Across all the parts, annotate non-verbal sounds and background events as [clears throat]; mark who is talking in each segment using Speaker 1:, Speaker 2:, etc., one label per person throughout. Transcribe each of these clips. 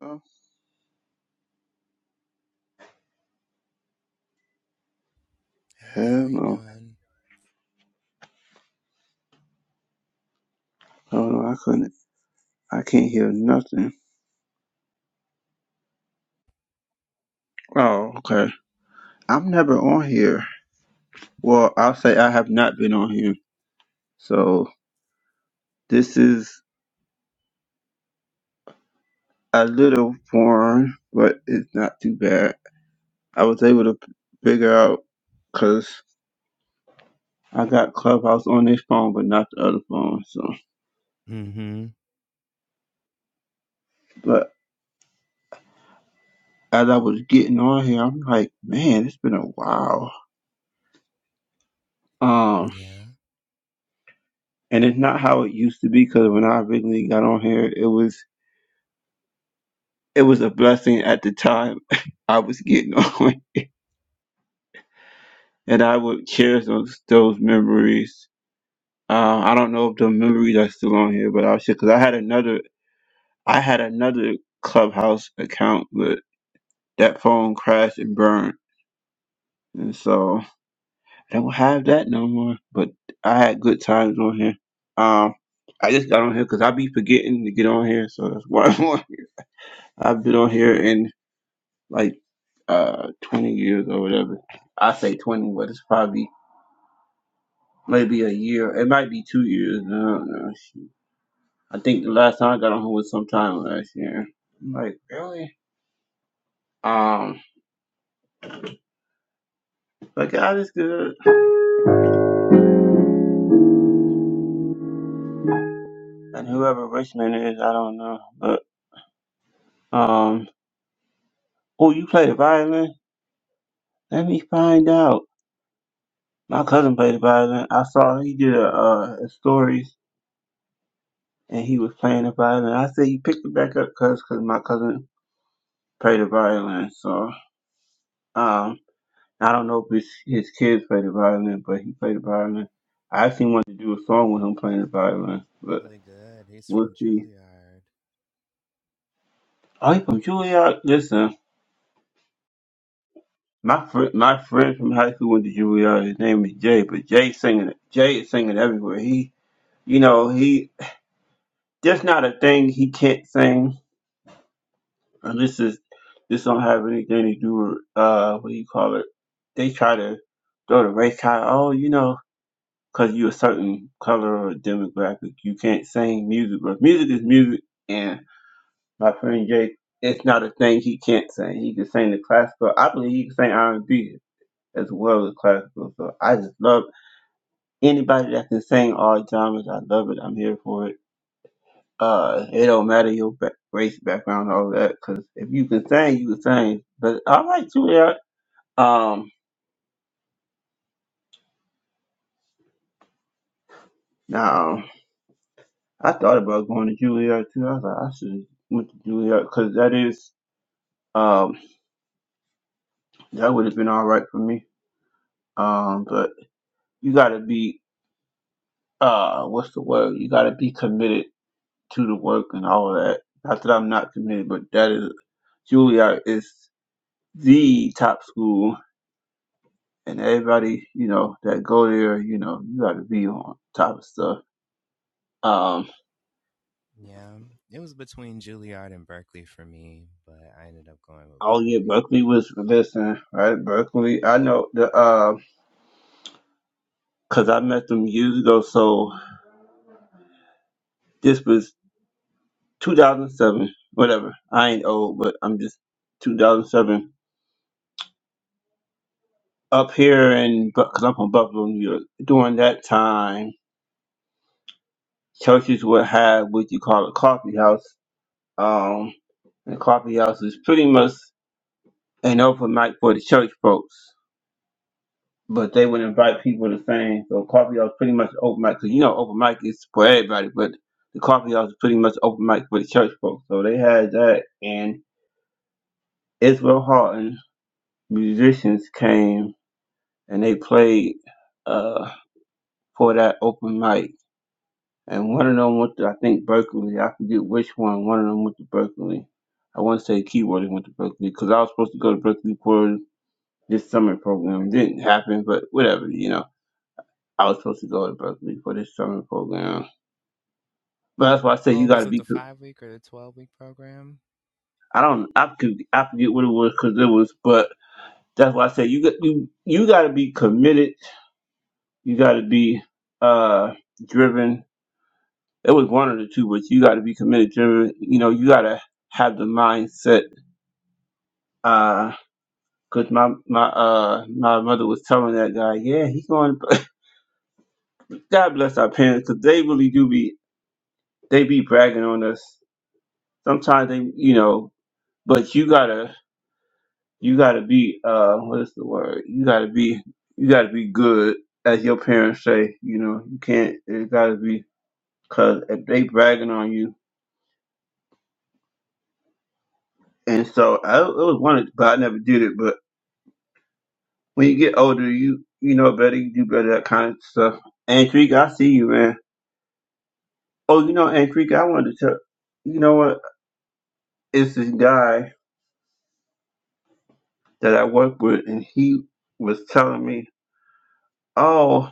Speaker 1: Oh,
Speaker 2: Hey, how
Speaker 1: hell
Speaker 2: are you
Speaker 1: no.
Speaker 2: doing?
Speaker 1: Oh no, I couldn't. I can't hear nothing. Oh, okay. I'm never on here. Well, I'll say I have not been on here. So this is a little foreign, but it's not too bad. I was able to figure out because I got Clubhouse on this phone, but not the other phone. So,
Speaker 2: Mm-hmm.
Speaker 1: but as I was getting on here, I'm like, man, it's been a while. Um,
Speaker 2: Yeah.
Speaker 1: and it's not how it used to be because when I originally got on here, it was it was a blessing at the time [laughs] I was getting [laughs] on, and I would cherish those those memories. Uh, I don't know if the memories are still on here, but I should because I had another I had another Clubhouse account, but that phone crashed and burned, and so I don't have that no more. But I had good times on here. Um, I just got on here because I be forgetting to get on here, so that's [laughs] why I'm on. I've been on here in like uh 20 years or whatever. I say 20, but it's probably maybe a year. It might be two years. I don't know. I think the last time I got on her was sometime last year. I'm like, really? Um, but God is good. And whoever Richmond is, I don't know. But um, oh, you play the violin? Let me find out. My cousin played the violin. I saw he did a, uh, a stories and he was playing the violin. I said he picked it back up because cause my cousin played the violin. So um, I don't know if his, his kids play the violin, but he played the violin. I actually wanted to do a song with him playing the violin, but
Speaker 2: Really good. He's
Speaker 1: we'll
Speaker 2: from
Speaker 1: see.
Speaker 2: Juilliard.
Speaker 1: Oh, he from Juilliard? Listen, my friend, my friend from high school went to Juilliard. His name is Jay, but Jay singing, Jay is singing everywhere. He, you know, he there's not a thing he can't sing, and this is this don't have anything to do with uh what do you call it? They try to throw the race car. Oh, you know. because you're a certain color or demographic, you can't sing music. But music is music, and my friend Jake, it's not a thing he can't sing. He can sing the classical. I believe he can sing R and B as well as classical. So I just love anybody that can sing all genres. I love it. I'm here for it. Uh, it don't matter your ba- race, background, all that, because if you can sing, you can sing. But I like Juilliard. Um, now I thought about going to Juilliard too. I was like, I should went to Juilliard because that is. um. That would have been all right for me. Um, but you gotta be uh, what's the word? You gotta be committed to the work and all of that. Not that I'm not committed, but that is Juilliard is the top school, and everybody you know that go there, you know, you gotta be on top of stuff. Um,
Speaker 2: Yeah, it was between Juilliard and Berkeley for me, but I ended up going with
Speaker 1: oh yeah,
Speaker 2: Berkeley.
Speaker 1: Berkeley was listen, right? Berkeley, I know the uh, cause I met them years ago. So this was 2007, whatever. I ain't old, but I'm just 2007 up here in because I'm from Buffalo, New York. During that time, churches would have what you call a coffee house. Um, and coffee house is pretty much an open mic for the church folks, but they would invite people to sing. So coffee house pretty much open mic because you know open mic is for everybody, but the coffee house is pretty much open mic for the church folks. So they had that, and Israel Houghton musicians came and they played uh, for that open mic and one of them went to I think Berkeley. I forget which one. One of them went to Berkeley. I want to say Keyworthy went to Berkeley because I was supposed to go to Berkeley for this summer program. didn't happen, but whatever, you know. I was supposed to go to Berkeley for this summer program, but that's why I say
Speaker 2: Oh,
Speaker 1: you got
Speaker 2: was
Speaker 1: to
Speaker 2: it
Speaker 1: be.
Speaker 2: the
Speaker 1: pre-
Speaker 2: five week or the twelve week program?
Speaker 1: I don't. I could. I forget what it was because it was, but that's why I say you got you you got to be committed. You got to be uh driven. It was one of the two, but you got to be committed, driven. You know, you got to have the mindset Uh, Cause my my uh my mother was telling that guy, yeah, he's going. to-" [laughs] God bless our parents, cause they really do be they be bragging on us. Sometimes they, you know, but you gotta you gotta be uh what is the word? You gotta be you gotta be good, as your parents say. You know, you can't. It gotta be cause if they bragging on you, and so I it was one, but I never did it. But when you get older, you you know better. You do better that kind of stuff. And Drake, I see you, man. Oh, you know, and Creek, I wanted to tell you know what? It's this guy that I work with, and he was telling me, "Oh,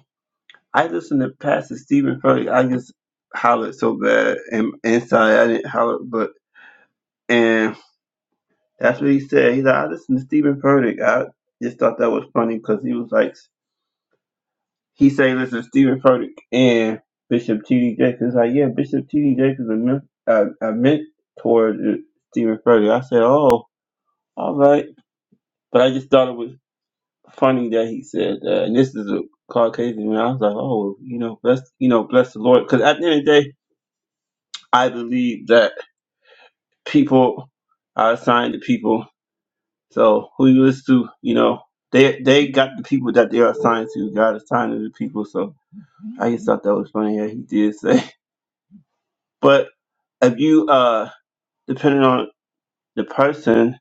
Speaker 1: I listened to Pastor Stephen Furtick. I just hollered so bad, and inside I didn't holler, but and that's what he said. He like, I listened to Stephen Furtick. I just thought that was funny because he was like, he say, listen, to Stephen Furtick and Bishop T.D. Jakes. Like, yeah, Bishop T.D. Jakes is a, men- a, a mentor to Stephen Furtick. I said, oh, all right. But I just thought it was. funny that he said, uh, and this is a Caucasian man. I was like, oh, you know, bless, you know, bless the Lord, because at the end of the day, I believe that people are assigned to people. So who you listen to, you know, they they got the people that they are assigned to. God assigned to the people. So I just thought that was funny that he did say. [laughs] But if you uh, depending on the person,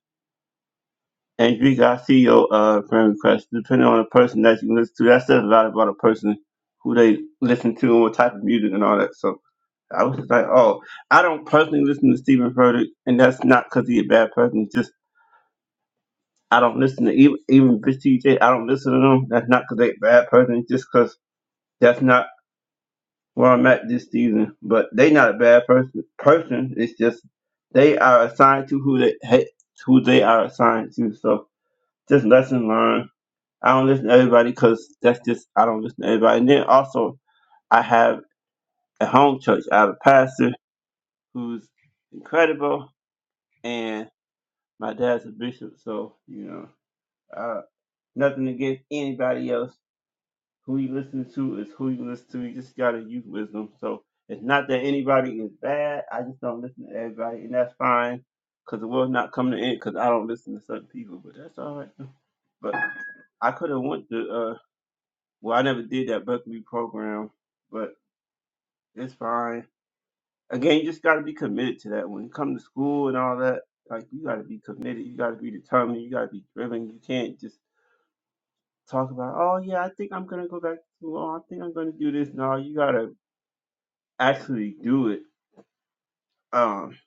Speaker 1: And Greek, I see your uh, friend request. Depending on the person that you listen to, that says a lot about a person who they listen to and what type of music and all that. So I was just like, oh, I don't personally listen to Stephen Furtick, and that's not because he's a bad person. It's just I don't listen to even even Bitch DJ. I don't listen to them. That's not because they a bad person. It's just because that's not where I'm at this season. But they not a bad person. Person, it's just they are assigned to who they hey, who they are assigned to. So just lesson learned I don't listen to everybody because that's just I don't listen to everybody. And then also I have a home church. I have a pastor who's incredible, and my dad's a bishop. So you know, uh, nothing against anybody else. Who you listen to is who you listen to. You just gotta use wisdom. So it's not that anybody is bad. I just don't listen to everybody, and that's fine. Cause the world's not coming to end. Cause I don't listen to certain people, but that's all right. But I could have went to. uh, Well, I never did that Buckley program, but it's fine. Again, you just got to be committed to that. When you come to school and all that, like you got to be committed. You got to be determined. You got to be driven. You can't just talk about, oh yeah, I think I'm gonna go back to school. Oh, I think I'm gonna do this. No, you got to actually do it. Um,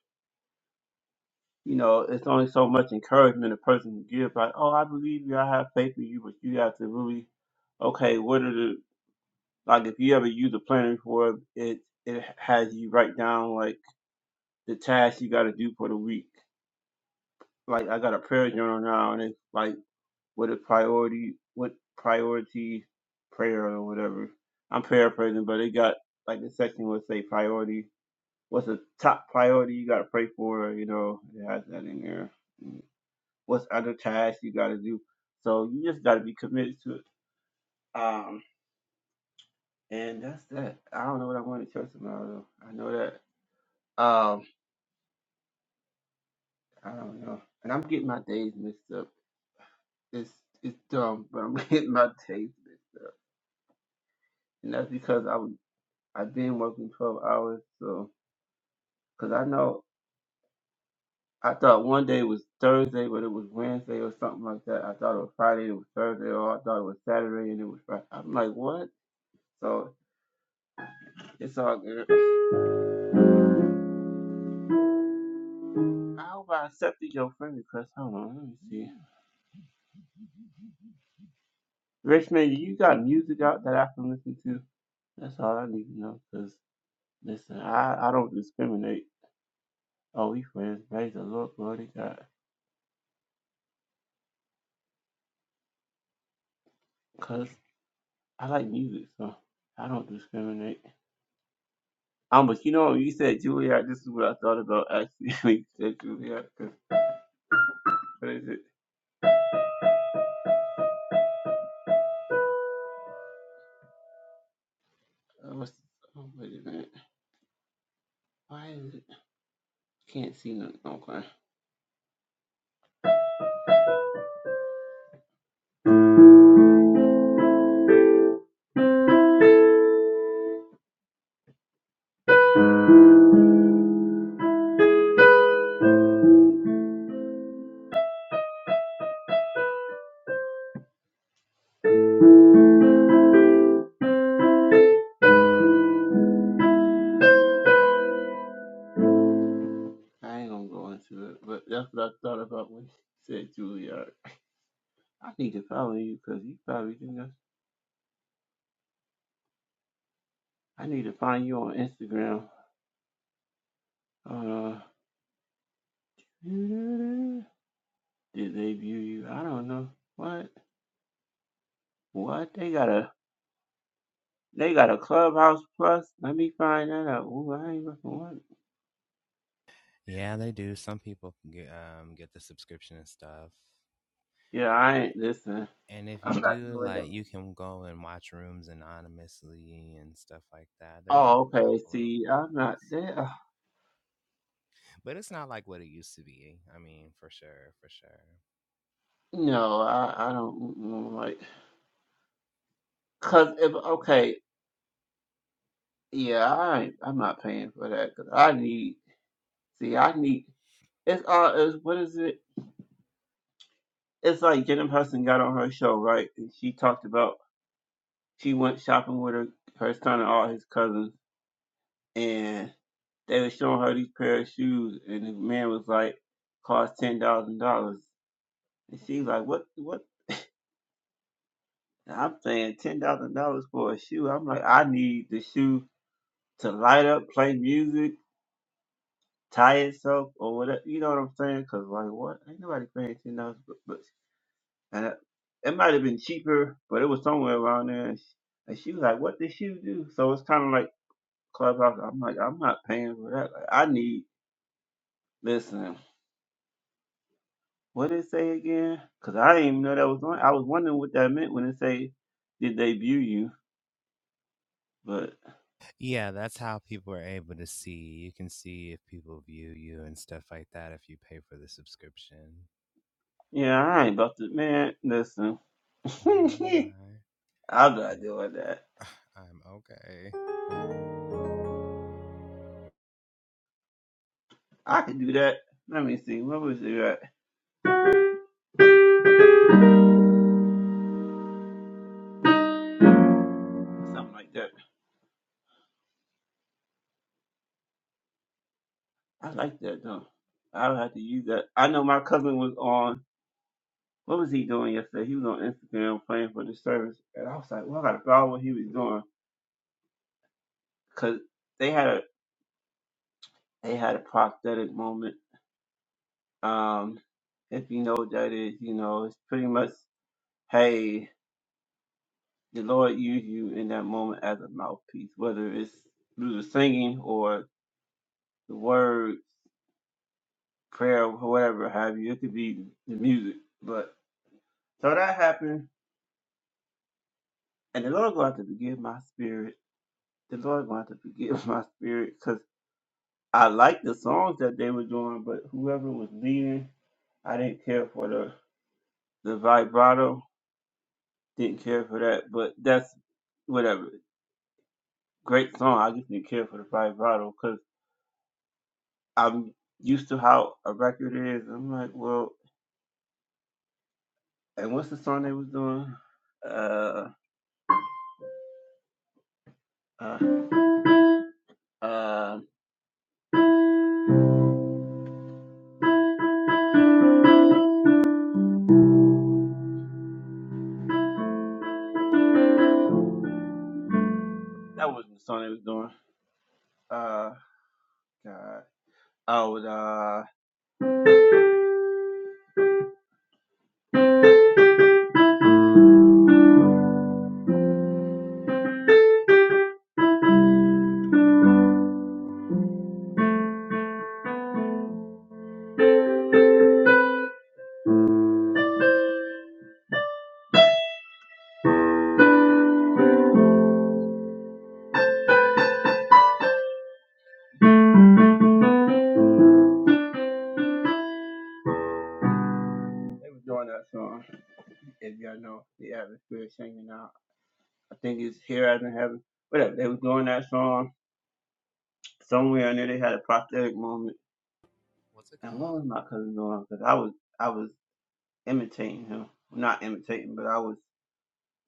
Speaker 1: you know, it's only so much encouragement a person can give. Like, oh, I believe you. I have faith in you, but you have to really, okay, what are the like? If you ever use a planner before, it it has you write down like the tasks you got to do for the week. Like I got a prayer journal now, and it's like what a priority, what priority prayer or whatever. I'm paraphrasing, but it got like the section would say priority. What's the top priority you got to pray for? You know, it has that in there. What's other tasks you got to do? So you just got to be committed to it. Um, and that's that. I don't know what I want to tell tomorrow. Though. I know that. Um, I don't know. And I'm getting my days mixed up. it's it's dumb, but I'm [laughs] getting my taste mixed up, and that's because I was I've been working twelve hours, so because I know I thought one day was Thursday, but it was Wednesday or something like that. I thought it was Friday, it was Thursday, or I thought it was Saturday and it was Friday. I'm like, what? So it's all good. How hope I accepted your friend request. Hold on, let me see. Richmond, you got music out that I can listen to? That's all I need to know. Cause listen, I I don't discriminate. Oh, we friends, praise the Lord, glory to God. Cause I like music, so I don't discriminate. Um, but you know, you said Juilliard. This is what I thought about actually. [laughs] when you said Juilliard. 'cause What is it? Oh, what's, oh, wait a minute. Why is it? Can't see nothing. Okay, I ain't gonna go into it. But that's what I thought about when you said Juilliard. I need to follow you because you probably do know. I need to find you on Instagram. Uh, did they view you? I don't know. What? What? They got a They got a Clubhouse Plus. Let me find that out. Ooh, I ain't fucking want it.
Speaker 2: Yeah, they do. Some people can get um get the subscription and stuff.
Speaker 1: Yeah, I ain't. Listen,
Speaker 2: And if you
Speaker 1: I'm not
Speaker 2: do,
Speaker 1: doing
Speaker 2: like,
Speaker 1: them.
Speaker 2: you can go and watch rooms anonymously and stuff like that. There's like
Speaker 1: Oh,
Speaker 2: a
Speaker 1: okay.
Speaker 2: couple little
Speaker 1: See, I'm not
Speaker 2: things,
Speaker 1: there.
Speaker 2: but it's not like what it used to be. I mean, for sure, for sure.
Speaker 1: No, I, I don't mm, mm, like. Cause if okay, yeah, I ain't, I'm not paying for that. Cause I need. See, I need. It's all. Is what is it? It's like Jenna Hudson got on her show, right? And she talked about she went shopping with her her son and all his cousins, and. They were showing her these pair of shoes, and the man was like, "Cost ten thousand dollars." And she's like, "What? What?" I'm saying ten thousand dollars for a shoe. I'm like, I need the shoe to light up, play music, tie itself, or whatever. You know what I'm saying? Cause like, what? Ain't nobody paying ten dollars, but, but and it, it might have been cheaper, but it was somewhere around there. And she, and she was like, "What did shoe do?" So it's kind of like clubhouse. I'm like, I'm not paying for that. Like, I need listen. What did it say again? Cause I didn't even know that was on. I was wondering what that meant when it say, "Did they view you?" But
Speaker 2: Yeah, that's how people are able to see. You can see if people view you and stuff like that if you pay for the subscription.
Speaker 1: yeah, I ain't about to. Man, listen, [laughs] I'm
Speaker 2: Neither am I.
Speaker 1: not doing that.
Speaker 2: Uh, [sighs] I'm okay.
Speaker 1: I can do that. Let me see. What was it at? Something like that. I like that though. I'll have to use that. I know my cousin was on. What was he doing yesterday? He was on Instagram playing for the service, and I was like, "Well, I gotta follow what he was doing." Cause they had a they had a prosthetic moment Um, if you know what that is, you know, it's pretty much, hey, the Lord used you in that moment as a mouthpiece, whether it's through the singing or the word, prayer, or whatever have you. It could be the music. But so that happened, and the Lord going to have to forgive my spirit. The Lord going to have to forgive [laughs] my spirit because I liked the songs that they were doing, but whoever was leading, I didn't care for the the vibrato, didn't care for that. But that's whatever. great song. I just didn't care for the vibrato because I'm used to how a record is. I'm like, well, and what's the song they was doing? Uh, uh, uh, that wasn't the song they was doing. Uh, God. Oh, it, uh, they was doing that song. If y'all know the atmosphere singing out, I think it's here as in heaven. Whatever. They was doing that song somewhere in there. They had a prosthetic moment.
Speaker 2: What's it
Speaker 1: And what
Speaker 2: called?
Speaker 1: was my cousin doing? Because I was, I was imitating him. Not imitating, but I was.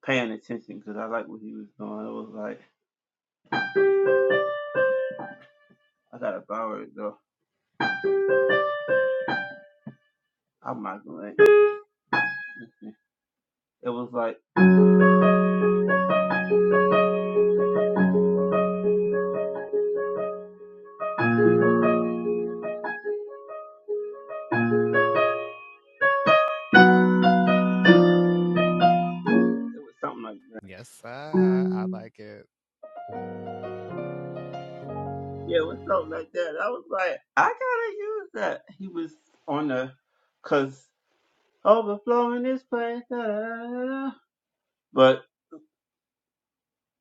Speaker 1: paying attention because I like what he was doing. It was like I gotta borrow it though. I'm not gonna. It was like it was something like that.
Speaker 2: Yes, sir. I like it.
Speaker 1: Yeah, it was something like that. I was like, I gotta use that. He was on the cause overflowing this place. Da, da, da, da. da. But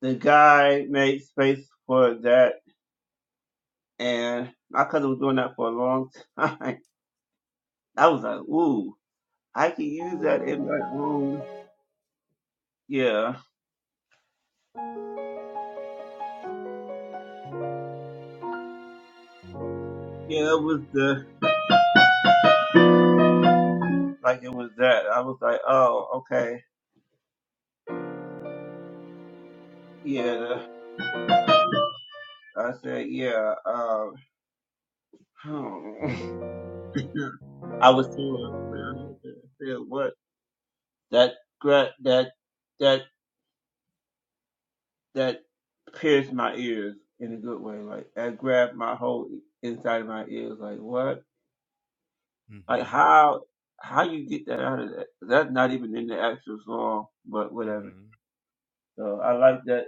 Speaker 1: the guy made space for that, and my cousin was doing that for a long time. [laughs] I was like, ooh, I can use that in my own. Yeah, yeah. It was the like it was that. I was like, oh, okay, yeah. The, I said, yeah. Um, hmm. [laughs] I was told, I said, what that gra- that that that pierced my ears in a good way. Like that grabbed my whole inside of my ears. Like what? Like
Speaker 2: Mm-hmm.
Speaker 1: how? How you get that out of that? That's not even in the actual song, but whatever.
Speaker 2: Mm-hmm.
Speaker 1: So I like that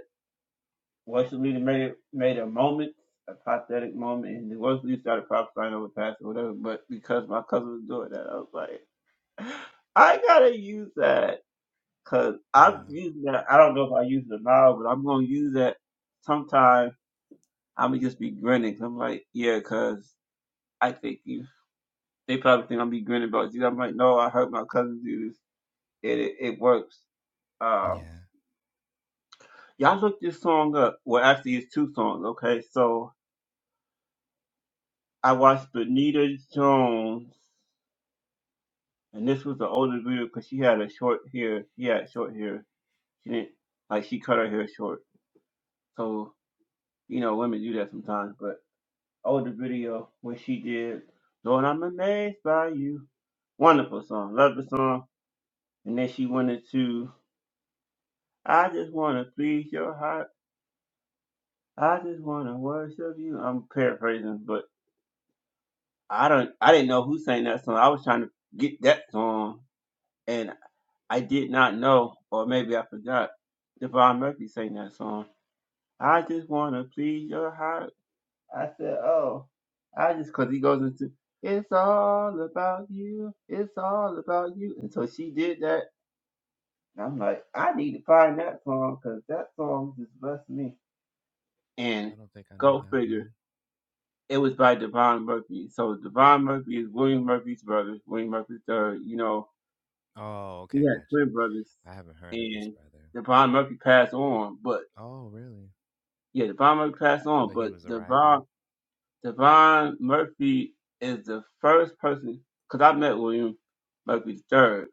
Speaker 1: Worship leader made made a moment, a pathetic moment, and the worship leader started prophesying over pastor or whatever. But because my cousin was doing that, I was like, [gasps] I gotta use that because I'm
Speaker 2: Yeah.
Speaker 1: using that. I don't know if I use it now, but I'm gonna use that sometime. I'm gonna just be grinning. i am like, yeah, because I think you. They probably think I'm be grinning about you. I'm like, no, I heard my cousin do this. It it, it works. Um,
Speaker 2: Yeah.
Speaker 1: y'all look this song up. Well, actually, it's two songs. Okay, so I watched Benita Jones, and this was the older video because she had a short hair. She had short hair. She didn't like she cut her hair short. So you know, women do that sometimes. But older video when she did, Lord, I'm amazed by you. Wonderful song, love the song. And then she went into, I just wanna please your heart. I just wanna worship you. I'm paraphrasing, but I don't. I didn't know who sang that song. I was trying to get that song and. I did not know, or maybe I forgot, Devon Murphy sang that song. I just wanna please your heart. I said, oh, I just cause he goes into it's all about you, it's all about you, and so she did that. And I'm like, I need to find that song because that song just blessed me. And
Speaker 2: I don't think I know
Speaker 1: go
Speaker 2: that
Speaker 1: figure,
Speaker 2: one.
Speaker 1: it was by Devon Murphy. So Devon Murphy is William Murphy's brother, William Murphy's third. You know,
Speaker 2: Oh,
Speaker 1: he
Speaker 2: okay,
Speaker 1: had
Speaker 2: gotcha.
Speaker 1: twin brothers,
Speaker 2: I haven't heard of his
Speaker 1: and
Speaker 2: brother.
Speaker 1: Devon Murphy passed on, but
Speaker 2: Oh, really?
Speaker 1: Yeah, Devon Murphy passed on,
Speaker 2: But he
Speaker 1: but
Speaker 2: was a writer.
Speaker 1: Devon Devon Murphy is the first person because I met William Murphy the third.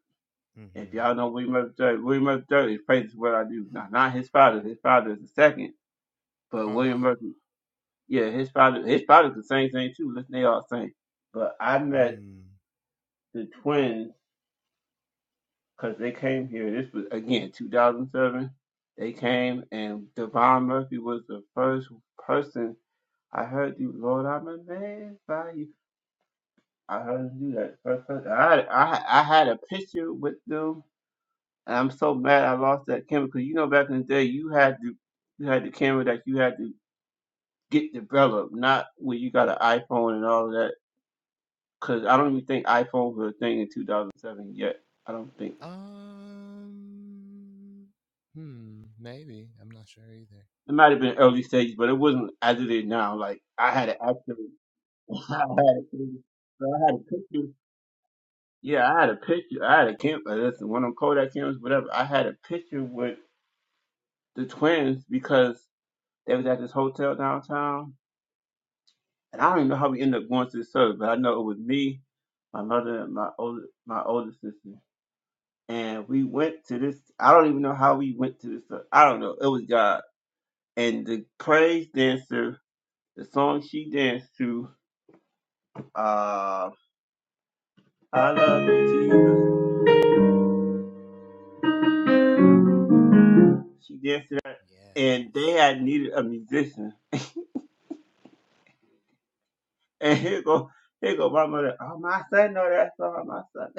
Speaker 1: If
Speaker 2: Mm-hmm.
Speaker 1: y'all know William Murphy the third, William Murphy the third is praise what I do. Now, not his father. His father is the second, but William
Speaker 2: Uh-huh.
Speaker 1: Murphy, yeah, his father, his father's the same thing too. Listen, they all same. But I met
Speaker 2: Mm.
Speaker 1: the twins because they came here. This was again 2007. They came and Devon Murphy was the first person I heard you, Lord, I'm amazed by you. I heard you do that first person. I had, I had- I had a picture with them, and I'm so mad I lost that camera because you know back in the day you had to you had the camera that you had to get developed, not where you got an iPhone and all of that. Because I don't even think iPhones were a thing in 2007 yet. I don't think
Speaker 2: Um, hmm, maybe. I'm not sure either.
Speaker 1: it might have been early stages, but it wasn't as it is now. Like I had an actual, [laughs] I had a, so I had a picture. Yeah, I had a picture. I had a camera. Listen, one of them Kodak cameras, whatever. I had a picture with. the twins because they was at this hotel downtown, and I don't even know how we ended up going to the service, but I know it was me, my mother, and my older my older sister, and we went to this. I don't even know how we went to this. ser- I don't know. It was God and the praise dancer. The song she danced to, uh, I love you, Jesus. She danced to that, and they
Speaker 2: Yes.
Speaker 1: had needed a musician. And here go, here go my mother. Oh, my son know that song, my son. [laughs]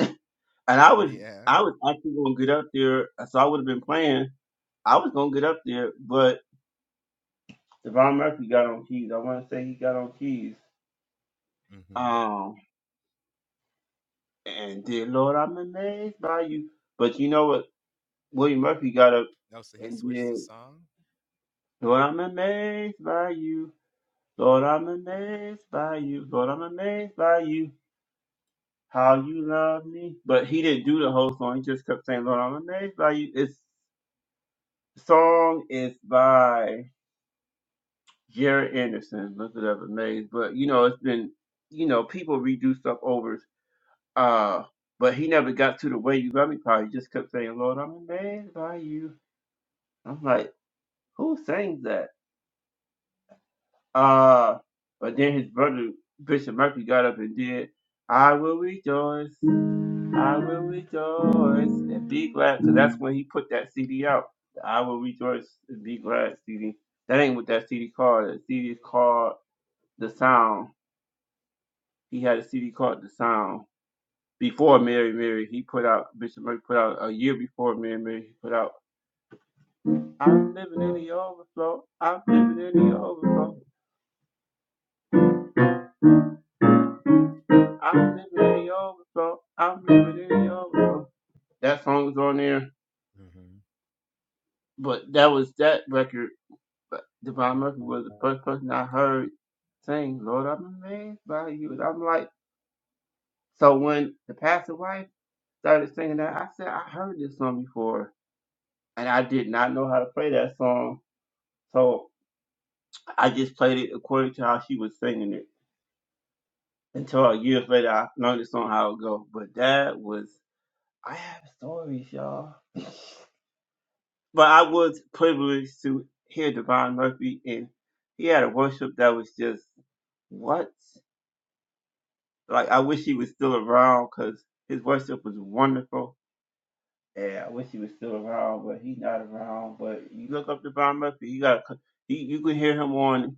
Speaker 1: And I was
Speaker 2: Yeah.
Speaker 1: I was actually gonna get up there, uh, so I would have been playing. I was gonna get up there, but Devon Murphy got on keys. I want to say he got on keys.
Speaker 2: Mm-hmm.
Speaker 1: Um, and did Lord, I'm amazed by you. But you know what? William Murphy got up
Speaker 2: Oh, so he
Speaker 1: and
Speaker 2: switched the
Speaker 1: did
Speaker 2: song?
Speaker 1: Lord, I'm amazed by you. Lord, I'm amazed by you. Lord, I'm amazed by you. How you love me. But he didn't do the whole song. He just kept saying, Lord, I'm amazed by you. It's song is by Jared Anderson, looked it up at Maze. But you know, it's been you know, people redo stuff over uh but he never got to the way you got me part. He just kept saying, Lord, I'm amazed by you. I'm like, who sang that? Uh but then his brother Bishop Murphy got up and did I will rejoice, I will rejoice and be glad. So that's when he put that CD out. the I will rejoice and be glad CD. That ain't what that CD called. That CD is called the sound. He had a CD called The Sound. Before Mary Mary, he put out Bishop Murphy put out a year before Mary Mary. He put out I'm living in the overflow. I'm living in the overflow. I'm living in the overflow. I'm living in the overflow. That song was on there,
Speaker 2: Mm-hmm.
Speaker 1: but that was that record. But Devon Murphy was the first person I heard sing "Lord, I'm amazed by you." And I'm like, so when the pastor wife started singing that, I said I heard this song before, and I did not know how to play that song. So. I just played it according to how she was singing it. Until years later, I noticed on how it go. But that was I have stories, y'all. [laughs] But I was privileged to hear Devon Murphy, and he had a worship that was just what? Like I wish he was still around because his worship was wonderful. Yeah, I wish he was still around, but he's not around. But you look up Devon Murphy, you got he, you can hear him on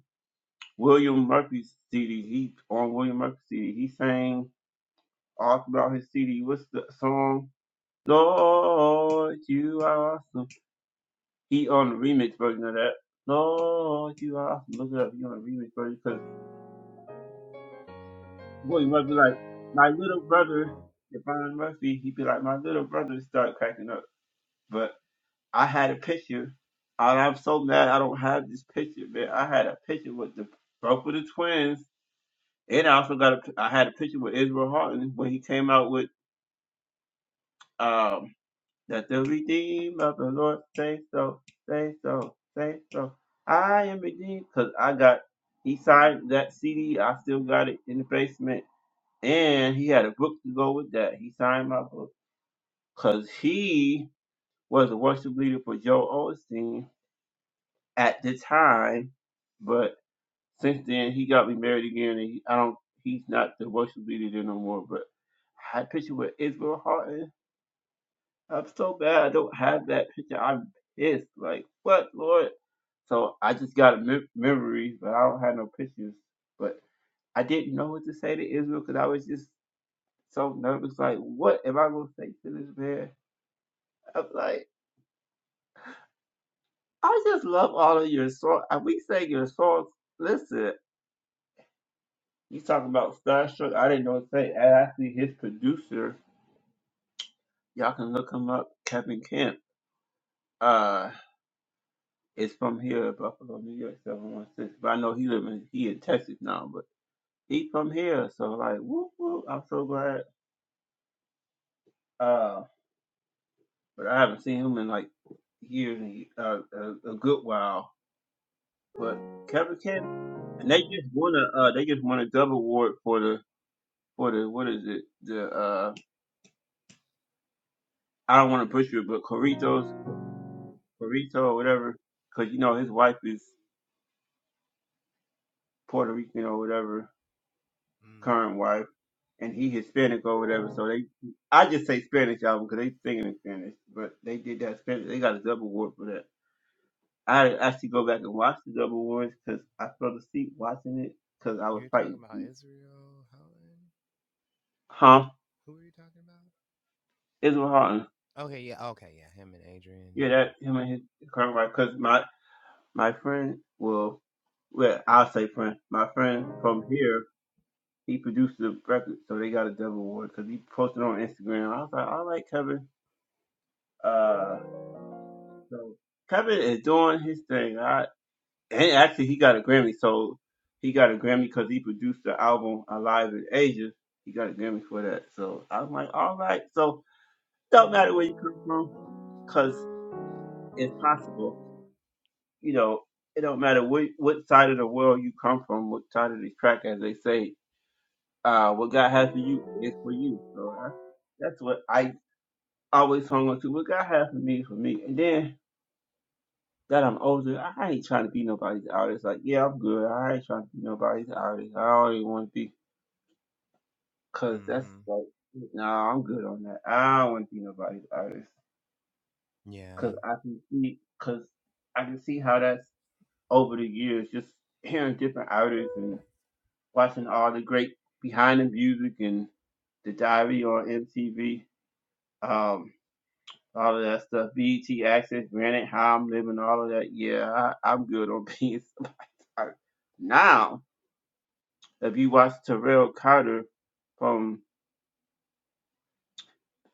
Speaker 1: William Murphy's CD. He on William Murphy's CD. He sang. all throughout his CD. What's the song? Lord, you are awesome. He on the remix version of that. Lord, you are awesome. Look it up. He on the remix version because boy, you might be like my little brother, Devon Murphy. He'd be like my little brother. Start cracking up. But I had a picture. And I'm so mad I don't have this picture, man. I had a picture with the both of the twins, and I also got a I had a picture with Israel Harton when he came out with. um that the redeemed of the Lord say so, say so, say so. I am redeemed because I got, he signed that CD. I still got it in the basement. And he had a book to go with that. He signed my book because he was a worship leader for Joe Osteen at the time. But since then, he got me married again. And he, I don't, he's not the worship leader there no more. But I had a picture with Israel Hart I'm so bad. I don't have that picture. I'm pissed. Like, what, Lord? So I just got a mem- memories, but I don't have no pictures. But I didn't know what to say to Israel because I was just so nervous. Like, what am I gonna say to this man? I'm like, I just love all of your songs. We sang your songs. Listen, you talking about Starstruck? I didn't know what to say. And actually, his producer, y'all can look him up, Kevin Kemp. Uh, is from here, Buffalo, New York, 716. But I know he live in he in Texas now, but he from here, so like whoop whoop. I'm so glad. Uh, but I haven't seen him in like years and uh, a, a good while. But Kevin Kent and they just won a uh, they just won a double award for the for the what is it the uh I don't want to butcher it, but Corritos Corrito or whatever, because you know his wife is Puerto Rican or whatever
Speaker 2: Mm.
Speaker 1: current wife, and he Hispanic or whatever. So they, I just say Spanish album because they singing in Spanish, but they did that Spanish. They got a double award for that. I had to actually go back and watch the double awards because I fell asleep watching it because I was
Speaker 2: You're
Speaker 1: fighting
Speaker 2: talking about
Speaker 1: sleep.
Speaker 2: Israel Helen?
Speaker 1: Huh?
Speaker 2: Who are you talking about?
Speaker 1: Israel Houghton.
Speaker 2: Okay, yeah, okay, yeah. Him and Adrian,
Speaker 1: Yeah,
Speaker 2: yeah.
Speaker 1: that him and his current wife. Because my my friend, well, well, I'll say friend. My friend from here, he produced the record, so they got a double award because he posted on Instagram. I was like, all right, Kevin. Uh, So Kevin is doing his thing. I and actually he got a Grammy, so he got a Grammy because he produced the album Alive in Ages. He got a Grammy for that. So I'm like, all right. So don't matter where you come from, because it's possible. You know, it don't matter what what side of the world you come from, what side of the track, as they say. Uh, what God has for you is for you. So that's that's what I always hung on to. What God has for me is for me. And then that I'm older, I ain't trying to be nobody's artist. Like, yeah, I'm good. I ain't trying to be nobody's artist. I already want to be, cause that's
Speaker 2: Mm-hmm.
Speaker 1: like, nah, I'm good on that. I don't want to be nobody's artist, cause
Speaker 2: Yeah.
Speaker 1: I can see, cause I can see how that's over the years, just hearing different artists and watching all the great behind the music and the diary on MTV, um, all of that stuff, BET Access, Granted, How I'm Living, all of that. Yeah, I, I'm good on being [laughs] somebody now. If you watch Terrell Carter from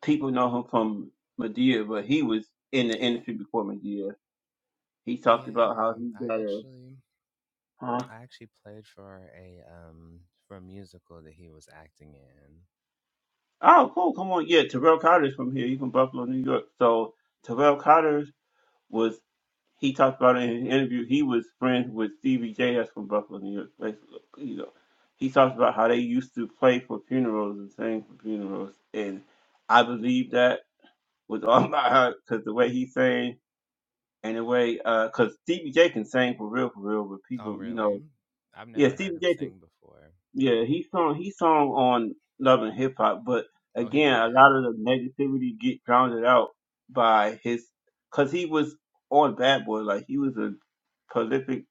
Speaker 1: people know him from Medea, but he was in the industry before Medea. He talked about how
Speaker 2: Yeah.
Speaker 1: he
Speaker 2: I
Speaker 1: got a
Speaker 2: actually
Speaker 1: huh?
Speaker 2: I actually played for a um for a musical that he was acting in.
Speaker 1: Oh, cool, come on. Yeah, Terrell Carter's from here. He's from Buffalo, New York. So Terrell Carter was he talked about it in his interview, he was friends with Stevie J that's from Buffalo, New York. Basically, you know. He talked about how they used to play for funerals and sing for funerals and I believe that with [laughs] all my heart because the way he sang in a way, because Stevie J can sing for real, for real. But
Speaker 2: Oh
Speaker 1: people, you know,
Speaker 2: really? I've
Speaker 1: yeah,
Speaker 2: never heard
Speaker 1: Stevie
Speaker 2: him
Speaker 1: J can,
Speaker 2: sing before.
Speaker 1: yeah, he sung, he sung on Love and Hip Hop. But
Speaker 2: Oh he
Speaker 1: again, a
Speaker 2: did?
Speaker 1: lot of the negativity get drowned out by his, because he was on Bad Boy, like he was a prolific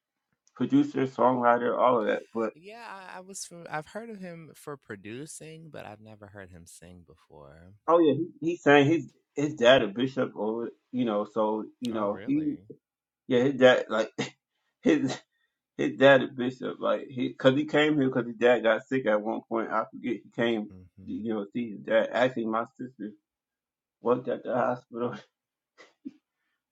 Speaker 1: producer, songwriter, all of that. But
Speaker 2: Yeah, I, I was. From, I've heard of him for producing, but I've never heard him sing before.
Speaker 1: oh yeah, he, he sang his his dad a bishop, or you know, so you
Speaker 2: Oh,
Speaker 1: know he,
Speaker 2: really?
Speaker 1: yeah, his dad like. [laughs] his. His dad, a bishop, like he, cause he came here because his dad got sick at one point. I forget he came, you know,
Speaker 2: Mm-hmm.
Speaker 1: see his dad. Actually, my sister worked at the hospital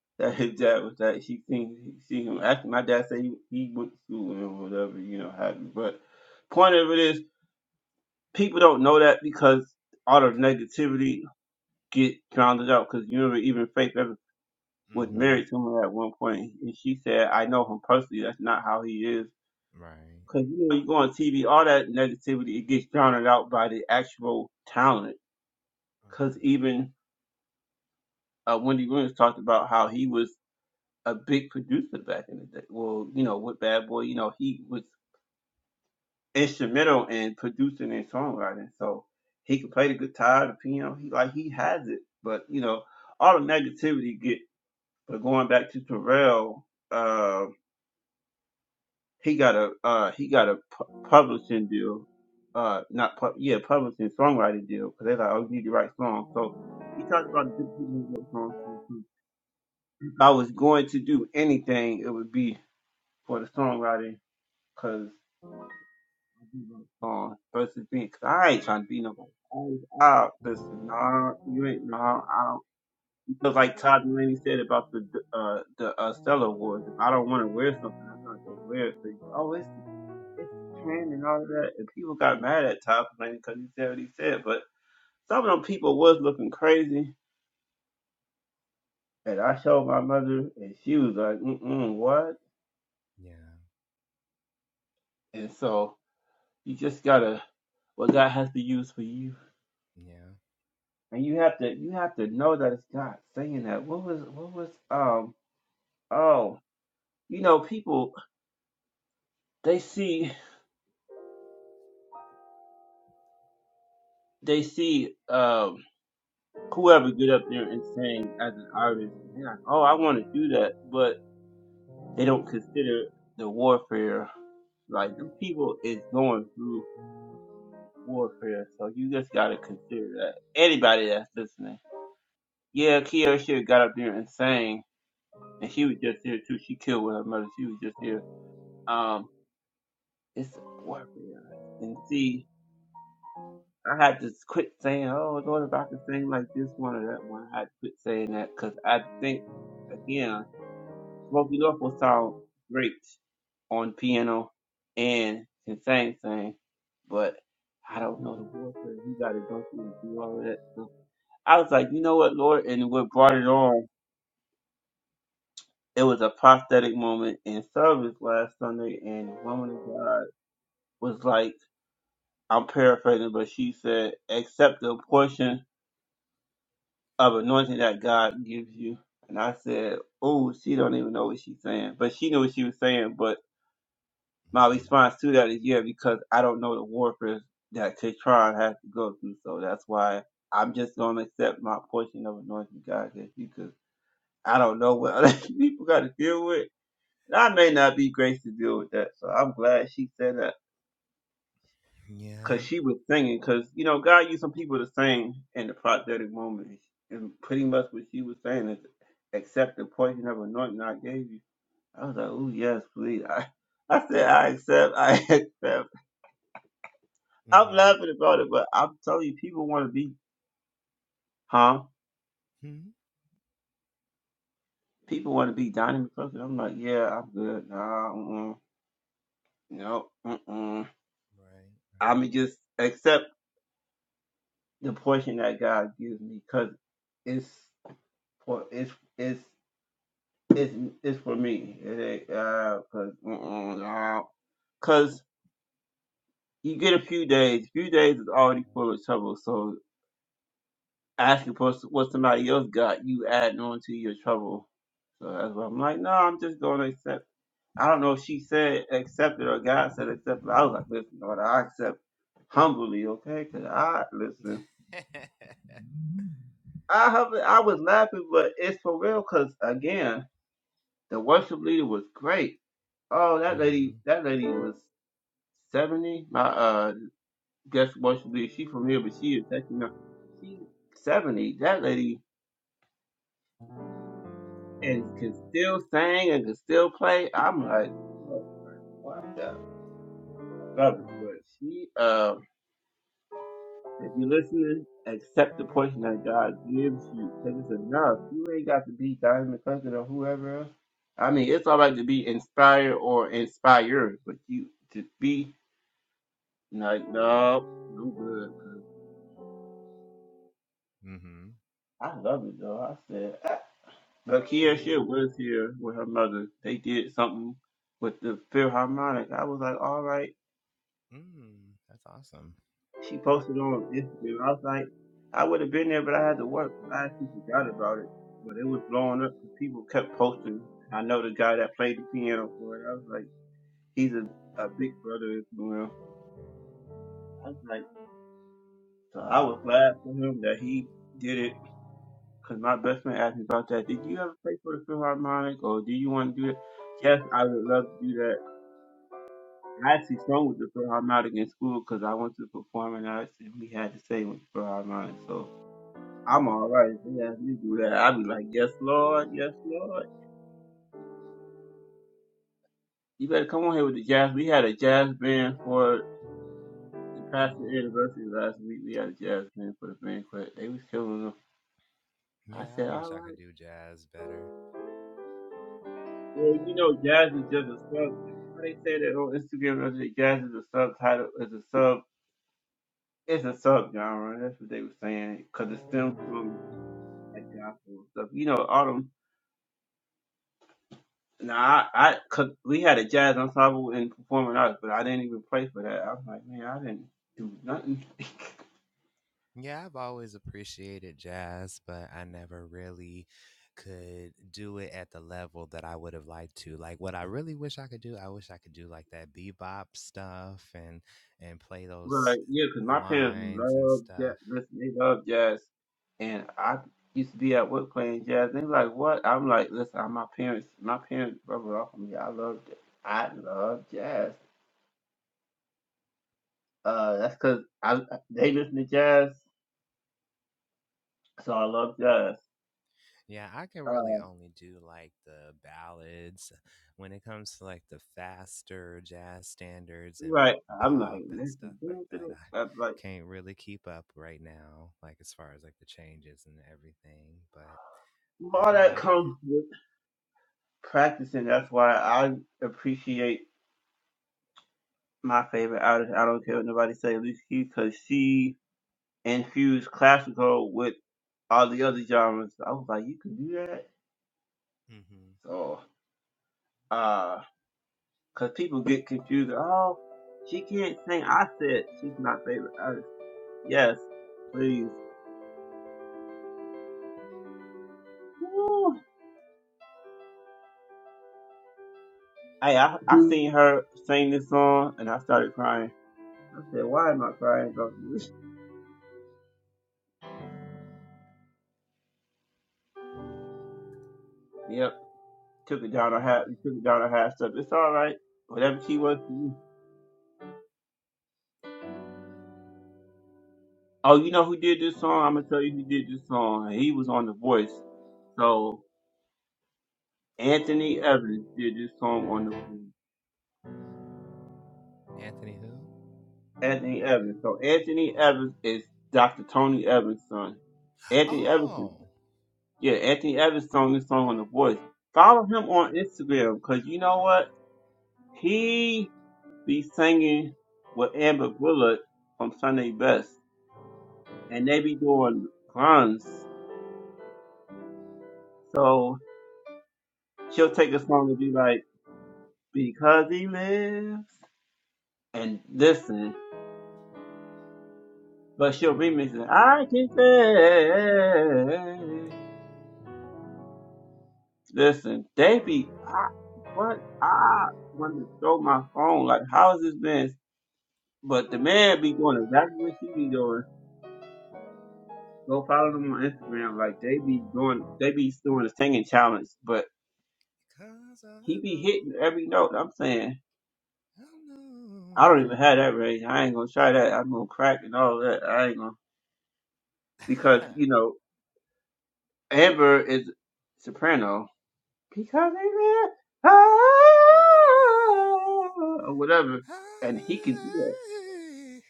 Speaker 1: [laughs] that his dad was at. She seen, she seen him. Actually, my dad said he, he went to school and whatever, you know, happened. But point of it is, people don't know that because all the negativity get drowned out. Because you remember, even Faith Evans was
Speaker 2: Mm-hmm.
Speaker 1: married to him at one point, and she said, "I know him personally. That's not how he is."
Speaker 2: Right.
Speaker 1: Cause you know you go on TV, all that negativity it gets drowned out by the actual talent.
Speaker 2: Uh-huh.
Speaker 1: Cause even uh, Wendy Williams talked about how he was a big producer back in the day. Well, you know with Bad Boy, you know he was instrumental in producing and songwriting. So he could play the guitar, the piano. He like he has it. But you know all the negativity get. But going back to Terrell, uh, he got a uh he got a pu- publishing deal, uh not pu- yeah publishing songwriting deal because they're like oh you need to write songs. So he talked about the different people who wrote songs. for him. If I was going to do anything, it would be for the songwriting because I do write songs versus being because I ain't trying to be nobody. I, I listen, nah, you ain't nah. I don't Just like Todd Mulaney said about the uh the uh Stella Awards. If I don't want to wear something, I'm not gonna wear it. So, oh, it's it's pain and all of that. And people got mad at Todd Blaney because he said what he said. But some of them people was looking crazy. And I showed my mother, and she was like, mm-mm, what?
Speaker 2: Yeah.
Speaker 1: And so you just gotta, what God has to use for you.
Speaker 2: Yeah.
Speaker 1: And you have to, you have to know that it's God saying that. What was, what was, um, oh, you know, people, they see, they see, um, whoever get up there and sing as an artist. And they're like, oh, I want to do that. but. They don't consider the warfare like the people is going through warfare. So you just gotta consider that. Anybody that's listening. Yeah, Kiara should have got up there and sang and she was just here too. She killed with her mother. She was just here. Um it's warfare. And see I had to quit saying, "Oh Lord, if I could sing like this one or that one," I had to quit saying that because I think again Smokey Norfolk sound great on piano and can sing, sing, but I don't know the warfare he got to go through to do all of that. So I was like, you know what, Lord, and what brought it on? It was a prophetic moment in service last Sunday, and the woman of God was like, I'm paraphrasing, but she said, accept the portion of anointing that God gives you. And I said, oh, she don't even know what she's saying, but she knew what she was saying, but My
Speaker 2: Mm-hmm.
Speaker 1: response to that is yeah, because I don't know the warfare that Katron has to go through, so that's why I'm just gonna accept my portion of anointing God gave you, because I don't know what other [laughs] people got to deal with. And I may not be graced to deal with that, so I'm glad she said that, because
Speaker 2: Yeah.
Speaker 1: she was singing, because you know God used some people to sing in the prophetic moment, and pretty much what she was saying is accept the portion of anointing I gave you. I was like, oh yes, please. [laughs] I, I said I accept, I [laughs] accept. I'm
Speaker 2: Mm-hmm.
Speaker 1: laughing about it, but I'm telling you, people want to be, huh?
Speaker 2: hmm
Speaker 1: People want to be Donnie McClurkin. I'm like, yeah, I'm good. Nah, mm-mm. no, mm-mm.
Speaker 2: Right.
Speaker 1: I'm just accept the portion that God gives me because it's for it's it's it's it's for me. It ain't uh, cause mm-mm, nah. 'Cause you get a few days. few days is already full of trouble. So asking for s- what somebody else got, you adding on to your trouble. So that's why I'm like, no, I'm just gonna accept. I don't know if she said accept it or God said accept it. I was like, listen, Lord, I accept humbly, okay? Because I, listen,
Speaker 2: Right. [laughs]
Speaker 1: I have. I was laughing, but it's for real because, again, the worship leader was great. Oh, that
Speaker 2: mm-hmm.
Speaker 1: lady, that lady was 70. My uh guest worship leader, she from here, but she is actually not. She's 70. That lady and can still sing and can still play. I'm like, what the? Love it. But she, uh, If you're listening, accept the portion that God gives you because it's enough. You ain't got to be Diamond Cousin or whoever else. I mean, it's all right to be inspired or inspired, but you to be like, no, I'm good. 'cause
Speaker 2: Mm-hmm.
Speaker 1: I love it though. I said, ah. but Kiesha was here with her mother. They did something with the Philharmonic. I was like, all right.
Speaker 2: Mm. That's awesome.
Speaker 1: She posted on Instagram. I was like, I would have been there, but I had to work. I actually forgot about it, but it was blowing up because people kept posting. I know the guy that played the piano for it. I was like, he's a, a big brother Instagram. I was like, so I was glad for him that he did it because my best friend asked me about that. Did you ever play for the Philharmonic or do you want to do it? Yes, I would love to do that. I actually sung with the Philharmonic in school because I went to performing arts and we had to sing with the Philharmonic. So I'm all right. They ask me to do that. i be like, yes, Lord, yes, Lord. You better come on here with the jazz. We had a jazz band for the pastor anniversary last week. We had a jazz band for the banquet. They was killing them. I
Speaker 2: Yeah,
Speaker 1: said,
Speaker 2: I
Speaker 1: all
Speaker 2: wish I
Speaker 1: right.
Speaker 2: could do jazz better.
Speaker 1: Well, you know, jazz is just a sub. How they say that on Instagram? I said, jazz is a subtitle. It's a sub. It's a sub genre. That's what they were saying. Cause it stems from like gospel and stuff. You know, all them Nah, I, I cause we had a jazz ensemble in performing arts, but I didn't even play for that. I was like, man, I didn't do nothing.
Speaker 2: Yeah, I've always appreciated jazz, but I never really could do it at the level that I would have liked to. Like what I really wish I could do, I wish I could do like that bebop stuff and and play those
Speaker 1: Right? Yeah, cause my parents
Speaker 2: lines and
Speaker 1: love jazz.
Speaker 2: stuff.
Speaker 1: Listen, they love jazz, and I used to be at work playing jazz. They like, what? I'm like, listen, I'm my parents. My parents rub it off on me. I love, j- I love jazz. Uh, that's cause I they listen to jazz, so I love jazz.
Speaker 2: Yeah, I can
Speaker 1: Uh,
Speaker 2: really only do like the ballads. When it comes to like the faster jazz standards and
Speaker 1: right? I'm like,
Speaker 2: bop and
Speaker 1: listen,
Speaker 2: stuff like
Speaker 1: listen to
Speaker 2: that, I
Speaker 1: this. I'm like
Speaker 2: can't really keep up right now, like as far as like the changes and everything, but I
Speaker 1: all
Speaker 2: do
Speaker 1: that
Speaker 2: like it.
Speaker 1: comes. with. practicing. That's why I appreciate my favorite artist. I don't care what nobody say, Alicia Keys, because she infused classical with all the other genres. I was like, you can do that.
Speaker 2: hmm
Speaker 1: So, uh, cause people get confused. Oh, she can't sing. I said she's my favorite artist. Yes, please. Woo. Hey, I, I seen her sing this song and I started crying. I said, why am I crying about this? [laughs] Yep. took it down a half, took it down a half step. It's all right. Whatever she wants to do. Oh, you know who did this song? I'm gonna tell you who did this song. He was on The Voice. So Anthony Evans did this song on The Voice.
Speaker 2: Anthony who?
Speaker 1: Anthony Evans. So Anthony Evans is Dr. Tony Evans' son. Anthony Evans.
Speaker 2: Oh,
Speaker 1: Yeah, Anthony Evans song this song on The Voice. Follow him on Instagram because you know what? He be singing with Amber Bullard from Sunday Best, and they be doing runs So she'll take a song and be like, Because he lives and listen, but she'll remix it. I can say Listen, they be I what I want to throw my phone, like how is this man but the man be doing exactly what she be doing. Go follow them on Instagram, like they be doing they be doing a singing challenge, but
Speaker 2: because I
Speaker 1: he be
Speaker 2: know,
Speaker 1: hitting every note. I'm saying
Speaker 2: I
Speaker 1: I don't even
Speaker 2: know.
Speaker 1: have that range. I ain't gonna try that. I'm gonna crack and all that. I ain't gonna because
Speaker 2: [laughs]
Speaker 1: you know Amber is soprano because I love-
Speaker 2: I love,
Speaker 1: ah, or whatever, and he can do that.
Speaker 2: I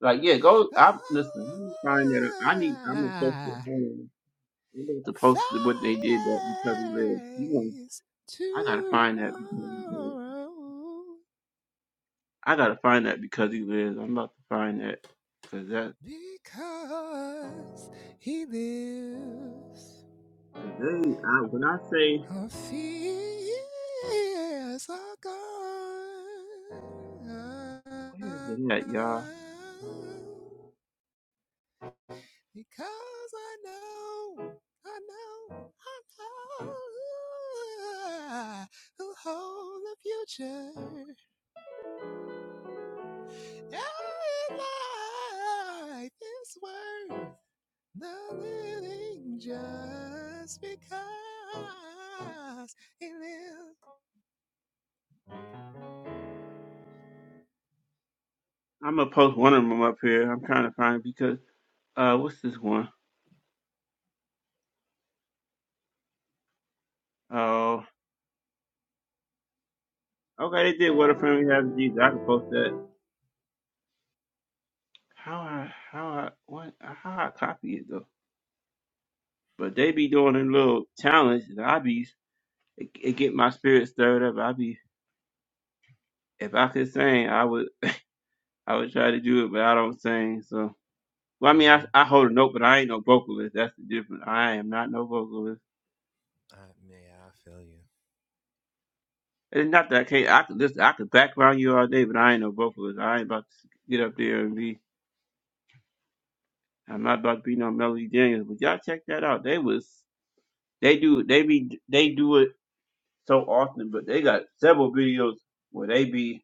Speaker 1: Like, yeah, go. I listen. Let me find that. I need. I'm gonna post it.
Speaker 2: Thighs
Speaker 1: Hold on. I'm going to post it, what they did that because he lives. You want? I gotta find that. Because he lives.
Speaker 2: tomorrow
Speaker 1: I gotta find that because he lives. I'm about to find that because that
Speaker 2: because he lives.
Speaker 1: because they. I, when I say
Speaker 2: Our fears are gone.
Speaker 1: where is it at, y'all?
Speaker 2: Because I know, I know, I know who holds the future. Every life is worth the living just because it lives.
Speaker 1: I'm gonna post one of them up here. I'm trying to find it because. Uh, what's this one? Oh, okay. They did what a family has Jesus. I can post that. How I how I what how I copy it though. But they be doing a little challenge, and I be it, it get my spirit stirred up. I be if I could sing, I would I would try to do it, but I don't sing. So well, I mean, I
Speaker 2: Mm-hmm.
Speaker 1: I hold a note, but I ain't no vocalist. That's the difference. I am not no vocalist.
Speaker 2: I, yeah, I feel you.
Speaker 1: It's not that I can't. I could listen. I could background you all day, but I ain't no vocalist. I ain't about to get up there and be. I'm not about to be no Melody Daniels, but y'all check that out. They was they do they be they do it so often, but they got several videos where they be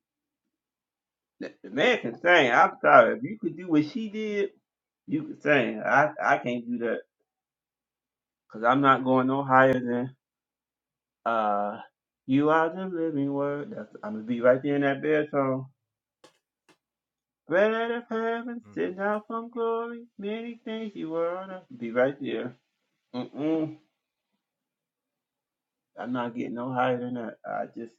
Speaker 1: the the man can sing. I'm sorry if you could do what she did, you could sing. I I can't do that because I'm not going no higher than uh you are the living word. That's, I'm gonna be right there in that bed song. Bread out of heaven,
Speaker 2: hmm
Speaker 1: sent out from glory, many things you were on. Be right there. Mm mm. I'm not getting no higher than that. I just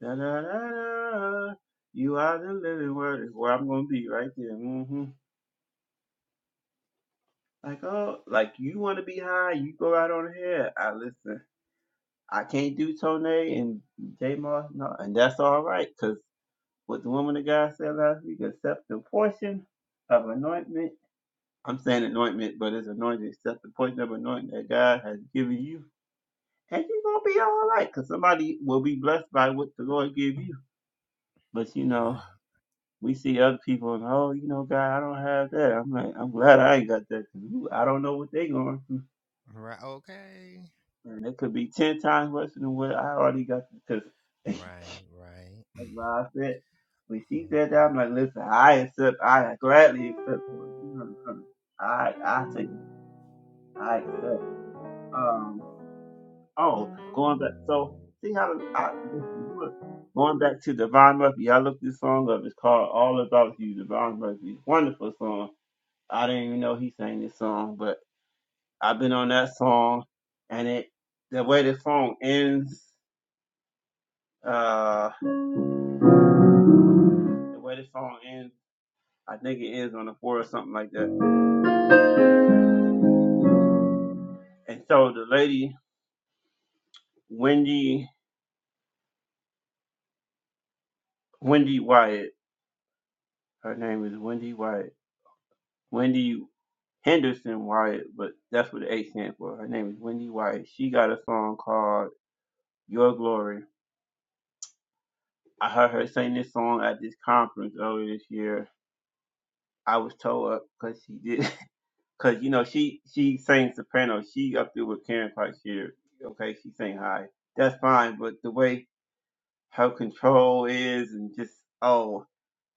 Speaker 1: Da, da, da, da. You are the living word is where I'm gonna be right there. hmm Like oh, like you want to be high, you go right on ahead. I listen. I can't do Tone and J Moss, no, and that's all right, cause what the woman of God said last week, accept the portion of anointment. I'm saying anointment, but it's anointing. Accept the portion of anointing that God has given you, and you're gonna be all right, cause somebody will be blessed by what the Lord gave you. But you know.
Speaker 2: Right.
Speaker 1: we see other people and oh, you know, God, I don't have that. I'm like, I'm glad I ain't got that 'cause ooh, I don't know what they going through,
Speaker 2: Right. Okay.
Speaker 1: and it could be ten times worse than what I already got. Because [laughs] that's
Speaker 2: Right. Right.
Speaker 1: why I
Speaker 2: [clears throat]
Speaker 1: said when she said that, I'm like, listen, I accept, I gladly accept. For it. You know, um, I I take it, I accept. Um, oh, going back, so see how I listen, look, Going back to Devon Murphy, I looked this song up. It's called All About You, Devon Murphy. Wonderful song I didn't even know he sang this song, but I've been on that song, and it the way the song ends, uh, the way the song ends, I think it ends on the four or something like that. And so the lady, Wendy, Wendy Wyatt, her name is Wendy Wyatt, Wendy Henderson Wyatt, but that's what the H stands for. Her name is Wendy Wyatt. She got a song called Your Glory. I heard her sing this song at this conference earlier this year. I was told up because she did. [laughs] Cause you know she she sang soprano. She up there with Karen quite here, Okay, she sang high. That's fine, but the way her control is and just oh,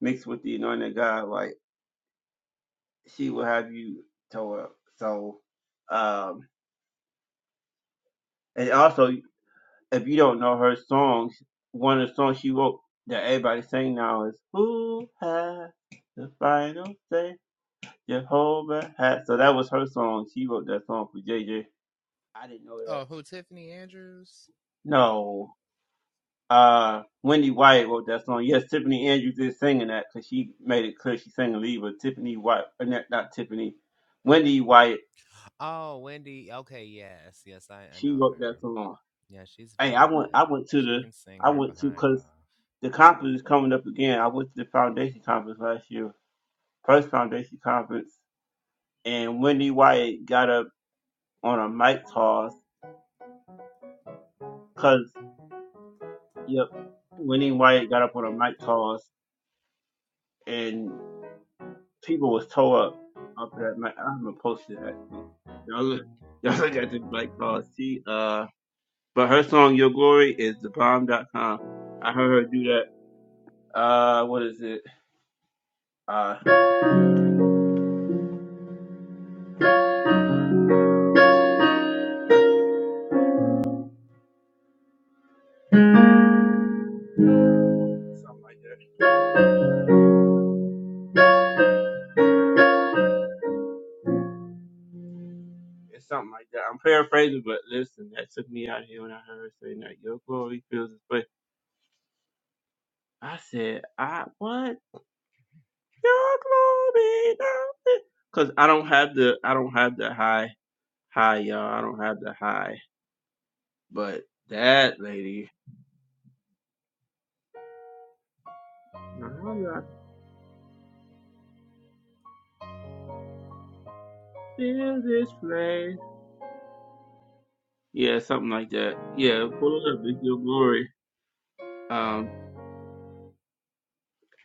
Speaker 1: mixed with the anointing of God, like she will have you tore up. So, um, and also if you don't know her songs, one of the songs she wrote that everybody sing now is "Who Has the Final Say?" Jehovah has. So that was her song. She wrote that song for J J. I didn't know
Speaker 2: oh,
Speaker 1: that.
Speaker 2: oh, who? Tiffany Andrews?
Speaker 1: No. Uh, Wendy White wrote that song. Yes, Tiffany Andrews is singing that because she made it clear she's singing Libra. Tiffany White, uh, not, not Tiffany, Wendy White.
Speaker 2: Oh, Wendy. Okay, yes, yes, I, I
Speaker 1: She
Speaker 2: know
Speaker 1: wrote that
Speaker 2: her.
Speaker 1: song.
Speaker 2: Yeah, she's
Speaker 1: Hey, I
Speaker 2: very
Speaker 1: went. I
Speaker 2: good.
Speaker 1: went to
Speaker 2: She
Speaker 1: the.
Speaker 2: can sing
Speaker 1: I
Speaker 2: her
Speaker 1: went to
Speaker 2: behind
Speaker 1: because
Speaker 2: off.
Speaker 1: the conference is coming up again. I went to the foundation conference last year, first foundation conference, and Wendy White got up on a mic toss because yep, Wendy White got up on a mic toss and. people was tore up after that match. I haven't posted it, actually. Y'all look, [laughs] y'all look at this black card. She uh, but her song "Your Glory" is thebomb.com. I heard her do that. Uh, what is it? Uh, something like that. It's something like that. I'm paraphrasing, but listen, that took me out of here when I heard her saying that "Your Glory" fills this way. I said, I what your glory, because I don't have the I don't have the high high y'all. I don't have the high, but that lady. All I feel this flame. Yeah, something like that. Yeah, pull it up. It's your glory. Um,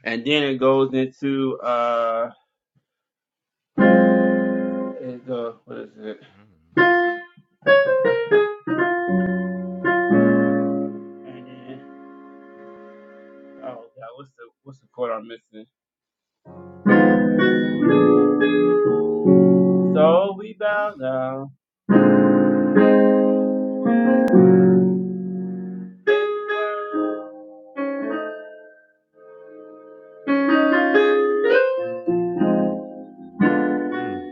Speaker 1: and then it goes into uh, it go, what is it?
Speaker 2: Mm.
Speaker 1: And then oh god, what's the what's the chord I'm missing? So we bow
Speaker 2: Ooh.
Speaker 1: down
Speaker 2: Mm.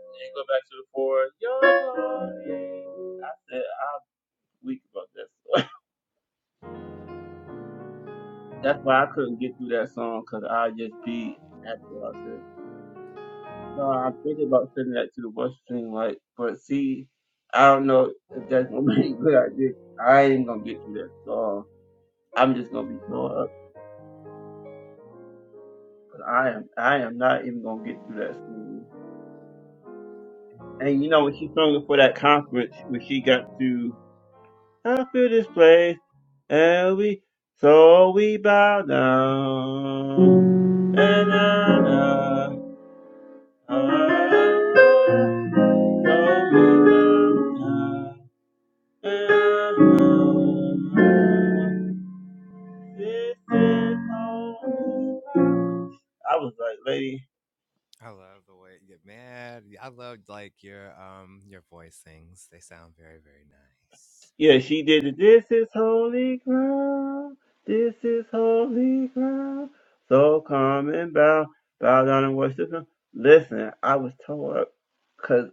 Speaker 1: and go back to the chorus. Your glory. I said I'm weak about this. [laughs] That's why I couldn't get through that song because I just be at the altar. No, I'm thinking about sending that to the West Stream, like, but see, I don't know if that's gonna be a good idea. I ain't gonna get through that so I'm just gonna be tore up. But I am, I am not even gonna get through that school. And you know, when she sung it for that conference, when she got to, I feel this place, and we, so we bow down, and I, I, I, so we bow down. Uh-huh. I was like, lady,
Speaker 2: I love the way you get mad. I love like your um your voicings. They sound very, very nice.
Speaker 1: yeah, she did it. This is holy ground. This is holy ground. So come and bow, bow down and worship him. Listen, I was told up because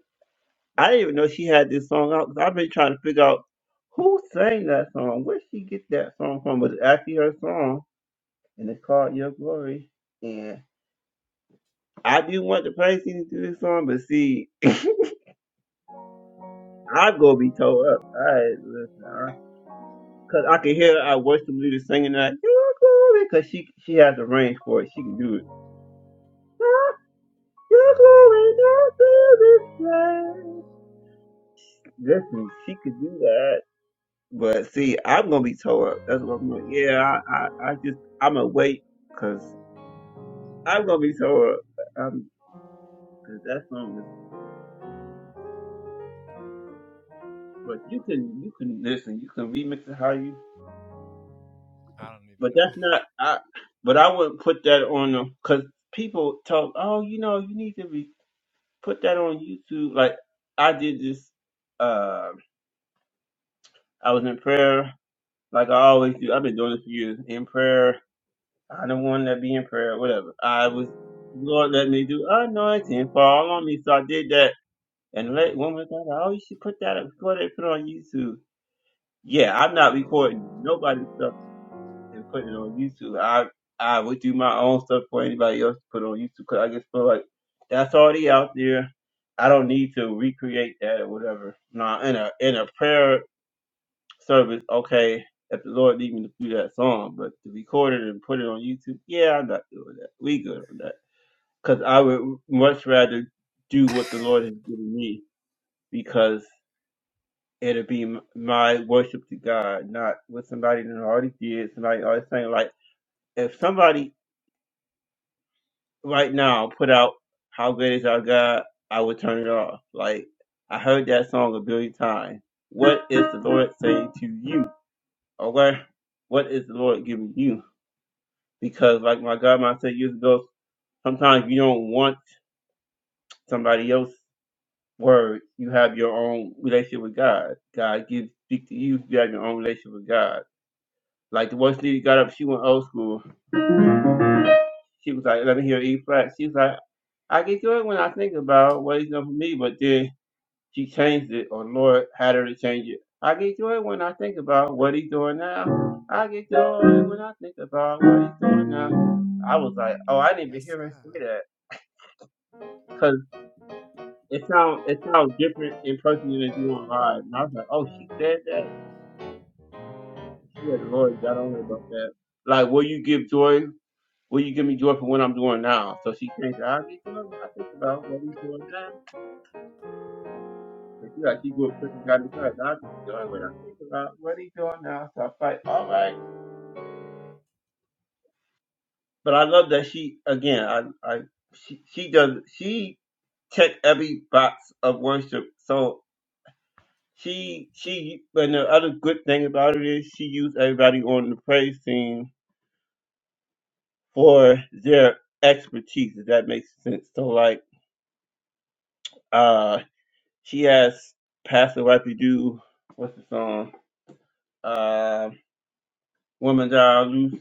Speaker 1: I didn't even know she had this song out. Cause I've been trying to figure out who sang that song. Where she get that song from? But it's actually her song, and it's called Your Glory. I do want to praise him through this song, but see, I go be tore up. I listen, I, cause I can hear I watch the leader singing that "Your glory," cause she she has the range for it. She can do it. "Ah, Your glory, your spirit flies. Listen, she could do that. But see, I'm gonna be tore up. That's what I'm like. Yeah, I, I, I just I'm gonna wait, cause I'm gonna be tore up. Um, cause that song is. But you can you can listen. You can remix it how you
Speaker 2: I don't
Speaker 1: But that's
Speaker 2: even
Speaker 1: not. I. But I wouldn't put that on them because people talk. Oh, you know, you need to be put that on YouTube. Like I did this. Uh, I was in prayer, like I always do. I've been doing this for years. In prayer, I don't want to be in prayer. Whatever. I was. Lord, let me do. Anointing fall on me. So I did that. And
Speaker 2: know.
Speaker 1: let woman of God. Oh, you should put that up. Go ahead, and put it on YouTube. Yeah, I'm not recording nobody's stuff. and put it on YouTube. I I would do my own stuff for anybody else to put on YouTube because I just feel like that's already out there. I don't need to recreate that or whatever. Now in a in a prayer service, okay, if the Lord lead me to do that song, but to record it and put it on YouTube, yeah, I'm not doing that. We good on that because I would much rather do
Speaker 2: [laughs] hmm
Speaker 1: what the Lord has given me because it'll be m- my worship to God, not what somebody done already did. Somebody already saying like if somebody right now put out "How Great Is Our God," I would turn it off. Like I heard that song a billion times. What is the Lord saying to you? Or where, what is the Lord giving you? Because like my godmother said years ago, sometimes you don't want somebody else's word. You have your own relationship with God. God gives speak to you. You have your own relationship with God. Like the one lady got up, she went old school. She was like, "Let me hear E flat." She was like, "I get good when I think about what He's done for me," but then She changed it, or Lord had her to change it. I get joy when I think about what he's doing now. I get joy when I think about what he's doing now. I was like, oh, I
Speaker 2: [laughs]
Speaker 1: didn't even
Speaker 2: Yes,
Speaker 1: hear Him say
Speaker 2: sir.
Speaker 1: that because it sounds it sounds different in person than it do on live. And I was like, oh, she said that. She had the Lord got on her about that. Like, will you give joy? Will you give me joy for what I'm doing now? So she changed. it. I get joy when I think about what he's doing now. And she like, she grew up Christian, got inside. I get joy when I think about what he's doing now. So I was like, all right. But I love that she again. I, I she, she does she check every box of worship. So she she and the other good thing about it is she used everybody on the praise team for their expertise. If that makes sense. So like uh she has Pastor Wifey do what's the song? Uh, Woman Die Loose.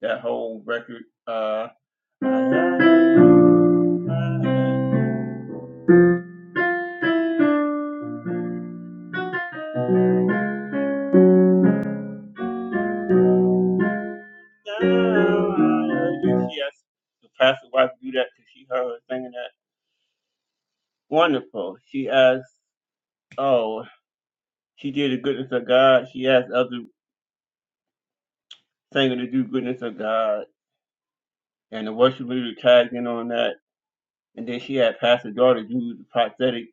Speaker 1: That whole record. Uh. now. I heard. She asked the pastor wife to do that because she heard her singing that. Wonderful. She asked, oh, she did the goodness of God. She asked other singers to do goodness of God. And the worship leader tagged in on that. And then she had Pastor Daughter do the prophetic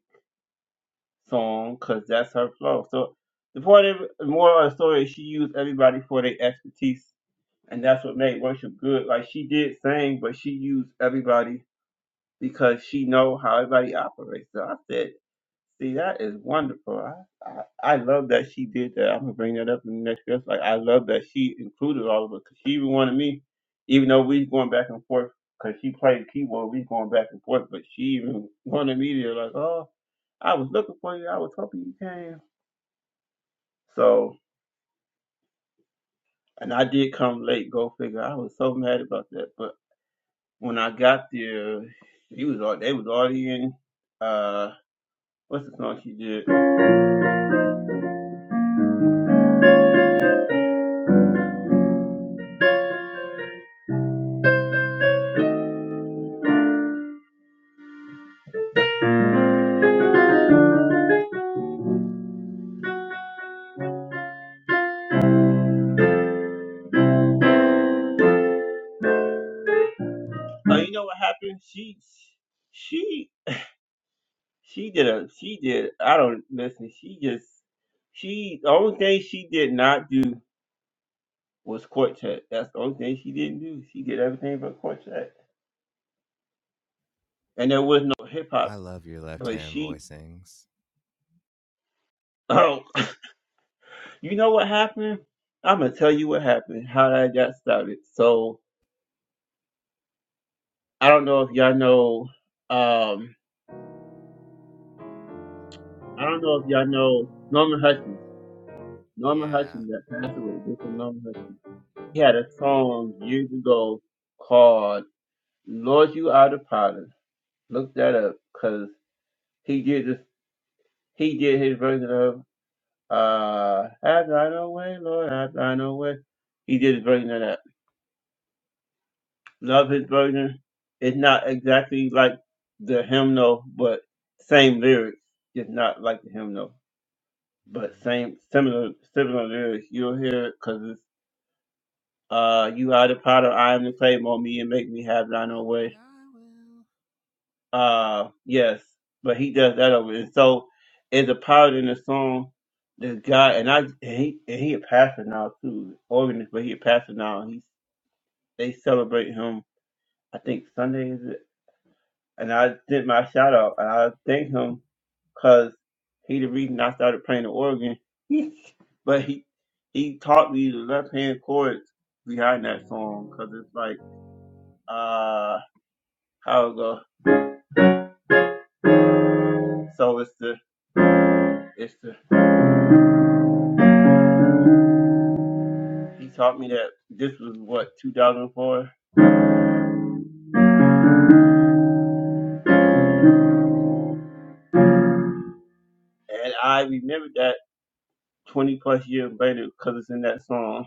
Speaker 1: song because that's her flow. So the point of the moral of the story is she used everybody for their expertise. And that's what made worship good. Like she did sing, but she used everybody because she know how everybody operates. So I said See, that is wonderful. I, I, I love that she did that. I'm gonna bring that up in the next dress. Like, I love that she included all of us 'cause she even wanted me, even though we going back and forth, 'cause she played keyboard, we going back and forth, but she even wanted me to like, oh, I was looking for you. I was hoping you came. So, and I did come late. Go figure. I was so mad about that. But when I got there, he was all they was already in. Uh, what's the song she did? Oh, you know what happened? She, she She did a she did I don't listen, she just she the only thing she did not do was quartet. That's the only thing she didn't do. She did everything but quartet. And there was no hip
Speaker 2: I
Speaker 1: hop.
Speaker 2: love your left
Speaker 1: But
Speaker 2: hand
Speaker 1: she
Speaker 2: voicings.
Speaker 1: [laughs] oh [coughs] you know what happened? I'ma tell you what happened, how that got started. So I don't know if y'all know um I don't know if y'all know Norman Hutchins. Norman
Speaker 2: Yeah.
Speaker 1: Hutchins that passed away, Mr. Norman Hutchins. He had a song years ago called. Lord, you are the problem. Look that up, cause he did this. He did his version of uh, "Have Thy Own Way, Lord, Have Thine Own Way." He did his version of that. Love his version. It's not exactly like the hymnal, but same lyrics. It's not like the hymnal, but
Speaker 2: hmm
Speaker 1: same similar similar lyrics. You'll hear it, cause it's uh, "You are the potter, I am the clay, mold me and make me have Thine own
Speaker 2: After
Speaker 1: way."
Speaker 2: I will.
Speaker 1: Uh, yes, but he does that over. And so, it's a part in the song. This guy and I, and he and he a pastor now too, organist, but he a pastor now. He they celebrate him. I think Sunday is it. And I did my shout out, and I thank him because he the reason I started playing the organ. [laughs] but he he taught me the left hand chords behind that song because it's like uh how it go. So it's the it's the He taught me that this was what 2004, and I remembered that 20 plus years later because it's in that song.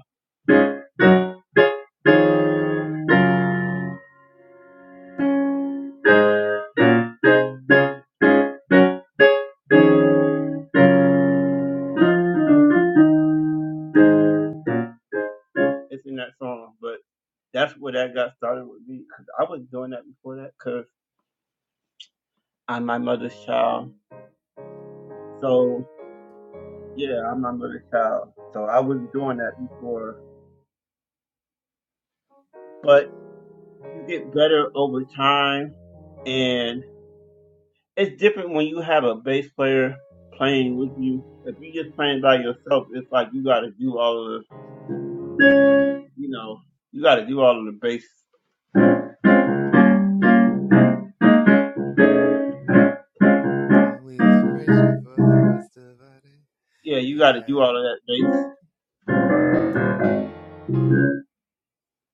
Speaker 1: It's in that song, but that's where that got started with me. 'cause I was doing that before that because I'm my mother's child. So yeah, I'm my mother's child. So I was doing that before, but you get better over time, and it's different when you have a bass player playing with you. If you just playing by yourself, it's like you got to do all of the you know, you got to do all of the base.
Speaker 2: And we will praise you for the rest of our day.
Speaker 1: Yeah, you got to do
Speaker 2: Yeah.
Speaker 1: all of that base.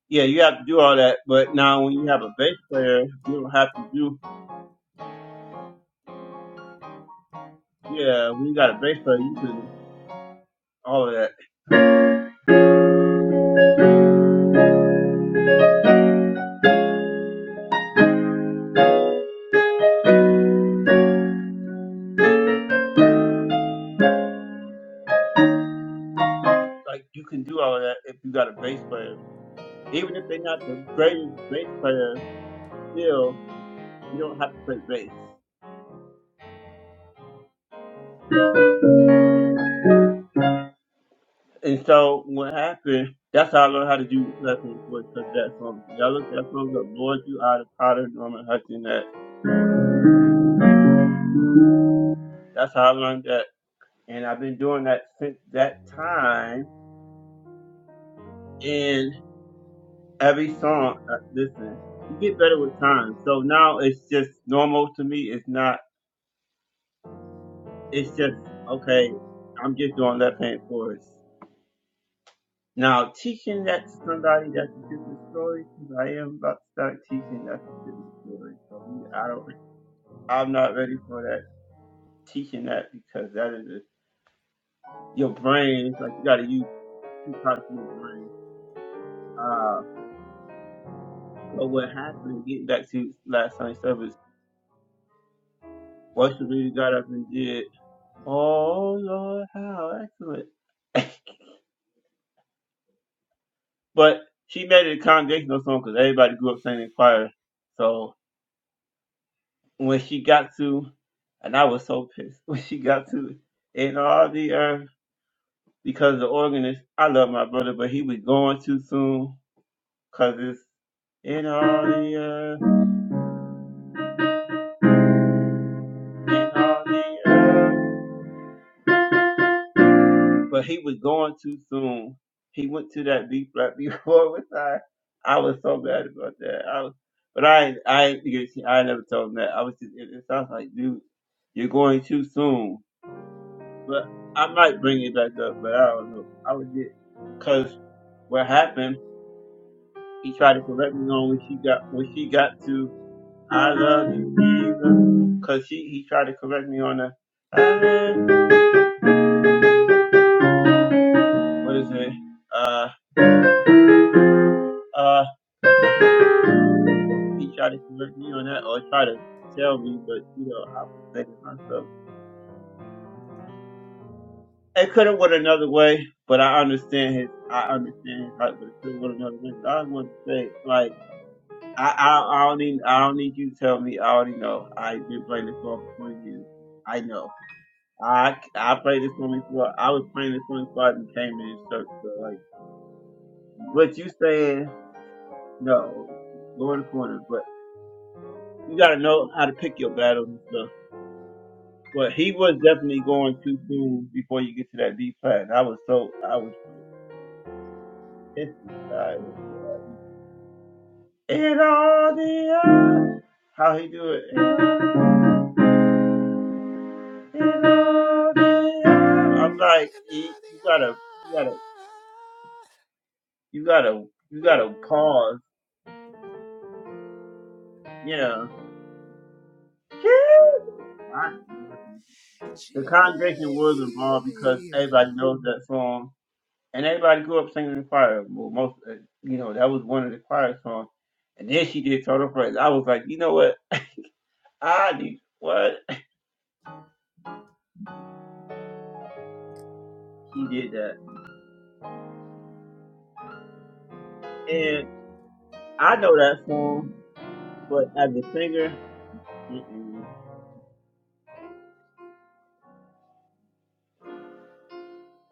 Speaker 1: Yeah, you have to do all that. But now when you have a bass player, you don't have to do. Yeah, when you got a bass player, you can all of that. Like you can do all of that if you got a bass player. Even if they're not the greatest bass player, still you don't have to play bass. And so what happened? That's how I learned how to do lessons was because that song. Y'all look that song up. Lord, you out of Potter, Norman Hudson. That that's how I learned that and I've been doing that since that time. And every song, uh, listen, you get better with time. So now it's just normal to me. It's not. It's just okay. I'm just doing left hand chorus. Now teaching that to somebody that's a different story because I am about to start teaching that's a different story. So we, I don't. I'm not ready for that teaching that because that is a, your brain. It's like you got to use two parts of your brain. Uh, So what happened, getting back to last Sunday service, worship leader got up and did, Oh Lord, how excellent. [laughs] but she made it a congregational song because everybody grew up singing in choir. So when she got to, and I was so pissed, [laughs] when she got to In All the Earth, because the organist, I love my brother, but he was going too soon because it's In All the Earth, In All the Earth. but he was gone too soon. He went to that B flat before [laughs] which I I was so bad about that. I was, but I ain't- I ain't- you see, I never told him that. I was just it, it sounds like dude, you're going too soon. But I might bring it back up, but I don't know. I would get because what happened. He tried to correct me on when she got when she got to I love you Jesus because she he tried to correct me on the uh, what is it uh uh. He tried to convert me on that or try to tell me, but you know, I was thinking to myself. It could have went another way, but I understand his I understand his heart, but it could have went another way. I want to say like I, I I don't need I don't need you to tell me. I already know. I've been playing this song for twenty years. I know. I I played this song before. I was playing this song before I even came to this church. So like what you saying, no, go in the corner. But you gotta know how to pick your battles and stuff. But he was definitely going too soon before you get to that deep flat. I was so I was pissed inside. In all the earth. how he do it? In all the earth. I'm like,
Speaker 2: and
Speaker 1: you you gotta, you gotta, you gotta, you gotta pause. Yeah. My goodness.
Speaker 2: not the eye.
Speaker 1: The
Speaker 2: Gee.
Speaker 1: congregation was involved because everybody knows that song. and everybody grew up singing the choir. Well, most, uh, you know, that was one of the choir songs. And then she did Total Praise. I was like, you know what? I need what [laughs] she did that, and I know that song, but as a singer, mm-mm.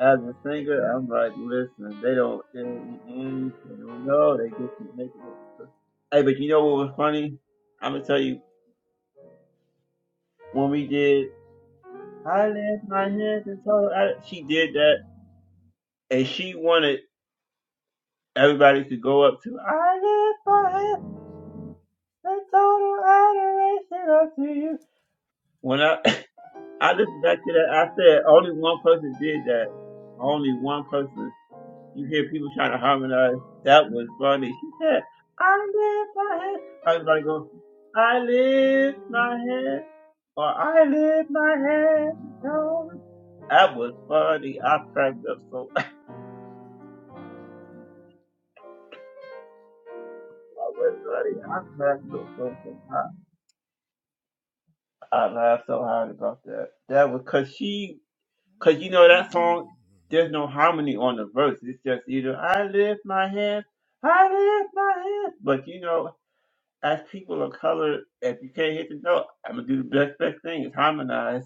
Speaker 1: as a singer, I'm like, listen, they don't, they, mm-mm, they don't know. They just keep making it. Hey, but you know what was funny? I'm gonna tell you when we did. I lift my hands and told. I, she did that, and she wanted. Everybody could go up to I lift my hands in total adoration unto you. When I [laughs] [clears throat] I listened back to that, I said only one person did that. Only one person. You hear people trying to harmonize. That was funny. She said, I lift my hands. Everybody go, I lift my hand or I lift my hand. in total that was funny. I cracked up so. [laughs] That was funny. I cracked up so. hard. I laughed so hard about that. That was cause she, cause you know that song. There's no harmony on the verse. It's just either I lift my hands, I lift my hands. But you know, as people of color, if you can't hit the note, I'm gonna do the best best thing is harmonize.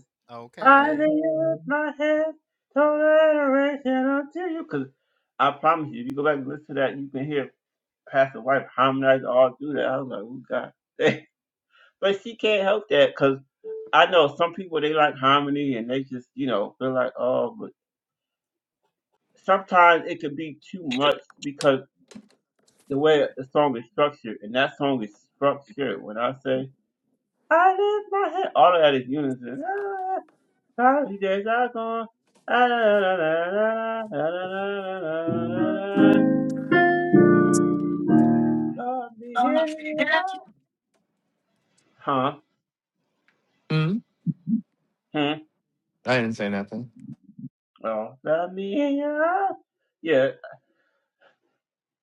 Speaker 1: I
Speaker 2: Okay.
Speaker 1: lift my hands, total adoration unto you. Cause I promise you, if you go back and listen to that, you can hear Pastor White harmonize all through that. I was like, oh God. [laughs] But she can't help that because I know some people they like harmony and they just you know they're like oh, but sometimes it could be too much because the way the song is structured and that song is structured. When I say I lift my head, all of that is unison. Ah, Cloudy days are gone. Ah, la, la, la, la, la, la, la, la, la, la, la. Love me in your arms. Huh?
Speaker 2: Hmm?
Speaker 1: Hmm.
Speaker 2: I didn't say nothing.
Speaker 1: Oh, love me in your arms. Yeah,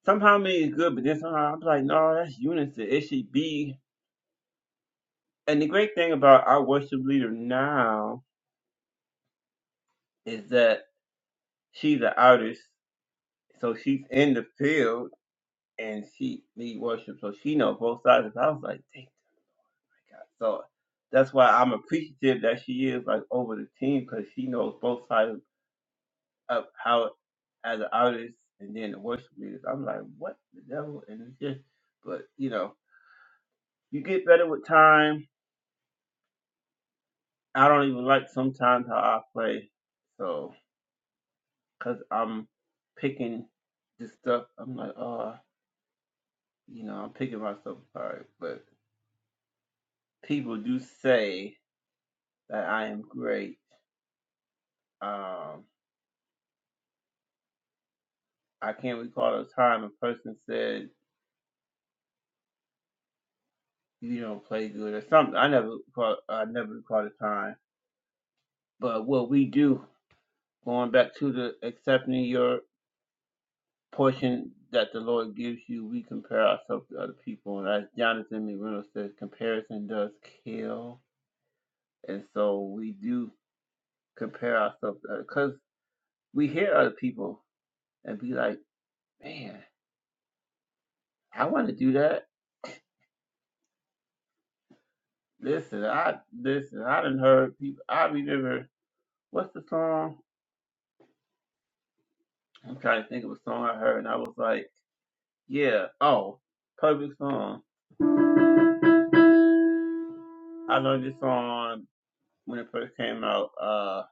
Speaker 1: somehow made it good, but then somehow I'm like, no, that's unison. It should be. And the great thing about our worship leader now is that she's an artist, so she's in the field and she lead worship, so she knows both sides. I was like, dang, my God. So that's why I'm appreciative that she is like over the team because she knows both sides of how as an artist and then the worship leaders. I'm like, what the devil? And it's just, but you know, you get better with time I don't even like sometimes how I play, so because I'm picking this stuff, I'm like, oh, you know, I'm picking myself apart. But people do say that I am great. Um, I can't recall a time a person said you don't play good or something. I never recall, I never recall a time. But what we do, going back to the accepting your portion that the Lord gives you, we compare ourselves to other people. And as Jonathan McReynolds says, comparison does kill. And so we do compare ourselves because we hear other people and be like, man, I want to do that. Listen, I listen. I didn't heard people. I remember what's the song? I'm trying to think of a song I heard, and I was like, yeah, oh, perfect song. I learned this song when it first came out. Uh,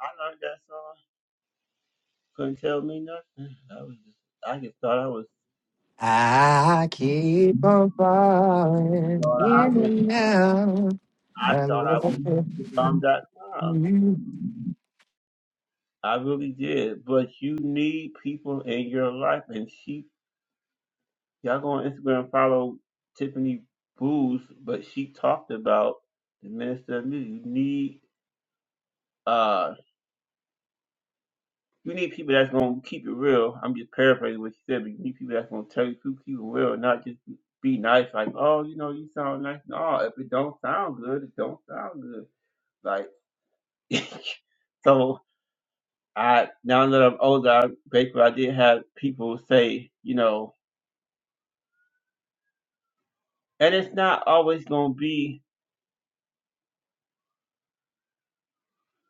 Speaker 1: I learned that song. Couldn't tell me nothing. I was just, I just thought I was,
Speaker 2: I keep on falling
Speaker 1: thought I
Speaker 2: in
Speaker 1: was,
Speaker 2: and out.
Speaker 1: I
Speaker 2: I
Speaker 1: thought I
Speaker 2: love
Speaker 1: was dot com.
Speaker 2: you.
Speaker 1: I really did. But you need people in your life, and she, y'all go on Instagram and follow Tiffany Booz, but she talked about the minister of music. You need uh You need people that's gonna keep it real. I'm just paraphrasing what she said, but you need people that's gonna tell you truth, keep it real, not just be be nice. Like, oh, you know, you sound nice. No, if it don't sound good, it don't sound good. Like, [laughs] so I now that I'm older, I, basically I did have people say, you know, and it's not always gonna be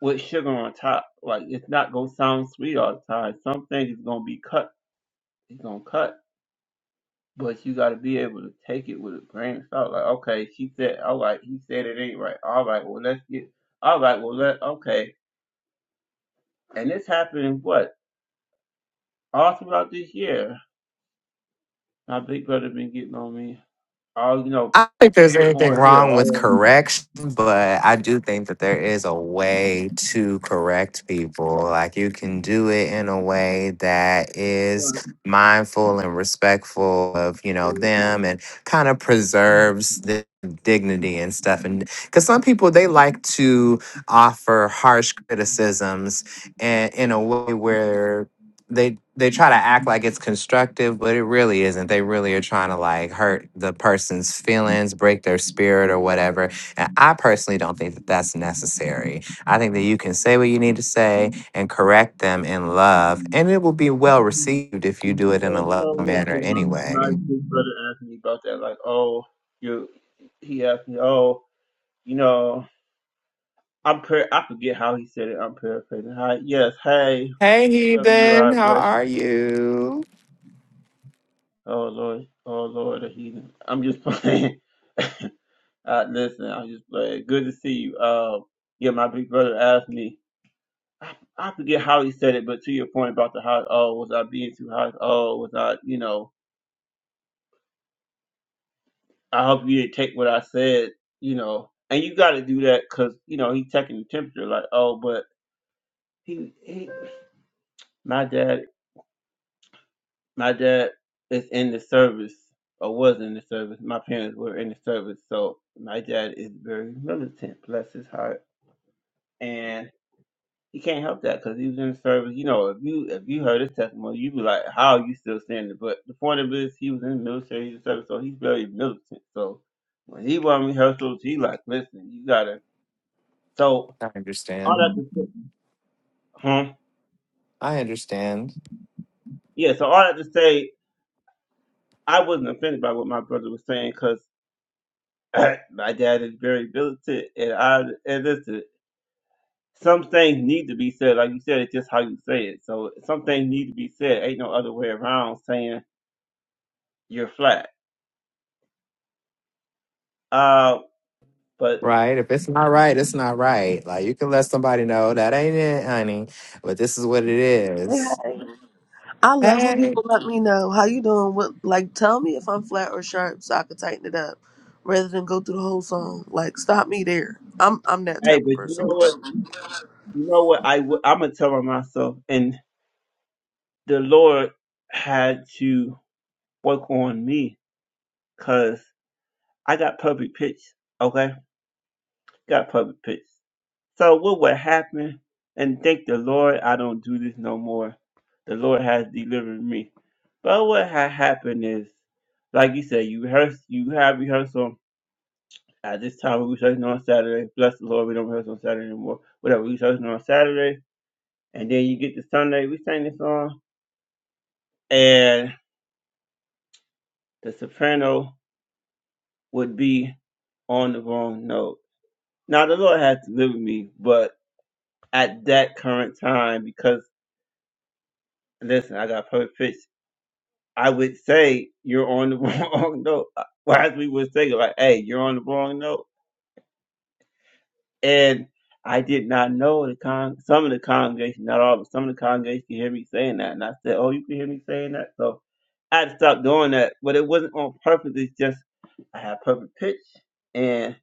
Speaker 1: with sugar on top. Like, it's not gonna sound sweet all the time. Some things is gonna be cut. It's gonna cut But you gotta be able to take it with a grain of salt. Like, okay, she said, all right, he said it ain't right. All right, well let's get, all right, well let, okay. And this happened what all throughout this year. My big brother been getting on me. All you know,
Speaker 2: I don't think there's
Speaker 1: put
Speaker 2: anything
Speaker 1: more here.
Speaker 2: wrong with
Speaker 1: Oh,
Speaker 2: correction, but I do think that there is a way to correct people. Like you can do it in a way that is
Speaker 1: because
Speaker 2: mindful and respectful of, you know, them and kind of preserves the dignity and stuff. And because some people they like to offer harsh criticisms and in a way where they they try to act like it's constructive, but it really isn't. They really are trying to like hurt the person's feelings, break their spirit or whatever. And I personally don't think that that's necessary. I think that you can say what you need to say and correct them in love, and it will be well received if you do it in a love manner
Speaker 1: my my
Speaker 2: anyway.
Speaker 1: big brother asked me about that. Like, oh, you. He asked me, oh, you know, I'm par- I forget how he said it. I'm paraphrasing. Hi, yes, hey,
Speaker 2: Hey,
Speaker 1: whoever you
Speaker 2: heathen,
Speaker 1: are,
Speaker 2: how
Speaker 1: bless you.
Speaker 2: are you?
Speaker 1: Oh Lord, oh Lord, the heathen. I'm just playing. [laughs] uh, listen, I'm just playing. Good to see you. Uh, yeah, my big brother asked me. I, I forget how he said it, but to your point about the hot. Oh, was I being too hot? Oh, was I? You know, I hope you didn't take what I said. You know, and you got to do that because you know he taking the temperature. Like, oh, but he, he, my dad My dad is in the service, or was in the service. My parents were in the service, so my dad is very militant. Bless his heart, and he can't help that because he was in the service. You know, if you if you heard his testimony, you'd be like, "How are you still standing?" But the point of it is, he was in the military, he was in service, so he's very militant. So when he won rehearsals, he like, "Listen, you gotta." So
Speaker 2: I
Speaker 1: all
Speaker 2: understand.
Speaker 1: that to say, huh?
Speaker 2: I understand.
Speaker 1: Yeah. So all that to say, I wasn't offended by what my brother was saying because. [laughs] [clears throat] my dad is very militant, and I and listen. Some things need to be said, like you said. It's just how you say it. So some things need to be said. Ain't no other way around saying you're flat. Uh, but
Speaker 2: Right. If it's not right, it's not right. Like you can let somebody know that ain't it, honey. But this is what it
Speaker 3: Hey,
Speaker 2: is.
Speaker 3: hey. I love when
Speaker 2: Hey.
Speaker 3: people let me know how you doing. What like tell me if I'm flat or sharp so I can tighten it up, rather than go through the whole song. Like stop me there. I'm I'm that
Speaker 1: hey,
Speaker 3: type
Speaker 1: but
Speaker 3: of
Speaker 1: you
Speaker 3: person.
Speaker 1: know what? You know what? I w- I'm gonna tell on myself, and the Lord had to work on me because I got public pitch. Okay, got public pitch. So what would happen? And thank the Lord, I don't do this no more. The Lord has delivered me. But what had happened is, like you said, you rehearse, you have rehearsal at this time. We rehearsing on Saturday. Bless the Lord, we don't rehearse on Saturday anymore. Whatever we rehearsing on Saturday, and then you get to Sunday, we sing the song, and the soprano would be on the wrong note. Now the Lord has delivered me, but at that current time, because listen, I got perfect. I would say you're on the [laughs] wrong note. uh, Well, as we were saying, like, hey, you're on the wrong note. And I did not know the con some of the congregation, not all, but some of the congregation could hear me saying that. And I said, Oh, you can hear me saying that? So I had to stop doing that. But it wasn't on purpose, it's just I have perfect pitch. And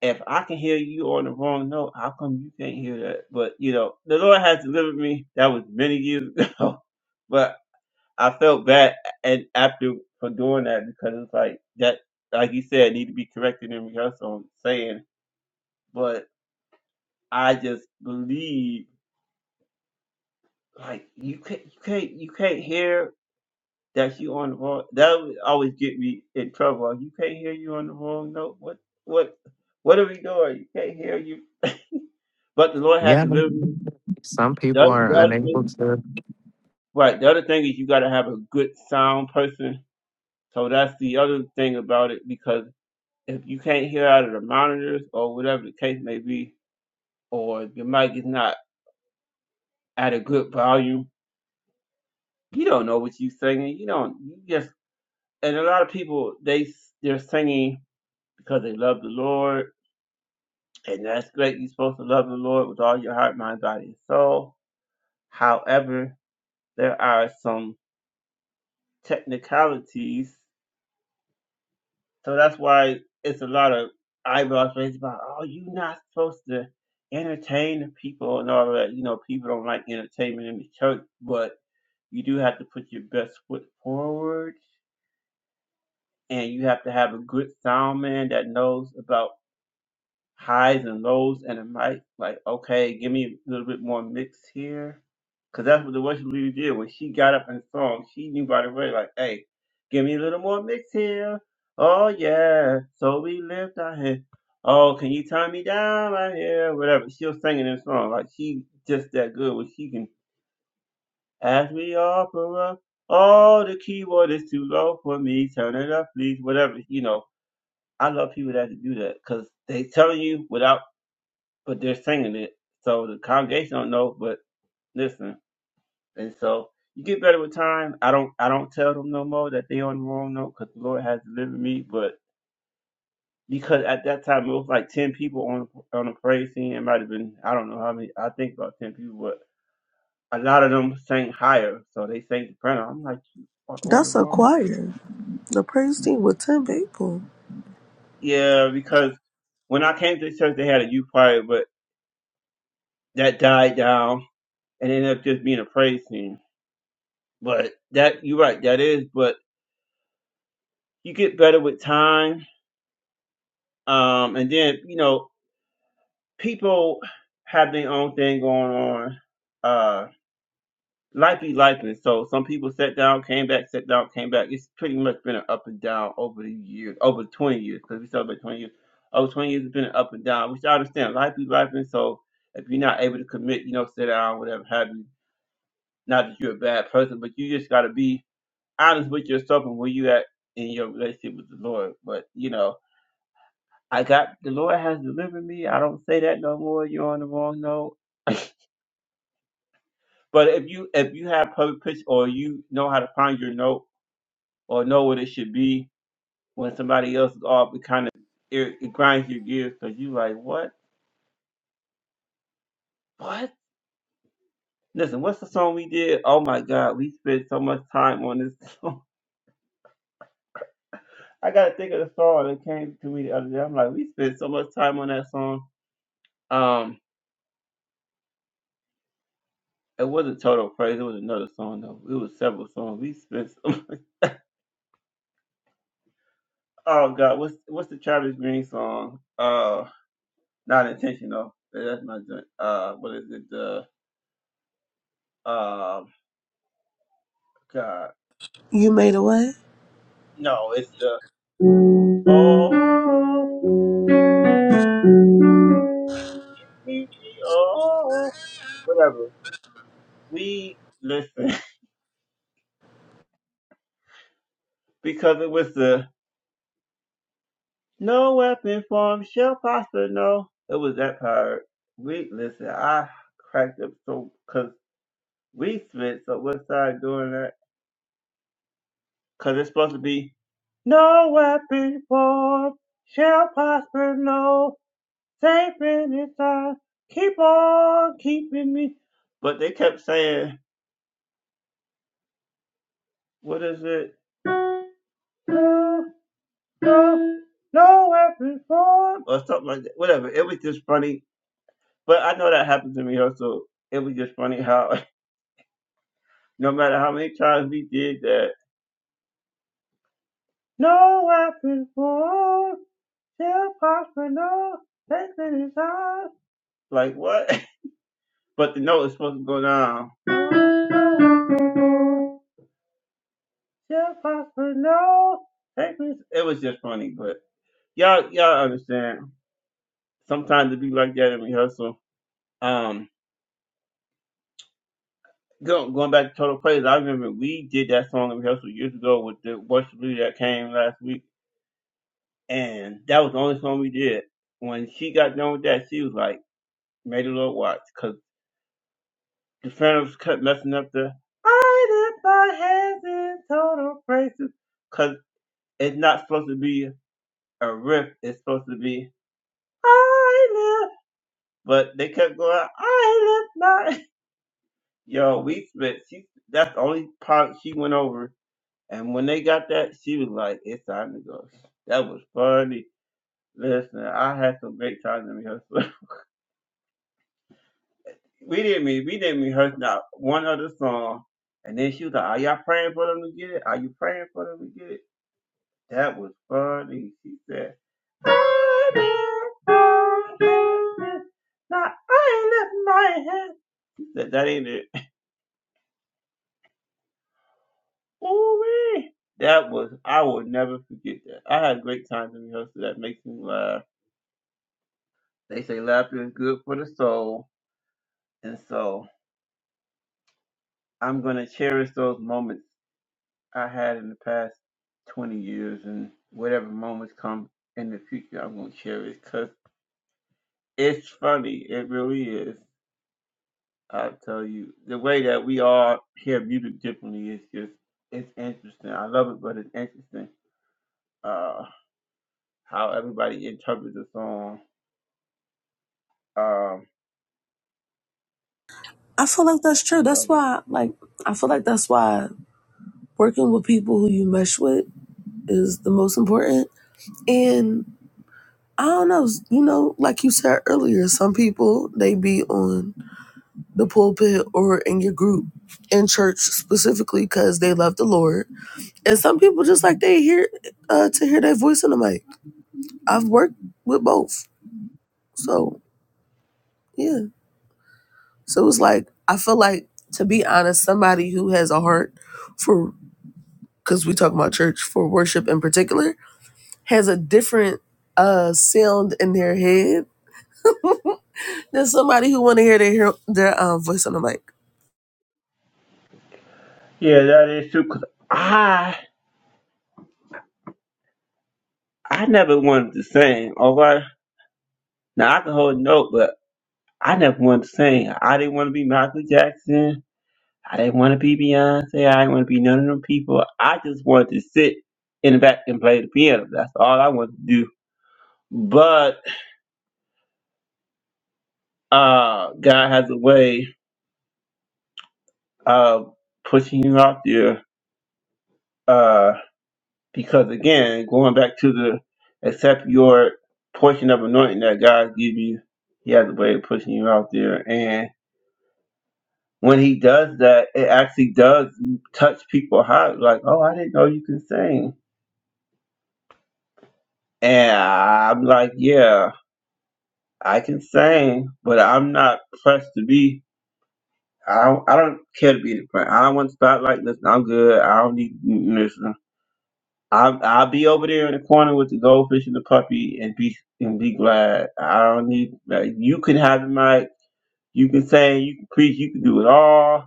Speaker 1: if I can hear you on the wrong note, how come you can't hear that? But you know, the Lord has delivered me. That was many years [laughs] ago. I felt bad and after for doing that because it's like that, like you said, need to be corrected in rehearsal. I'm saying, but I just believe like you can't, you can't, you can't hear that you on the wrong. That would always get me in trouble. Like, You can't hear you on the wrong note. What, what, what are we doing? You can't hear you. But the Lord has
Speaker 2: Yeah.
Speaker 1: delivered. me.
Speaker 2: Some
Speaker 1: The
Speaker 2: people
Speaker 1: other,
Speaker 2: are
Speaker 1: the other
Speaker 2: unable
Speaker 1: thing,
Speaker 2: to.
Speaker 1: right. The other thing is you got to have a good sound person. So that's the other thing about it because if you can't hear out of the monitors or whatever the case may be, or your mic is not at a good volume, you don't know what you're singing. You don't. You just and a lot of people they they're singing because they love the Lord, and that's great. You're supposed to love the Lord with all your heart, mind, body, and soul. However, there are some technicalities So that's why it's a lot of eyebrows raised about, oh, you're not supposed to entertain the people and all that. You know, people don't like entertainment in the church, but you do have to put your best foot forward and you have to have a good sound man that knows about highs and lows and it might like okay give me a little bit more mix here because that's what the worship leader did when she got up and sung she knew by the way like hey give me a little more mix here oh yeah so we lift our head oh can you turn me down right here whatever she was singing this song like she just that good when she can ask me opera oh the keyboard is too low for me turn it up please whatever you know I love people that can do that because they telling you without but they're singing it. So the congregation don't know, but listen. And so you get better with time. I don't I don't tell them no more that they on the wrong note because the Lord has delivered me. But because at that time it was like ten people on on the praise scene. It might have been I don't know how many. I think about ten people, but a lot of them sang higher, so they sang the prayer. I'm like you are on the
Speaker 3: That's a
Speaker 1: wrong.
Speaker 3: choir, the praise team with ten people.
Speaker 1: Yeah, because when I came to church, they had a youth choir, but that died down and ended up just being a praise scene. But that you're right, that is. But you get better with time, um, and then you know people have their own thing going on. Uh, life be life, and so some people sat down, came back, sat down, came back. It's pretty much been an up and down over the years, over 20 years, because we celebrate 20 years. Over 20 years, it's been an up and down, which I understand. Life be life, and so if you're not able to commit, you know, sit down, whatever have you. Not that you're a bad person, but you just gotta be honest with yourself and where you at in your relationship with the Lord. But you know, I got the Lord has delivered me. I don't say that no more. You're on the wrong note. [laughs] but if you if you have perfect pitch or you know how to find your note or know what it should be when somebody else is off, it kind of it, it grinds your gears because you like what what. Listen, what's the song we did? Oh my God, we spent so much time on this [laughs] song. I gotta think of the song that came to me the other day. I'm like, we spent so much time on that song. Um, It wasn't Total Praise. It was another song though. It was several songs. We spent. Some... [laughs] Oh God, what's what's the Travis Green song? Uh, not intentional. Yeah, That's my joint. Uh, what is it? The uh, God.
Speaker 3: You made a way.
Speaker 1: No, it's the. Oh, we- we- oh, whatever. We listen [laughs] because it was the No weapon formed shall prosper, no. It was that part. We listen. I cracked up so because we spent so much time doing that because it's supposed to be no weapon formed shall prosper, no. Safe in its time. Keep on keeping me. But they kept saying, what is it? No, no, no weapon formed or something like that. Whatever. It was just funny But I know that happened to me also. It was just funny how [laughs] no matter how many times we did that, no weapon formed shall prosper. No, that's in his Like what? [laughs] But the note is supposed to go down. Shall prosper. No, that's in It was just funny, but y'all y'all understand. Sometimes it be like that in rehearsal. Um. Go, going back to Total Praise, I remember we did that song in rehearsal years ago with the worship leader that came last week And that was the only song we did. When she got done with that, she was like, "Made a little watch. Because the Phantoms kept messing up the I lift my hands in total praises. Because it's not supposed to be a riff, it's supposed to be I lift. But they kept going, I lift my. [laughs] Yo, we spent, she, that's the only part she went over. And when they got that, she was like, It's time to go. That was funny. Listen, I had some great times in rehearsal. [laughs] we didn't mean we didn't rehearse not one other song. And then she was like, "Are y'all praying for them to get it? Are you praying for them to get it?" That was funny. She said, "I did, I did, now I lift my hand." She said, "That ain't it." Ooh wee. That was I will never forget that. I had great times in rehearsal. That makes me laugh. They say laughter is good for the soul, and so I'm gonna cherish those moments I had in the past 20 years and whatever moments come in the future, I'm going to share it because it's funny. It really is. I tell you, the way that we all hear music differently is just, it's interesting. I love it, but it's interesting uh, how everybody interprets a song. Um,
Speaker 3: I feel like that's
Speaker 1: I
Speaker 3: true. That's
Speaker 1: love it.
Speaker 3: why like I feel like that's why working with people who you mesh with is the most important. And I don't know, you know, like you said earlier, some people they be on the pulpit or in your group in church specifically because they love the Lord. And some people just like they hear uh, to hear their voice in the mic. I've worked with both. So yeah. So it's like I feel like to be honest, somebody who has a heart for because we talk about church for worship in particular has a different uh sound in their head than somebody who want to hear their their um, voice on the mic.
Speaker 1: Yeah, that is true. 'cause I, I never wanted to sing, all right? Now, I can hold a note, but I never wanted to sing. I didn't want to be Michael Jackson. I didn't want to be Beyonce. I didn't want to be none of them people. I just wanted to sit in the back and play the piano. That's all I wanted to do. But uh, God has a way of pushing you out there uh, because, again, going back to the accept your portion of anointing that God gives you, He has a way of pushing you out there. And when He does that, it actually does touch people's heart. Like, oh, I didn't know you could sing. And I'm like, yeah. I can sing, but I'm not pressed to be. I don't, I don't care to be the front. I don't want spotlight. Listen, I'm good. I don't need mm, listen. I'll, I'll be over there in the corner with the goldfish and the puppy and be and be glad. I don't need like, you can have the mic. You can sing. You can preach. You can do it all.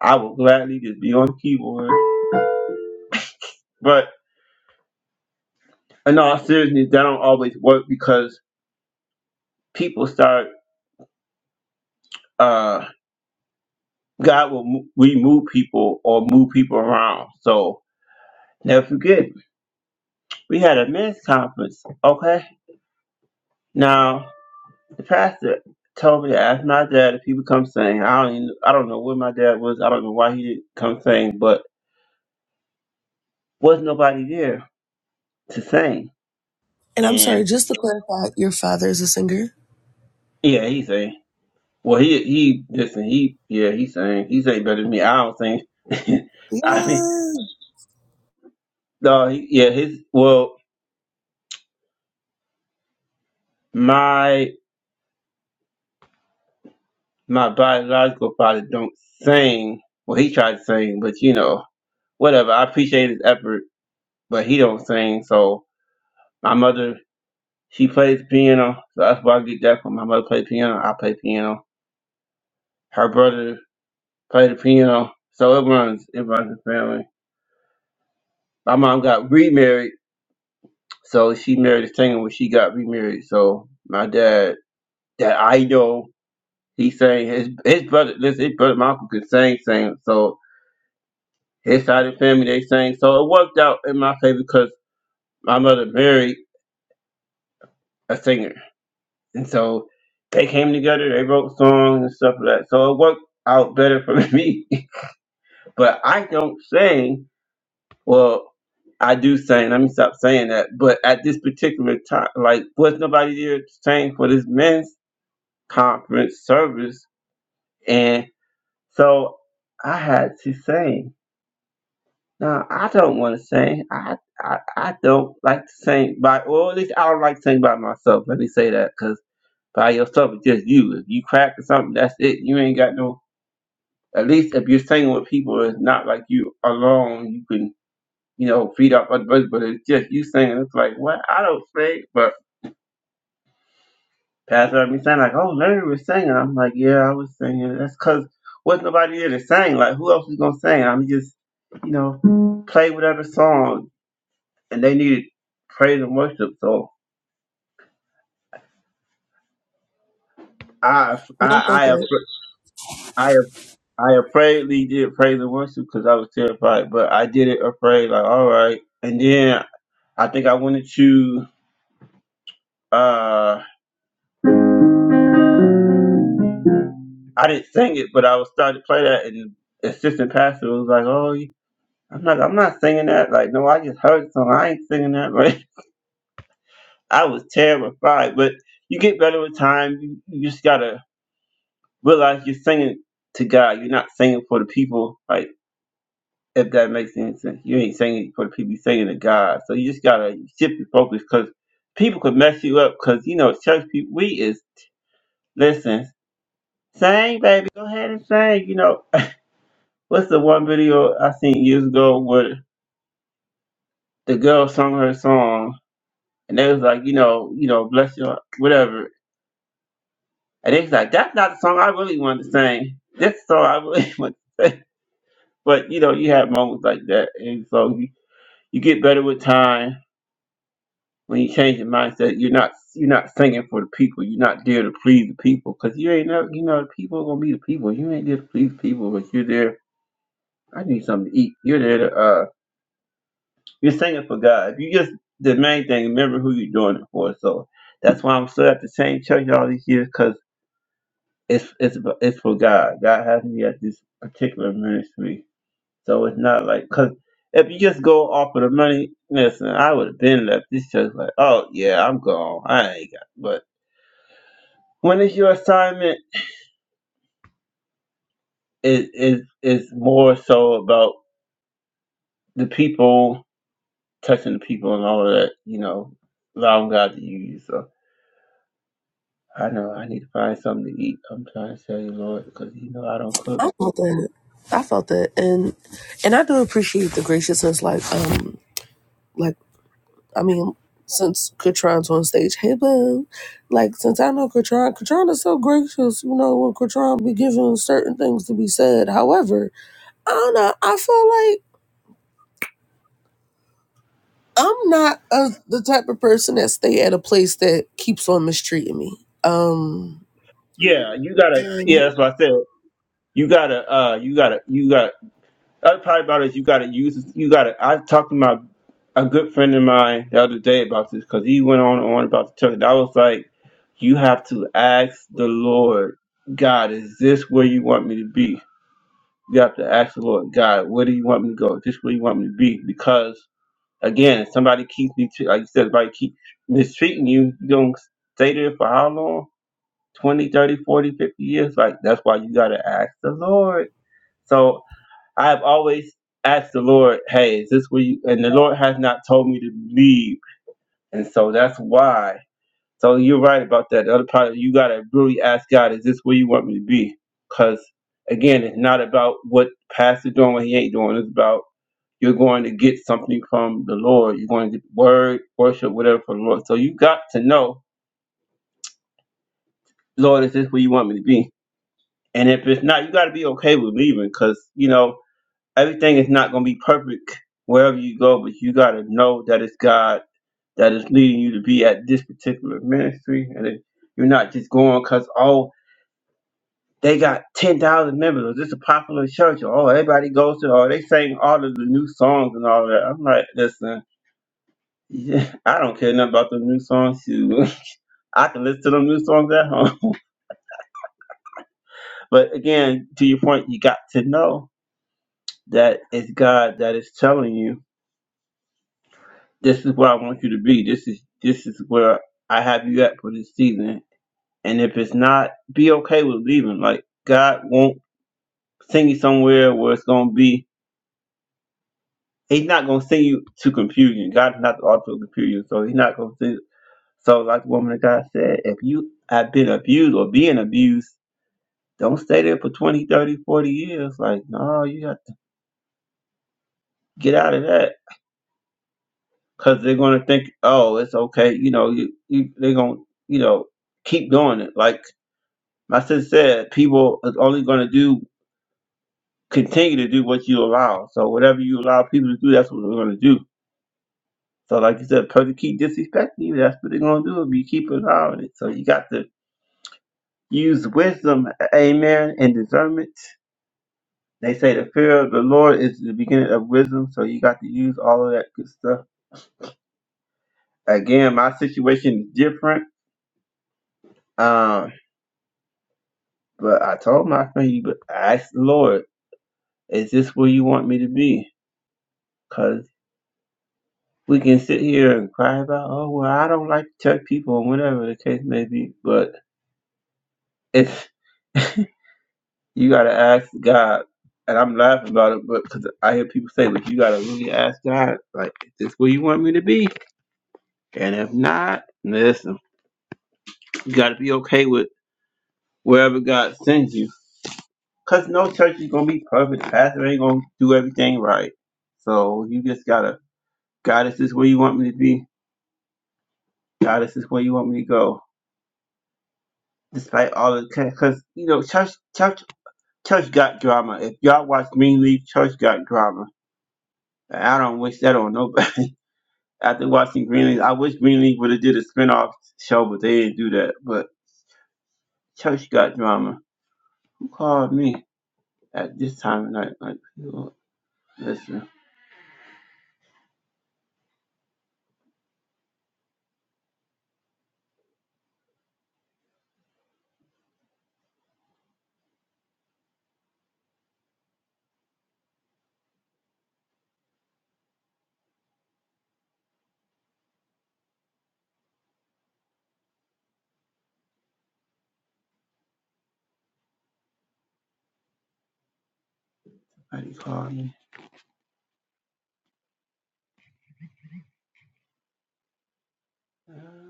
Speaker 1: I will gladly just be on the keyboard. But in all seriousness, that don't always work because people start. uh God will mo- remove people or move people around. So never forget we had a men's conference, okay? Now, the pastor told me to ask my dad if he would come sing. I don't even, I don't know where my dad was. I don't know why he didn't come sing, but was nobody there to sing.
Speaker 3: And I'm
Speaker 1: And
Speaker 3: sorry, just to clarify, your father is a singer.
Speaker 1: yeah, he sang. Well, he he listen. He yeah, he sang. He sang better than me. I don't sing. [laughs] I mean,
Speaker 3: Yes.
Speaker 1: no, he, yeah, his well, my my biological father don't sing. Well, he tried to sing, but you know, whatever. I appreciate his effort, but he don't sing. So My mother, she plays piano, so that's where I get that from. My mother played piano, I play piano. Her brother played the piano, so it runs, it runs the family. My mom got remarried, so she married a singer when she got remarried. So my dad, that I know, he sang his his brother, listen, his brother, my uncle could sing, sing. So his side of the family they sang, so it worked out in my favor because my mother married a singer. And so they came together, they wrote songs and stuff like that. So it worked out better for [laughs] me. But I don't sing. Well, I do sing. Let me stop saying that. But at this particular time, like, was nobody there to sing for this men's conference service. And so I had to sing. Now, I don't want to sing. I, I I don't like to sing by, or at least I don't like to sing by myself. Let me say that because. by yourself. It's just you. If you crack or something, that's it. You ain't got no. At least if you're singing with people, it's not like you alone. You can you know feed off other people, but it's just you singing. It's like what I don't sing, but Pastor heard me saying like, oh, Larry was singing. I'm like, yeah, I was singing. That's because was wasn't nobody there to sing. Like who else is gonna sing? I'm just you know play whatever song, and they needed praise and worship. So I
Speaker 3: No, I felt
Speaker 1: I I.
Speaker 3: that.
Speaker 1: appre- I I afraidly did praise and worship because I was terrified, but I did it afraid, like all right. And then I think I wanted to. Uh, I didn't sing it, but I was starting to play that, and the assistant pastor was like, "Oh, you- I'm not, I'm not singing that." Like, no, I just heard the song. I ain't singing that. [laughs] Right? I was terrified, but you get better with time. You, you just gotta realize you're singing to God. You're not singing for the people. Like if that makes any sense. You ain't singing it for the people, you're singing to God. So you just gotta shift your focus because people could mess you up. Because you know, church people, we is listen, sing, baby, go ahead and sing. You know, what's the one video I seen years ago where the girl sung her song and they was like, you know, you know, bless your whatever, and they was like, that's not the song I really wanted to sing. That's the song I really [laughs] want to sing. But you know, you have moments like that, and so you, you get better with time When you change your mindset, you're not you're not singing for the people. You're not there to please the people because you ain't know you know the people are gonna be the people. You ain't there to please the people, but you're there. I need something to eat. You're there to uh you're singing for God. You just the main thing. Remember who you're doing it for. So that's why I'm still at the same church all these years because it's it's it's for God. God has me at this particular ministry, so it's not like because if you just go off of the money, listen, I would have been left. This church like, oh yeah, I'm gone. I ain't got. but. when it's your assignment it is is more so about the people touching the people and all of that you know allowing god to use you so i know i need to find something to eat i'm trying to tell you lord because you know i don't cook
Speaker 3: I felt that. I felt that, and and I do appreciate the graciousness. Like, um, like I mean, since Katron's on stage, hey boo, like since I know Katron, Katron is so gracious. You know, when Katron be given certain things to be said. However, I don't know. I feel like I'm not a, the type of person that stay at a place that keeps on mistreating me. Um,
Speaker 1: yeah you gotta yeah that's what i said you gotta uh you gotta you gotta The other part about it is you got to use it- you got to. I talked to my a good friend of mine the other day about this because he went on and on about the church. And I was like, you have to ask the Lord, God, is this where you want me to be? You have to ask the Lord, God, where do you want me to go? Is this where you want me to be? Because again, if somebody keeps me to, like you said, if I keep mistreating you, you don't stay there for how long? 20, 30, 40, 50 years? Like, that's why you got to ask the Lord. So I have always asked the Lord, hey, is this where you, and the Lord has not told me to leave. And so that's why. So you're right about that. The other part, you got to really ask God, is this where you want me to be? Because again, it's not about what pastor doing, what he ain't doing. It's about you're going to get something from the Lord. You're going to get word, worship, whatever from the Lord. So you got to know, Lord, is this where you want me to be? And if it's not, you got to be okay with leaving because, you know, everything is not going to be perfect wherever you go, but you got to know that it's God that is leading you to be at this particular ministry. And that you're not just going because, oh, they got 10,000 members, or this is a popular church, or oh, everybody goes to, or they sing all of the new songs and all that. I'm like, listen, [laughs] yeah, I don't care nothing about the new songs. shoot. [laughs] I can listen to them new songs at home. [laughs] But again, to your point, you got to know that it's God that is telling you. This is where I want you to be. This is this is where I have you at for this season. And if it's not, be okay with leaving. Like God won't send you somewhere where it's gonna be. He's not gonna send you to confusion. God's not the author of confusion, so He's not gonna send. So, like the woman of God said, if you have been abused or being abused, don't stay there for 20, 30, forty years. Like, no, you got to get out of that because they're going to think, oh, it's okay. You know, you, you they're going to, you know, keep doing it. Like, My sister said people is only going to do continue to do what you allow. So whatever you allow people to do, that's what they're going to do. So like you said, people keep disrespecting you. That's what they're going to do if you keep allowing it. So you got to use wisdom, amen, and discernment. They say the fear of the Lord is the beginning of wisdom. So you got to use all of that good stuff. Again, my situation is different. Um, but I told my friend, you, but I asked the Lord, is this where you want me to be? we can sit here and cry about, oh, well, I don't like to touch people or whatever the case may be. But if you got to ask God, and I'm laughing about it, but because I hear people say, but you got to really ask God, like, is this where you want me to be? And if not, listen, you got to be okay with wherever God sends you. Because no church is going to be perfect. Pastor ain't going to do everything right. So you just got to, God, is this where you want me to be? God, is this where you want me to go? Despite all the, because, you know, church, church Church got drama. If y'all watch Greenleaf, Church got drama. And I don't wish that on nobody. [laughs] After watching Greenleaf, I wish Greenleaf would have did a spinoff show, but they didn't do that. But Church got drama. Who called me at this time of night? Like, you know, listen, somebody called me. [laughs]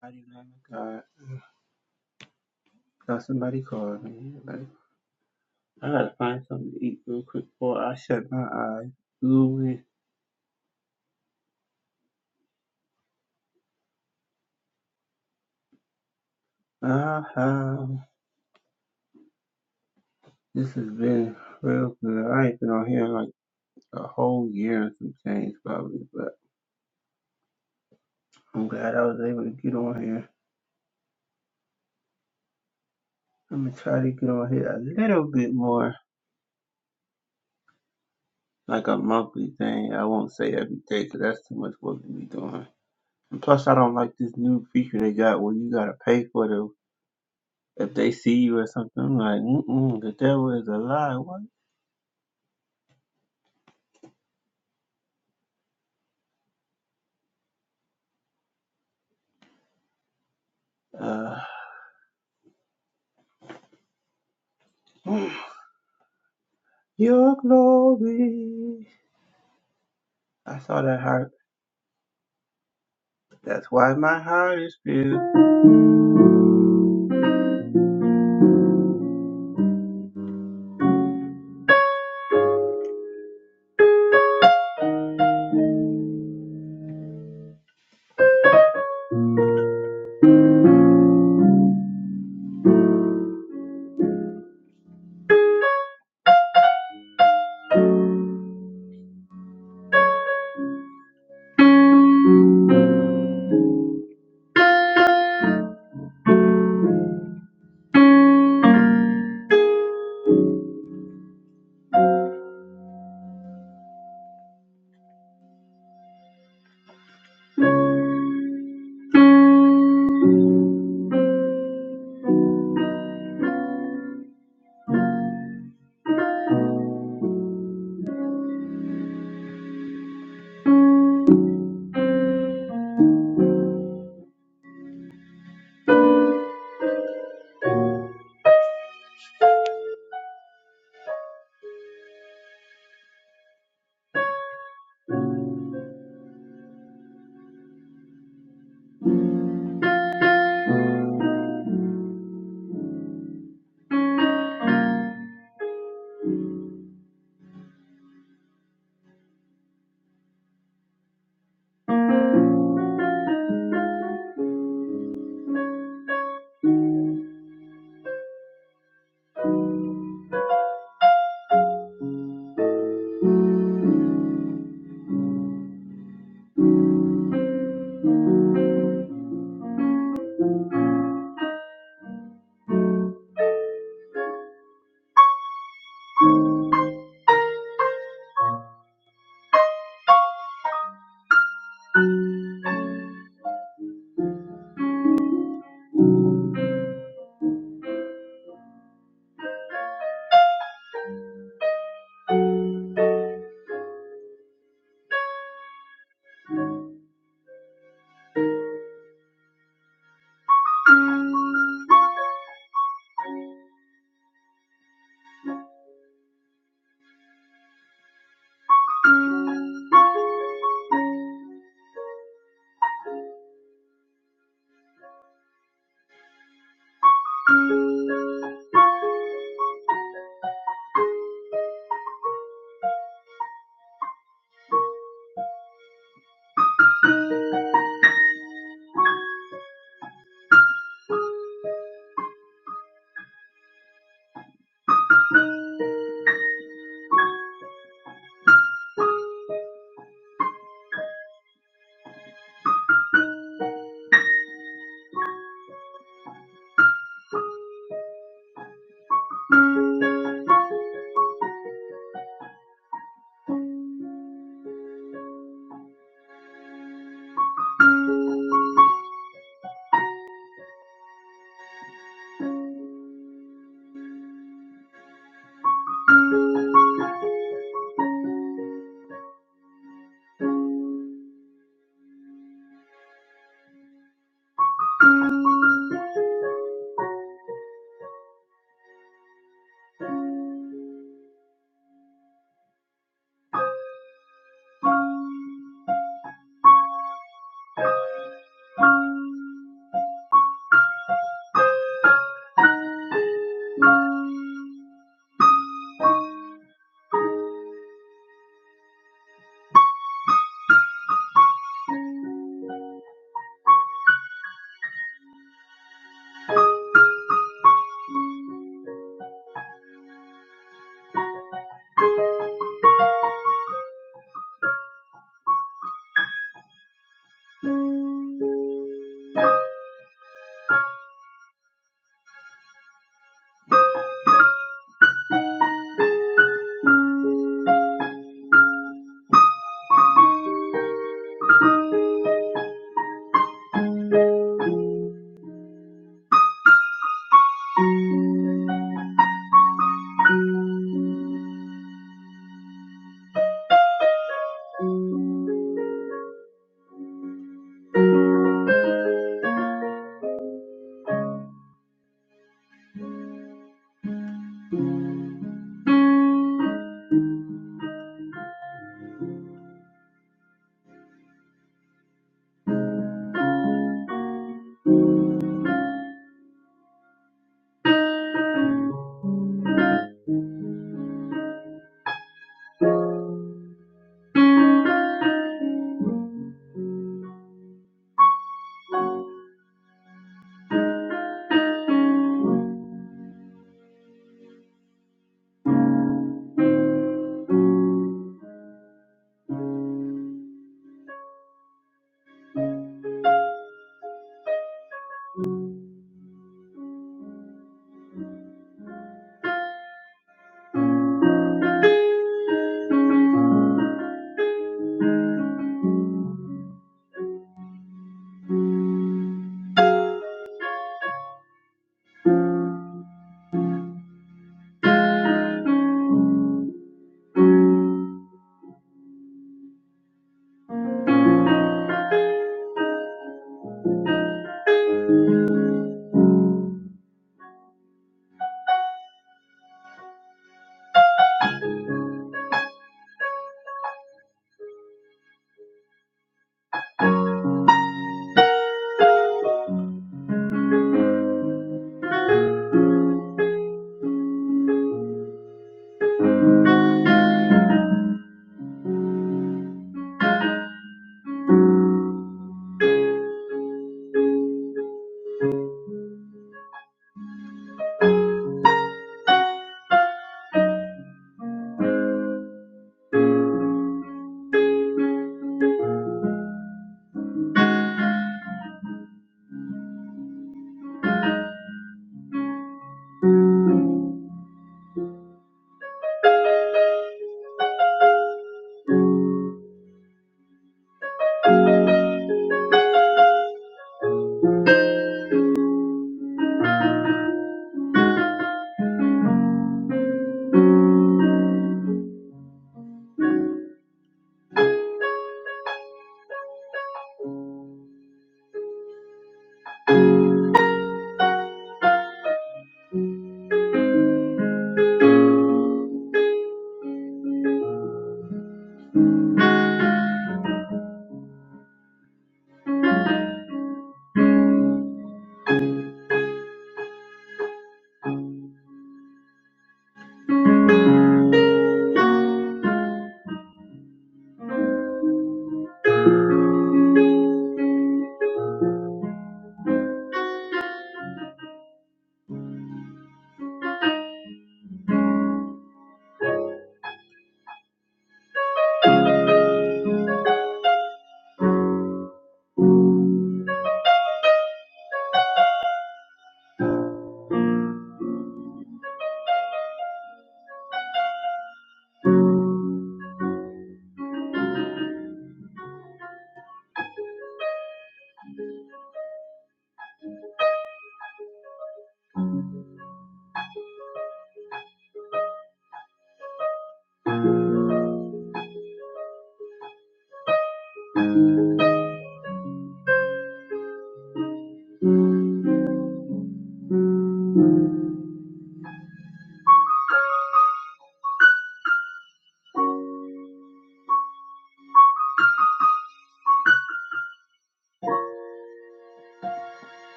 Speaker 1: Somebody love God. Now somebody called me. Like, I gotta find something to eat real quick before I shut my eyes. Ooh, uh-huh. This has been real good. I ain't been on here in like a whole year and some change probably, but I'm glad I was able to get on here. I'm gonna try to get on here a little bit more, like a monthly thing. I won't say every day, cause that's too much work to be doing. And plus, I don't like this new feature they got where you gotta pay for the if they see you or something. I'm like, mm-mm, the devil is a lie. What? Uh, [sighs] your glory. I saw that heart. That's why my heart is filled.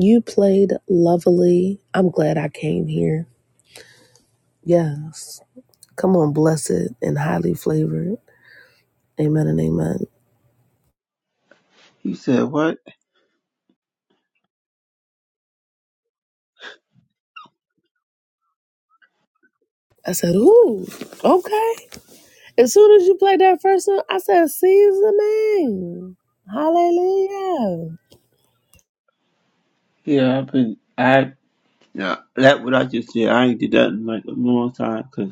Speaker 3: you played lovely. I'm glad I came here. Yes. Come on, blessed and highly flavored. Amen and amen.
Speaker 1: He said, "What?
Speaker 3: I said, ooh, okay. As soon as you played that first song, I said, seasoning. Hallelujah.
Speaker 1: Yeah, I've been. I. Yeah, that what I just said. I ain't did that in like a long time, cause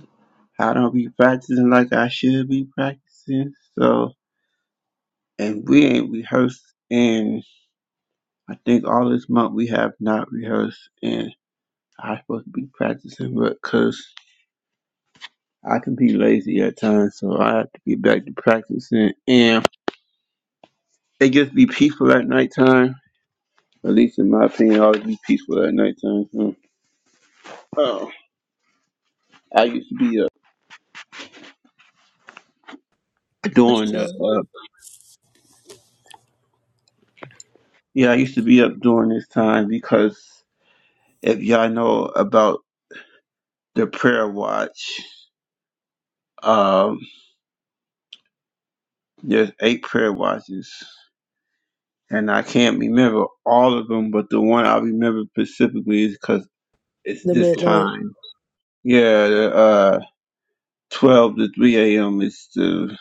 Speaker 1: I don't be practicing like I should be practicing. So, and we ain't rehearsed, and I think all this month we have not rehearsed, and I supposed to be practicing, but cause I can be lazy at times, so I have to get back to practicing. And it just be peaceful at nighttime. At least in my opinion, always be peaceful at nighttime. So, oh, I used to be uh, doing that. Yeah, I used to be up during this time because if y'all know about the prayer watch, um, there's eight prayer watches, and I can't remember all of them, but the one I remember specifically is because it's
Speaker 3: The
Speaker 1: this
Speaker 3: midnight
Speaker 1: time. Yeah, the, uh, 12 to 3 a.m. is the,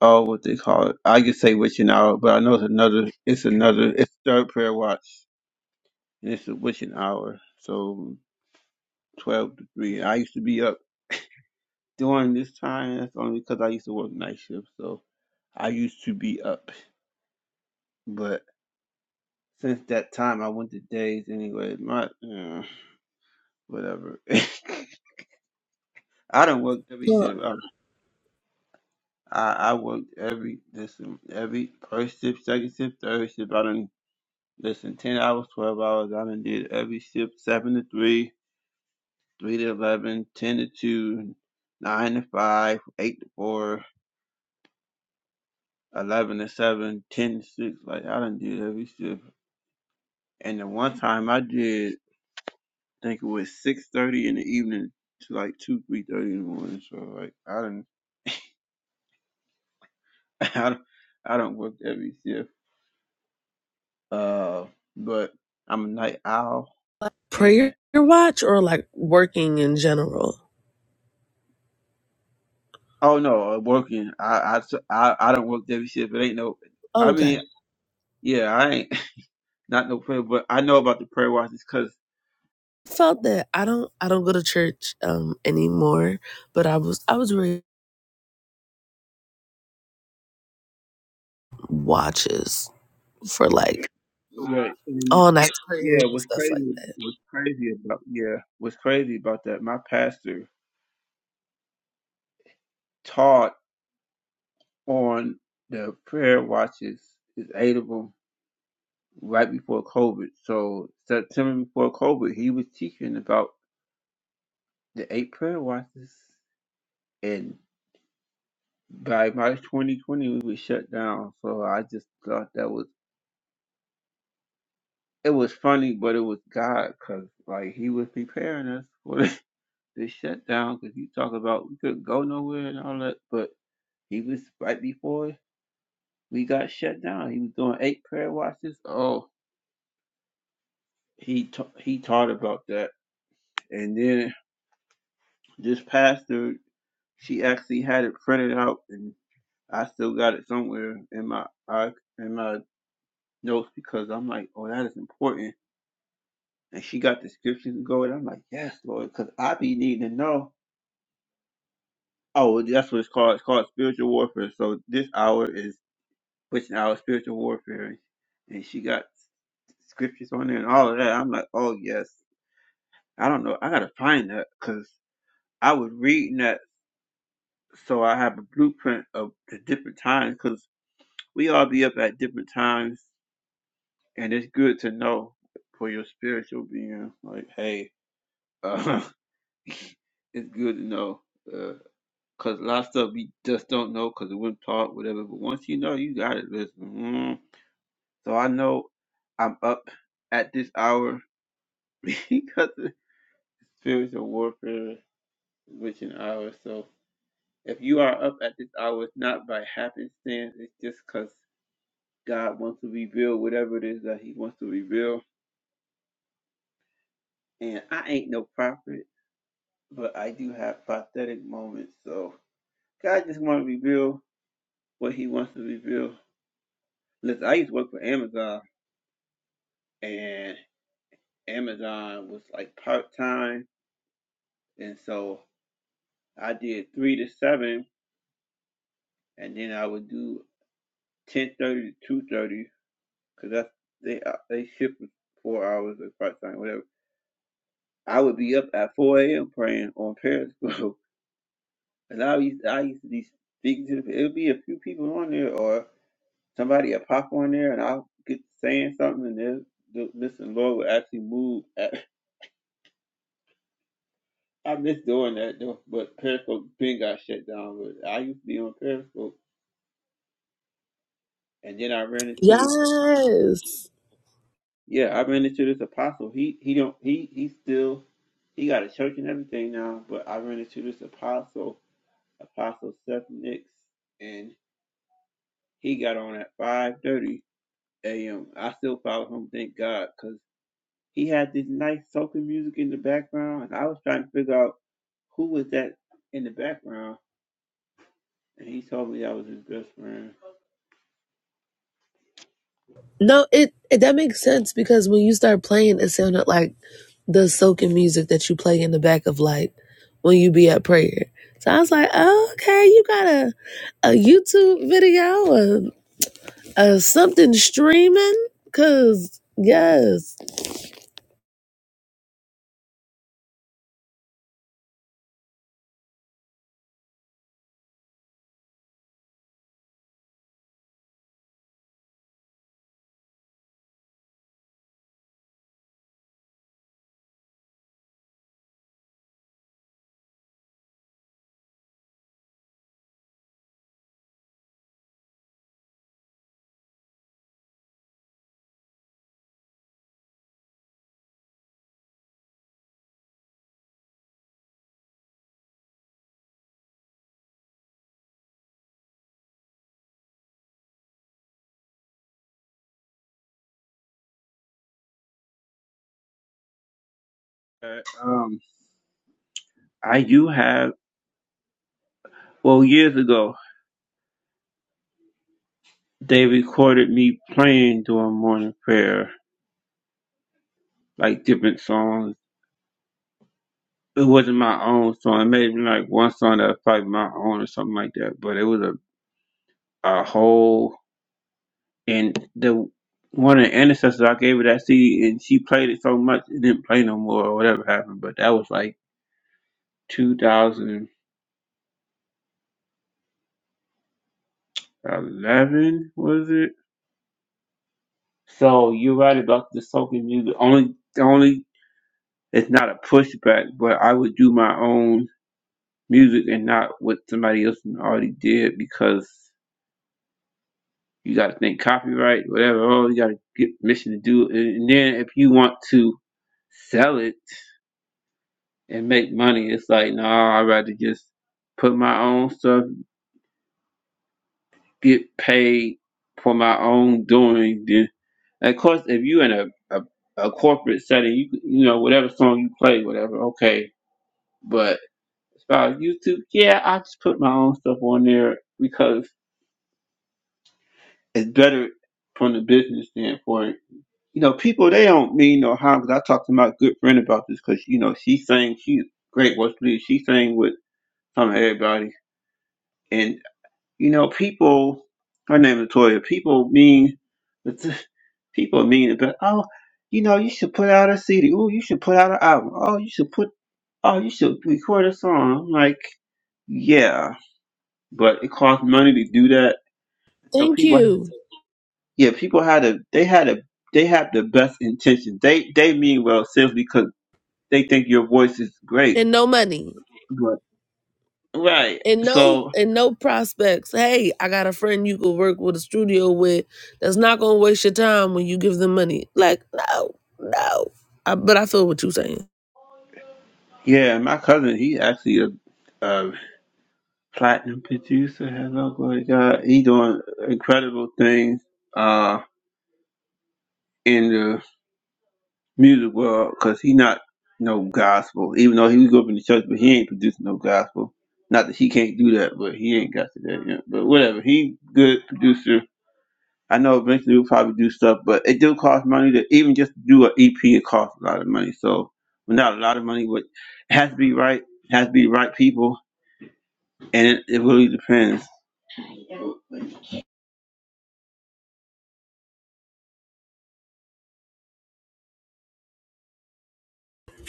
Speaker 1: oh, what they call it. I could say witching hour, but I know it's another, it's another, it's third prayer watch, and it's a witching hour. So 12 to 3. I used to be up. during this time, that's only because I used to work night shift, so I used to be up. But since that time, I went to days anyway. My uh, whatever. [laughs] I don't work every
Speaker 3: yeah.
Speaker 1: shift. I, I I worked every listen every first shift, second shift, third shift. I done listen ten hours, twelve hours. I done did every shift seven to three, three to eleven, ten to two, nine to five, eight to four, eleven to seven, ten to six. Like I done did every shift. And the one time I did, I think it was six thirty in the evening to like two, three thirty in the morning. So like I don't, [laughs] I don't, I don't work every shift. Uh, but I'm a night owl,
Speaker 3: prayer
Speaker 1: and
Speaker 3: watch or like working in general.
Speaker 1: oh no, uh, working. I I s- I, I don't work every shift. It ain't no. I
Speaker 3: Okay.
Speaker 1: mean, yeah, I ain't [laughs] not no prayer, but I know about the prayer watches because
Speaker 3: Felt that I don't I don't go to church um anymore, but I was I was reading watches for like
Speaker 1: yeah, and,
Speaker 3: all night prayers
Speaker 1: yeah.
Speaker 3: and
Speaker 1: What's
Speaker 3: stuff like
Speaker 1: crazy?
Speaker 3: that.
Speaker 1: What's crazy about yeah? What's crazy about that? My pastor taught on the prayer watches is Adable right before COVID. So September before COVID, he was teaching about the eight prayer watches, and by March 2020, we were shut down. So I just thought that was it was funny, but it was God because like He was preparing us for [laughs] the, the shutdown. Because you talk about we couldn't go nowhere and all that, but He was right before we got shut down. He was doing eight prayer watches. Oh, he ta- he taught about that And then this pastor, she actually had it printed out, and I still got it somewhere in my I, in my notes because I'm like, oh, that is important. And she got the scriptures to go, and I'm like, yes, Lord, because I be needing to know. Oh, that's what it's called. It's called spiritual warfare. So this hour is pushing out spiritual warfare, and she got scriptures on there and all of that. I'm like, oh yes. I don't know. I gotta find that because I was reading that so I have a blueprint of the different times because we all be up at different times, and it's good to know for your spiritual being. Like, hey, uh, [laughs] it's good to know because a lot of stuff we just don't know because it wouldn't taught, whatever. But once you know, you got it. Listen, mm. so I know I'm up at this hour [laughs] because of spiritual warfare, which an hour. So if you are up at this hour, it's not by happenstance. It's just cause. God wants to reveal whatever it is that He wants to reveal. And I ain't no prophet, but I do have prophetic moments. So God just want to reveal what He wants to reveal. Listen, I used to work for Amazon, and Amazon was like part time, and so I did three to seven, and then I would do ten thirty to two thirty, cause that's they uh, they shift for four hours or part time, whatever. I would be up at 4 a.m. praying on Periscope [laughs] And I used I used to be speaking to it'll be a few people on there or somebody will pop on there and I'll get to saying something and then the listen Lord will actually move. [laughs] I miss doing that though, but Periscope been got shut down. But I used to be on Periscope and then I ran into this
Speaker 3: Yes.
Speaker 1: yeah, I ran into this apostle. He he don't he he still he got a church and everything now, but I ran into this apostle, apostle Seth Nix, and he got on at 5:30. AM. I still follow him, thank God, because he had this nice soaking music in the background, and I was trying to figure out who was that in the background, and he told me that was his best friend.
Speaker 3: No, it, it that makes sense because when you start playing, it sounded like the soaking music that you play in the back of like when you be at prayer. So I was like, oh, okay, you got a a YouTube video, a, a something streaming, cause yes,
Speaker 1: Uh, Um, I do have, well, years ago, they recorded me playing during morning prayer, like different songs. It wasn't my own song. It may have been like one song that was probably my own or something like that, but it was a, a whole And the one of the ancestors I gave her that CD, and she played it so much it didn't play no more or whatever happened. But that was like 2011, was it? So you're right about the soaking music. Only, the only it's not a pushback, but I would do my own music and not what somebody else already did because you got to think copyright, whatever. Oh, you got to get permission to do it, and then if you want to sell it and make money. It's like, no, nah, I'd rather just put my own stuff, get paid for my own doing. Then, of course, if you in a, a, a corporate setting, you you know whatever song you play, whatever, okay. But as far as YouTube, yeah, I just put my own stuff on there because it's better from the business standpoint. You know, people they don't mean no harm. Cause I talked to my good friend about this because you know she sang, she great work leader. She sang with some of everybody and You know, people. Her name is Latoya. People mean, [laughs] people mean, it, but oh, you know, you should put out a CD. Oh, you should put out an album. Oh, you should put. Oh, you should record a song. I'm like, yeah, but it costs money to do that. So
Speaker 3: thank
Speaker 1: people,
Speaker 3: you,
Speaker 1: yeah, people had a. They had a. They have the best intentions. They they mean well simply because they think your voice is great.
Speaker 3: and no money,
Speaker 1: But right,
Speaker 3: and no
Speaker 1: so
Speaker 3: and no prospects. Hey, I got a friend you could work with a studio with that's not gonna waste your time when you give them money. Like no, no. I, but I feel what you're saying.
Speaker 1: yeah, my cousin, he actually a. a platinum producer. Hello, glory to God. He doing incredible things uh in the music world because he not no gospel. Even though he grew up in the church, but he ain't producing no gospel. Not that he can't do that, but he ain't got to that yet. But whatever, he good producer. I know eventually we'll probably do stuff, but it do cost money to even just do an EP. It costs a lot of money, so well, not a lot of money, but it has to be right. Has to be the right people, and it, it really depends.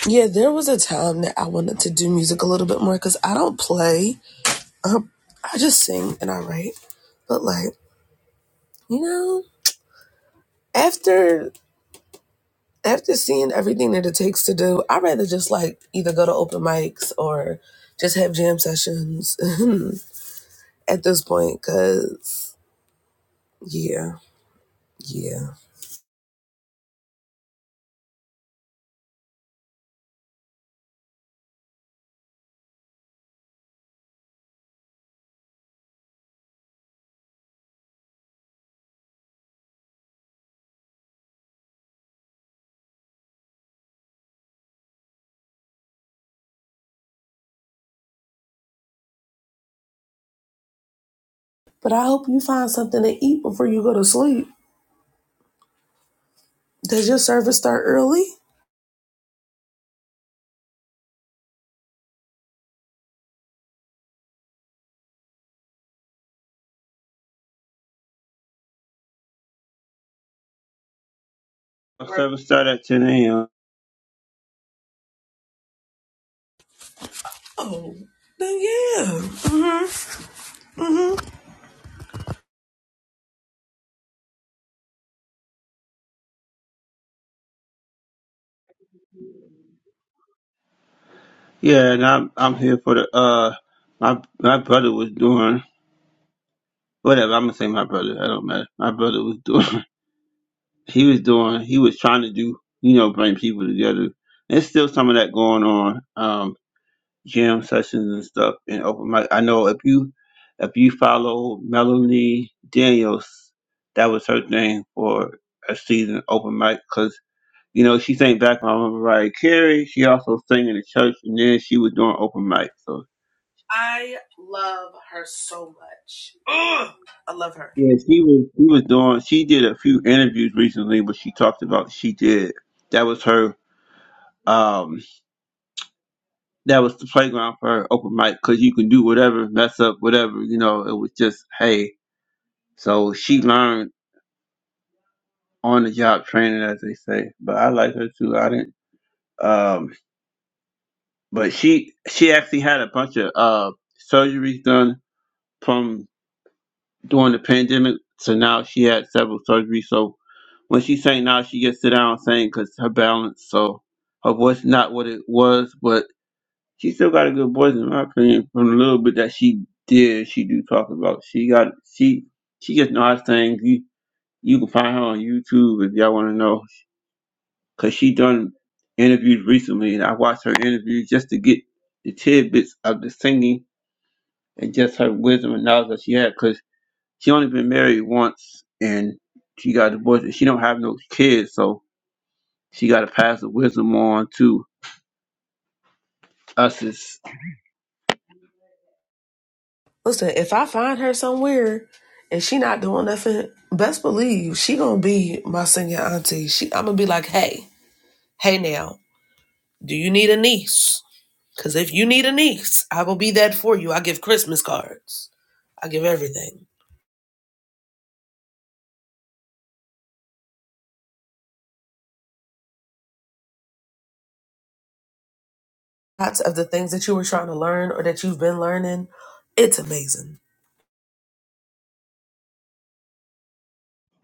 Speaker 3: Yeah, there was a time that I wanted to do music a little bit more because I don't play. Um, I just sing and I write. But like, you know, after after seeing everything that it takes to do, I'd rather just like either go to open mics or just have jam sessions [laughs] at this point. Cause yeah, yeah. But I hope you find something to eat before you go to sleep. Does your service start early?
Speaker 1: Our Service start at 10 a.m.
Speaker 3: Oh, then yeah. Mm-hmm.
Speaker 1: Yeah, and I'm I'm here for the uh my my brother was doing whatever I'm gonna say my brother I don't matter my brother was doing [laughs] he was doing he was trying to do you know bring people together there's still some of that going on um jam sessions and stuff and open mic I know if you if you follow Melanie Daniels that was her thing for a season open mic because you know she sang back on Mariah Carey she also sang in the church and then she was doing open mic so
Speaker 3: I love her so much. Ugh, I love her.
Speaker 1: Yeah, she was she was doing she did a few interviews recently where she talked about she did that was her um that was the playground for her open mic because you can do whatever, mess up, whatever, you know, it was just hey. So she learned on the job training as they say. But I like her too. I didn't um but she she actually had a bunch of uh surgeries done from during the pandemic. So now she had several surgeries. So When she sang now, she gets sit down and sing because her balance, so her voice not what it was, but she still got a good voice in my opinion. From the little bit that she did, she do talk about. She got she she just know how to sing. You you can find her on YouTube if y'all want to know, cause she done interviews recently, and I watched her interviews just to get the tidbits of the singing and just her wisdom and knowledge that she had, cause she only been married once and she got divorced and she don't have no kids, so She got to pass the wisdom on to us. Is,
Speaker 3: Listen, if I find her somewhere and she not doing nothing, best believe she gonna be my senior auntie. She, I'm gonna be like, hey, hey now, do you need a niece? Cause if you need a niece, I will be that for you. I give Christmas cards. I give everything. Lots of the things that you were trying to learn or that you've been learning, it's amazing.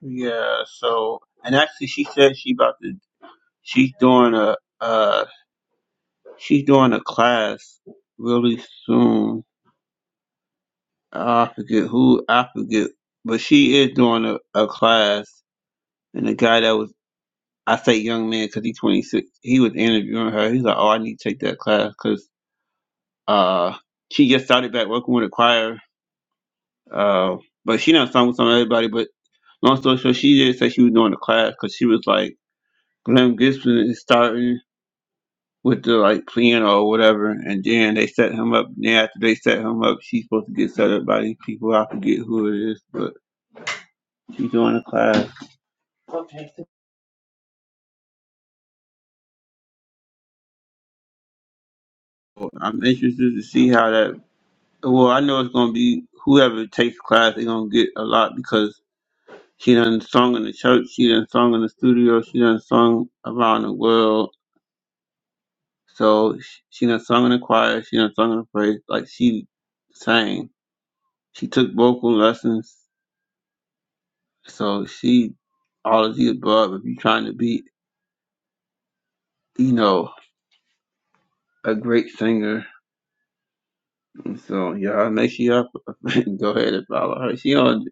Speaker 1: yeah. So, and actually, she said she about to. She's doing a. Uh, she's doing a class really soon. I forget who. I forget, but she is doing a, a class. And the guy that was, I say, young man, because he's 26. He was interviewing her. He's like, "Oh, I need to take that class because uh, she just started back working with a choir. Uh, but she not sung with some everybody, but Long story short, she didn't say she was doing the class because she was like, Glenn Gibson is starting with the like piano or whatever, and then they set him up. Then after they set him up, she's supposed to get set up by these people. I forget who it is, but she's doing a class. So, I'm interested to see how that. Well, I know it's gonna be whoever takes the class, they're gonna get a lot because she done sung in the church, she done sung in the studio, she done sung around the world. So she, she done sung in the choir, she done sung in the praise. Like she sang. She took vocal lessons, so she all of the above. If you're trying to be, you know, a great singer, And so y'all make sure y'all [laughs] go ahead and follow her. She on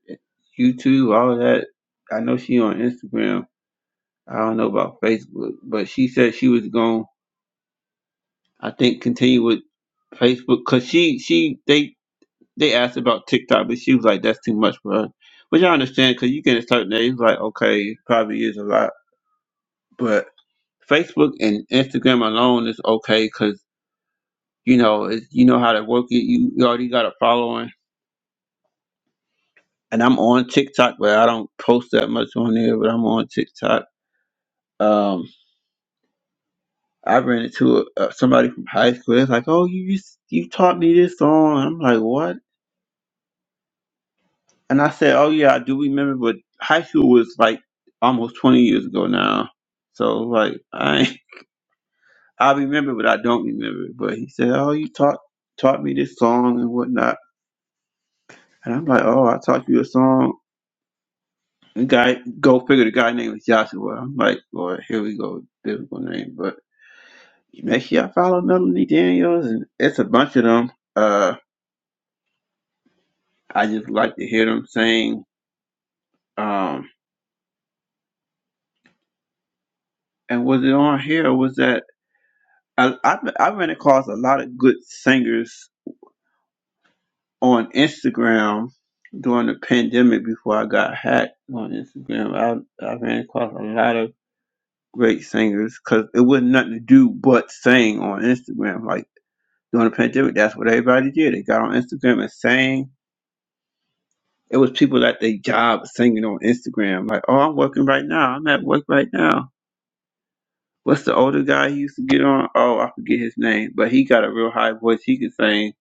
Speaker 1: YouTube, all of that. I know she on Instagram. I don't know about Facebook, but she said she was going. I think continue with Facebook because she she they they asked about TikTok, but she was like, "That's too much for her," which I understand because you get a certain age, like, okay, it probably is a lot, but. Facebook and Instagram alone is okay because you know it's, you know how to work it. You, you already got a following, and I'm on TikTok, but I don't post that much on there. But I'm on TikTok. Um, I ran into a, a, somebody from high school. It's like, oh, you used, you taught me this song. I'm like, what? And I said, oh yeah, I do remember. But high school was like almost 20 years ago now, so like I [laughs] ain't- I remember, but I don't remember. But he said, oh, you taught taught me this song and whatnot. And I'm like, oh, I taught you a song. The guy, go figure, the guy name was Joshua. I'm like, Lord, here we go, biblical name. But make sure I follow Melanie Daniels, and it's a bunch of them. Uh, I just like to hear them sing. Um, and was it on here? Or was that I, I? I ran across a lot of good singers on Instagram during the pandemic before I got hacked on Instagram. I I ran across a lot of great singers because it wasn't nothing to do but sing on Instagram. Like during the pandemic, that's what everybody did. They got on Instagram and sang. It was people at their job singing on Instagram. Like, oh, I'm working right now. I'm at work right now. What's the older guy he used to get on? Oh, I forget his name, but he got a real high voice. He could sing.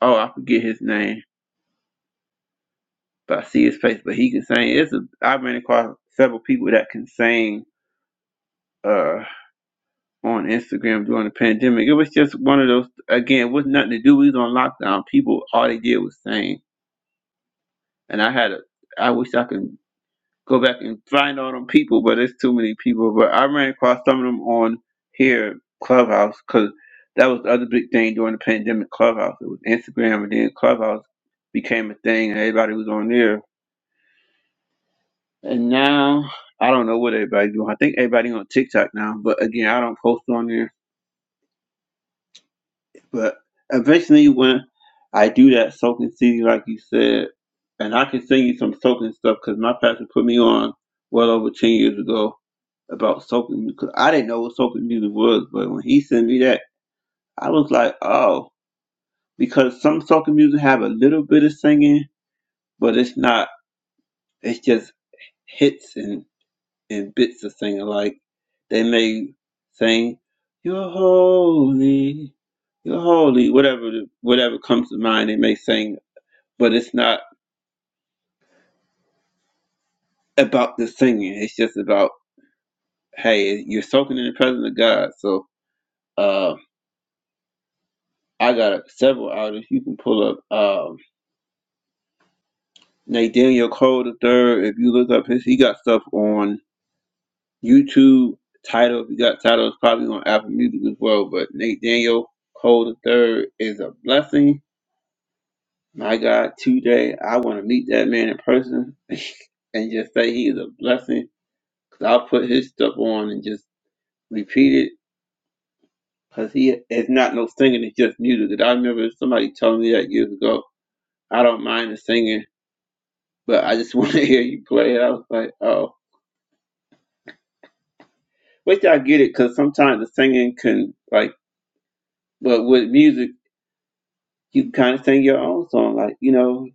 Speaker 1: Oh, I forget his name, but I see his face. But he can sing. It's a. I ran across several people that can sing. Uh. on Instagram during the pandemic. It was just one of those again, it was nothing to do. We was on lockdown. People all they did was sing. And I had a I wish I could go back and find all them people, but there's too many people. But I ran across some of them on here Clubhouse because that was the other big thing during the pandemic. Clubhouse it was Instagram and then Clubhouse became a thing and everybody was on there. And now I don't know what everybody's doing. I think everybody on TikTok now, but again, I don't post on there. But eventually, when I do that soaking CD, like you said, and I can sing you some soaking stuff because my pastor put me on well over 10 years ago about soaking because I didn't know what soaking music was. But when he sent me that, I was like, oh, because some soaking music have a little bit of singing, but it's not, it's just hits and and bits of singing like they may sing you're holy you're holy whatever whatever comes to mind they may sing but it's not about the singing it's just about hey you're soaking in the presence of god so uh i got several artists you can pull up um nathaniel cole the third if you look up his he got stuff on youtube title if you got titles probably on apple music as well but nate daniel cole the third is a blessing My God, today I want to meet that man in person and just say he is a blessing. Cause I'll put his stuff on and just repeat it. Cause he it's not no singing, it's just music. 'Cause I remember somebody telling me that years ago. I don't mind the singing, but I just [laughs] want to hear you play it. I was like, oh, which I get it. Cause sometimes the singing can like, but with music you kind of sing your own song. Like you know,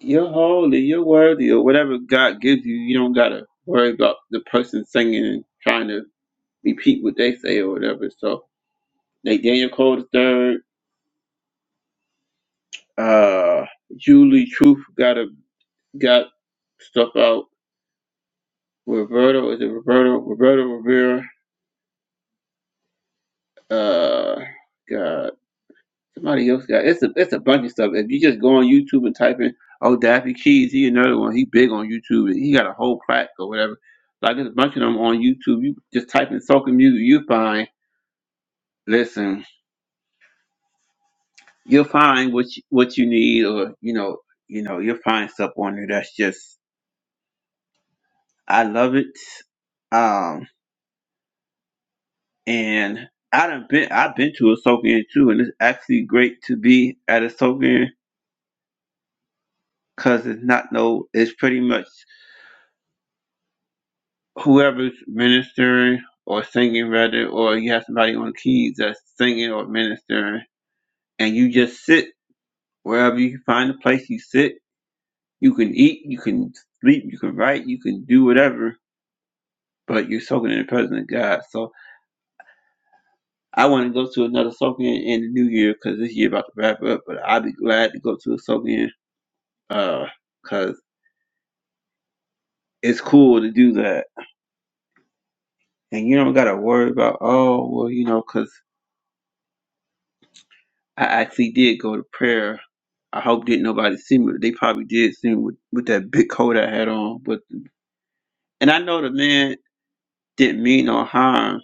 Speaker 1: you're holy, you're worthy, or whatever God gives you. You don't gotta worry about the person singing and trying to repeat what they say or whatever. So like Daniel Cole the third, uh, Julie Truth got a got stuff out. Roberto is it Roberto Roberto Rivera? Uh, God, somebody else got it's a it's a bunch of stuff. If you just go on YouTube and type in oh Daffy Keys, he another one. He big on YouTube. He got a whole plaque or whatever. Like there's a bunch of them on YouTube. You just type in soca music, you find. Listen, you'll find what you, what you need or you know you know you'll find stuff on there that's just i love it um and i done been i've been to a soaking too and it's actually great to be at a soaking because it's not no it's pretty much whoever's ministering or singing rather or you have somebody on keys that's singing or ministering and you just sit wherever you find a place you sit you can eat you can sleep you can write you can do whatever but you're soaking in the presence of God. So I want to go to another soaking in the new year because this year about to wrap up. But I'll be glad to go to a soaking in uh, because it's cool to do that, and you don't gotta worry about oh well you know because I actually did go to prayer. I hope didn't nobody see me. They probably did see me with, with that big coat I had on. But and I know the man didn't mean no harm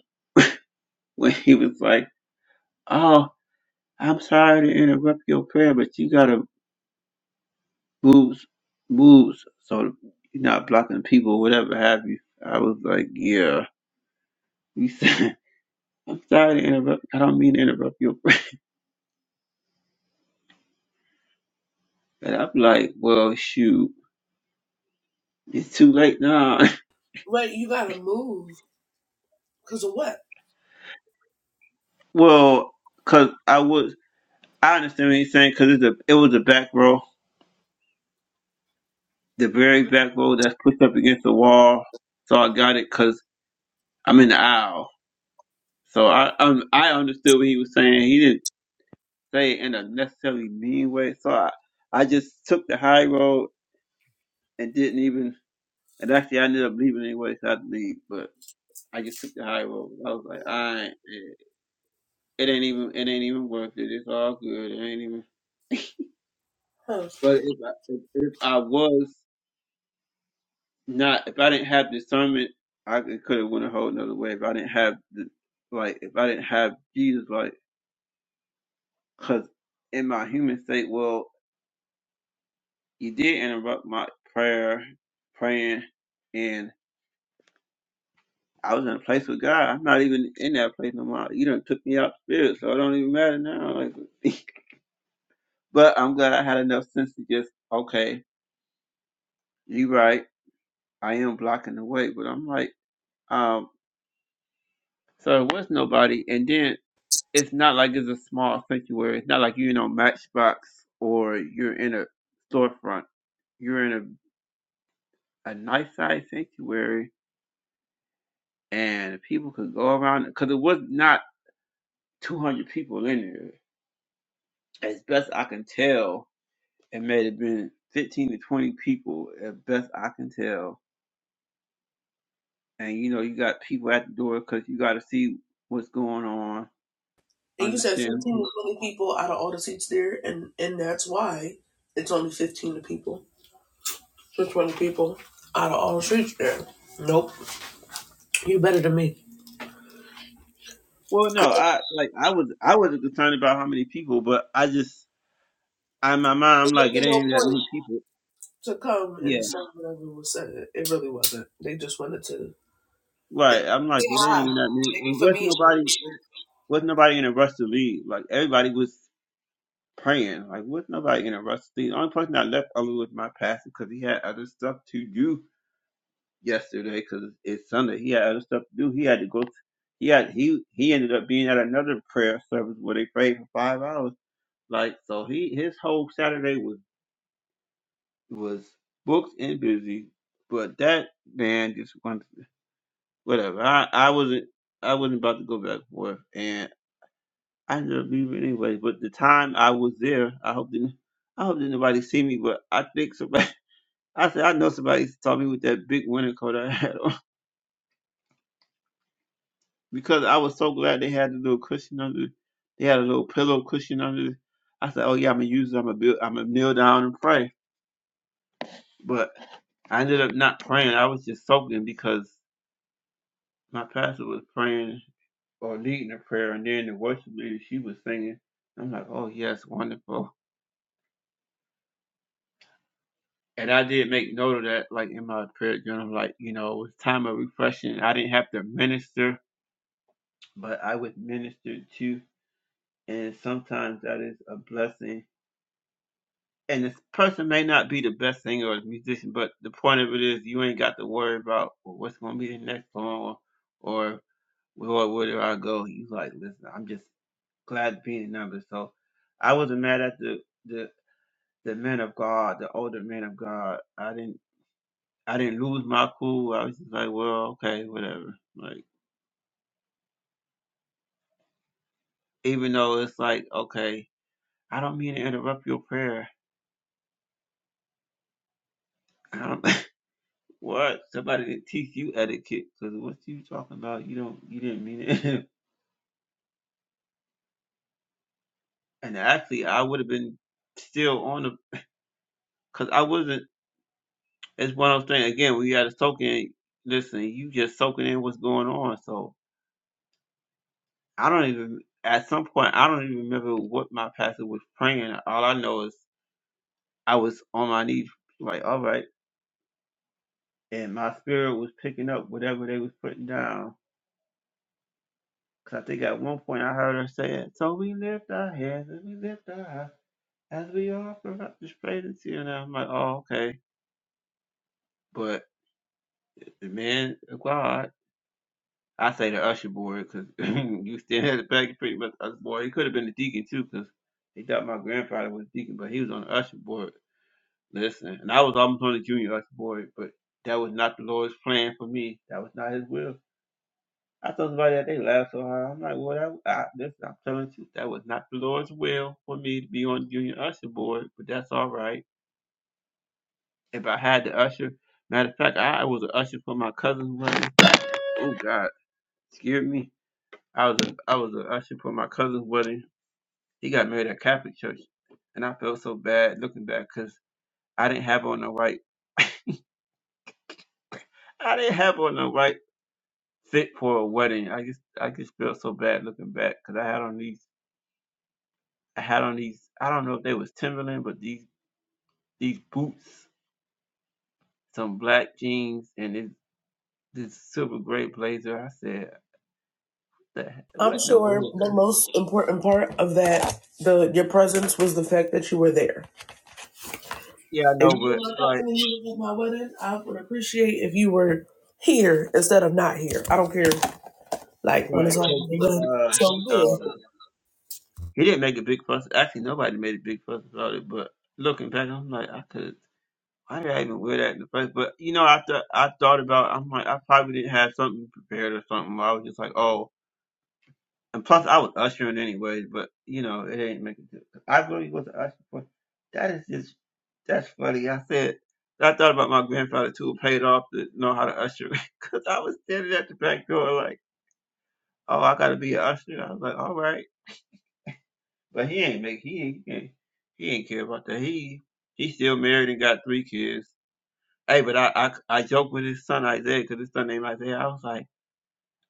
Speaker 1: [laughs] when he was like, "Oh, I'm sorry to interrupt your prayer, but you gotta boobs, boobs. So you're not blocking people, whatever have you. I was like, yeah. He [laughs] said, I'm sorry to interrupt. I don't mean to interrupt your. [laughs] And I'm like, well, shoot, it's too late now.
Speaker 3: Wait, you gotta move because of what?
Speaker 1: [laughs] well, cause I was, I understand what he's saying, cause it's a, it was a back row, the very back row that's pushed up against the wall. So I got it, cause I'm in the aisle. So I, um, I understood what he was saying. He didn't say it in a necessarily mean way. So I, I just took the high road and didn't even. And actually, I ended up leaving anyway, so I had to leave. But I just took the high road. I was like, I ain't, it ain't even, it ain't even worth it. It's all good. It ain't even.
Speaker 3: Huh.
Speaker 1: But if I, if, if I was not, if I didn't have discernment, I could have went a whole nother way. If I didn't have the, like, if I didn't have Jesus, like, cause in my human state, well, you did interrupt my prayer, praying, and I was in a place with God. I'm not even in that place no more. You done took me out the spirit, so it don't even matter now. Like, [laughs] but I'm glad I had enough sense to just okay, you right. I am blocking the way, but I'm like, um, so it was nobody. And then it's not like it's a small sanctuary. It's not like you're in a Matchbox or you're in a storefront. You're in a a nice sized sanctuary, and people could go around because it was not 200 people in there, as best I can tell It may have been 15 to 20 people, at best I can tell. And you know, you got people at the door because you got to see what's going on,
Speaker 3: And you said 15
Speaker 1: understand.
Speaker 3: to 20 people out of all the seats there, and, and that's why it's only 15 to people to 20 people out of all the seats there. Nope. You better than me. It
Speaker 1: Well, no, I like I was I wasn't concerned about how many people, but I just I in my mind I'm like it
Speaker 3: wasn't no
Speaker 1: ain't even that
Speaker 3: point
Speaker 1: many people.
Speaker 3: to come
Speaker 1: Yeah,
Speaker 3: and say whatever was said. It really wasn't. They just wanted to
Speaker 1: right. I'm like
Speaker 3: say
Speaker 1: it ain't
Speaker 3: hi.
Speaker 1: even that many,
Speaker 3: Thank you
Speaker 1: and
Speaker 3: for
Speaker 1: was
Speaker 3: being here.
Speaker 1: nobody was nobody in a rush to leave. Like everybody was praying. Like was nobody in a rush to leave. The only person that left early was my pastor because he had other stuff to do yesterday because it's Sunday. He had other stuff to do. He had to go. He had he he ended up being at another prayer service where they prayed for five hours. Like so, he his whole Saturday was was booked and busy. But that man just wanted to- whatever. I I wasn't I wasn't about to go back and forth, and I ended up leaving anyway. But the time I was there, I hope didn't I hope didn't nobody see me. But I think somebody. [laughs] I said I know somebody saw me with that big winter coat I had on. because I was so glad they had the little cushion under. They had a little pillow cushion under. I said, "Oh yeah, I'm gonna use. it. I'm gonna build. I'm gonna kneel down and pray." But I ended up not praying. I was just soaking because my pastor was praying or leading a prayer, and then the worship leader she was singing. I'm like, "Oh yes, wonderful." And I did make note of that, like in my prayer journal, like you know, it was time of refreshing. I didn't have to minister, but I was ministered to, and sometimes that is a blessing and this person may not be the best singer or musician, but the point of it is you ain't got to worry about well, what's going to be the next song or, or where, where do I go. You like, listen, I'm just glad to be in the number. So I wasn't mad at the, the, the men of God, the older men of God. I didn't, I didn't lose my cool. I was just like, well, okay, whatever. Like, even though it's like, okay, I don't mean to interrupt your prayer. I don't, [laughs] What? Somebody to teach you etiquette? Because what you talking about? You don't. You didn't mean it. [laughs] and actually, I would have been still on the. Because I wasn't. It's one of those things. Again, we got to soak in. Listen, you just soaking in what's going on. So I don't even. At some point, I don't even remember what my pastor was praying. All I know is I was on my knees, like all right, and my spirit was picking up whatever they was putting down. Cause I think at one point I heard her saying, "So we lift our hands and we lift our eyes." As we are, for I displayed it to you, and I'm like, oh, okay. But the man, of God, I say the usher boy, because [laughs] [clears throat] you stand at the back pretty much usher boy. He could have been the deacon too, because he thought my grandfather was a deacon, but he was on the usher board. Listen, and I was almost on the junior usher board, but that was not the Lord's plan for me. That was not His will. I told somebody that they laughed so hard. I'm like, well, that, I, listen, I'm telling you, that was not the Lord's will for me to be on the junior usher board, but that's all right if I had the usher. Matter of fact, I was an usher for my cousin's wedding. Oh God, scared me. I was a, I was an usher for my cousin's wedding. He got married at Catholic church, and I felt so bad looking back because I didn't have on the right. [laughs] I didn't have on the right fit for a wedding. I just I just felt so bad looking back because I had on these I had on these I don't know if they was Timberland, but these these boots, some black jeans, and this this silver gray blazer. I said, the, he-
Speaker 3: I'm
Speaker 1: what in the
Speaker 3: sure
Speaker 1: world?
Speaker 3: the most important part of that, the your presence, was the fact that you were there.
Speaker 1: Yeah, I
Speaker 3: If
Speaker 1: know,
Speaker 3: you were
Speaker 1: but
Speaker 3: my cousin
Speaker 1: like,
Speaker 3: and you was at my wedding, I would appreciate if you were here instead of not here. I don't care. like when
Speaker 1: right?
Speaker 3: it's
Speaker 1: Cause
Speaker 3: all
Speaker 1: he,
Speaker 3: done,
Speaker 1: uh,
Speaker 3: so
Speaker 1: he, uh,
Speaker 3: yeah,
Speaker 1: he didn't make a big fuss. Actually, nobody made a big fuss about it. But looking back, I'm like, I could. Why did I even wear that in the first? But you know, after I thought about, I'm like, I probably didn't have something prepared or something. I was just like, oh. And plus, I was ushering anyways. But you know, it ain't make a difference. I really was ushering. For, that is just that's funny. I said. I thought about my grandfather too, who paid off to know how to usher, [laughs] because I was standing at the back door like. oh, I gotta be an usher. I was like, all right, but he ain't make he ain't he ain't, he ain't care about that. He he still married and got three kids. Hey, but I I, I joke with his son Isaiah because his son named Isaiah. I was like.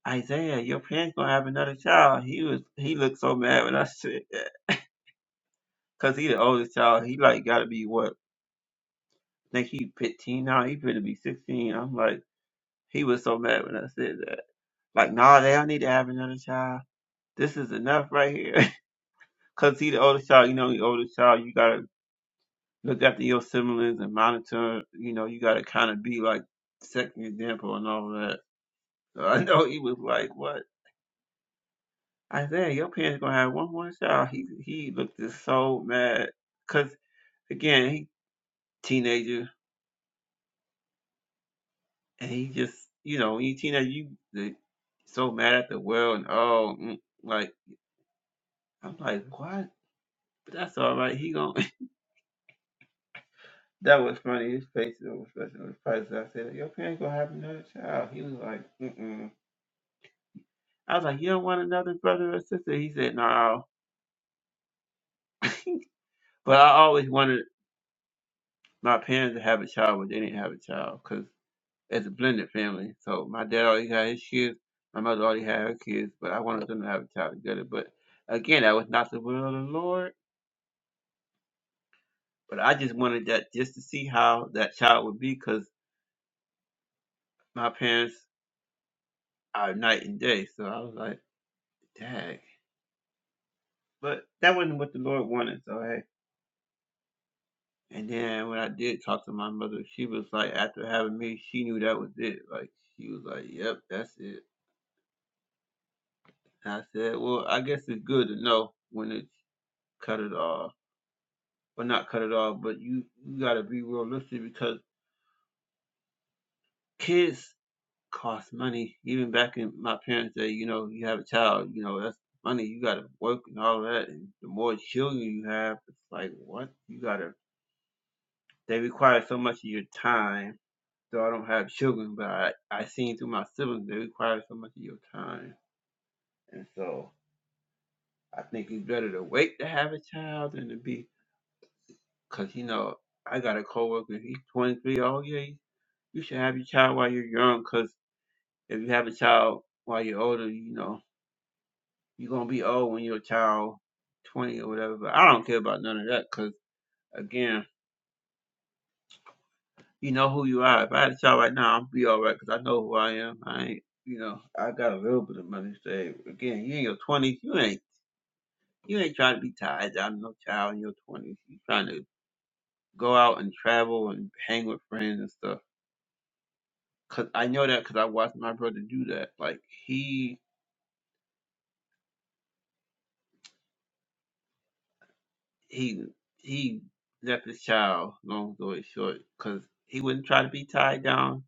Speaker 1: Isaiah, your parents gonna have another child. He was he looked so mad when I [laughs] said that because he the oldest child. He like gotta be what? I think he 15 now. He better be 16. I'm like he was so mad when I said that. Like, nah, they don't need to have another child. This is enough right here. [laughs] Cause he the oldest child, you know, the oldest child, you gotta look after your siblings and monitor. You know, you got to kind of be like second example and all that. So I know he was like, "What?" I said, "Your parents gonna have one more child." He he looked just so mad because again, he teenager and he just you know when you teenager you the- so mad at the world and oh mm, like I'm like what? But that's all right. He gonna [laughs] that was funny. His face was expression was priceless. I said, "Your parents gonna have another child." He was like, mm "Mm I was like, you don't want another brother or sister? He said, no. But I always wanted my parents to have a child, but they didn't have a child because it's a blended family. So my dad already had his kids. My mother already had her kids, but I wanted them to have a child together. But again, that was not the will of the Lord. But I just wanted that just to see how that child would be because my parents are night and day. So I was like, dang. But that wasn't what the Lord wanted. So, hey. And then when I did talk to my mother, she was like, after having me, she knew that was it. Like she was like, "Yep, that's it." And I said, "Well, I guess it's good to know when it's cut it off, or not cut it off, but you you gotta be realistic because kids cost money. Even back in my parents' day, you know, you have a child, you know, that's money. You gotta work and all that. And the more children you have, it's like what you gotta. They require so much of your time So I don't have children, but I, I seen through my siblings, they require so much of your time. And so I think it's better to wait to have a child than to be, because, you know, I got a coworker, he's 23, oh yeah, you should have your child while you're young, because if you have a child while you're older, you know, you're going to be old when you're a child, 20 or whatever. But I don't care about none of that, because, again, You know who you are. If I had a child right now, I'd be all right because I know who I am. I ain't, you know, I got a little bit of money saved. Again, you in your twenties, you ain't, you ain't trying to be tied down to no child in your twenties. You trying to go out and travel and hang with friends and stuff. Cause I know that because I watched my brother do that. Like he, he, he left his child. Long story short, because he wouldn't try to be tied down.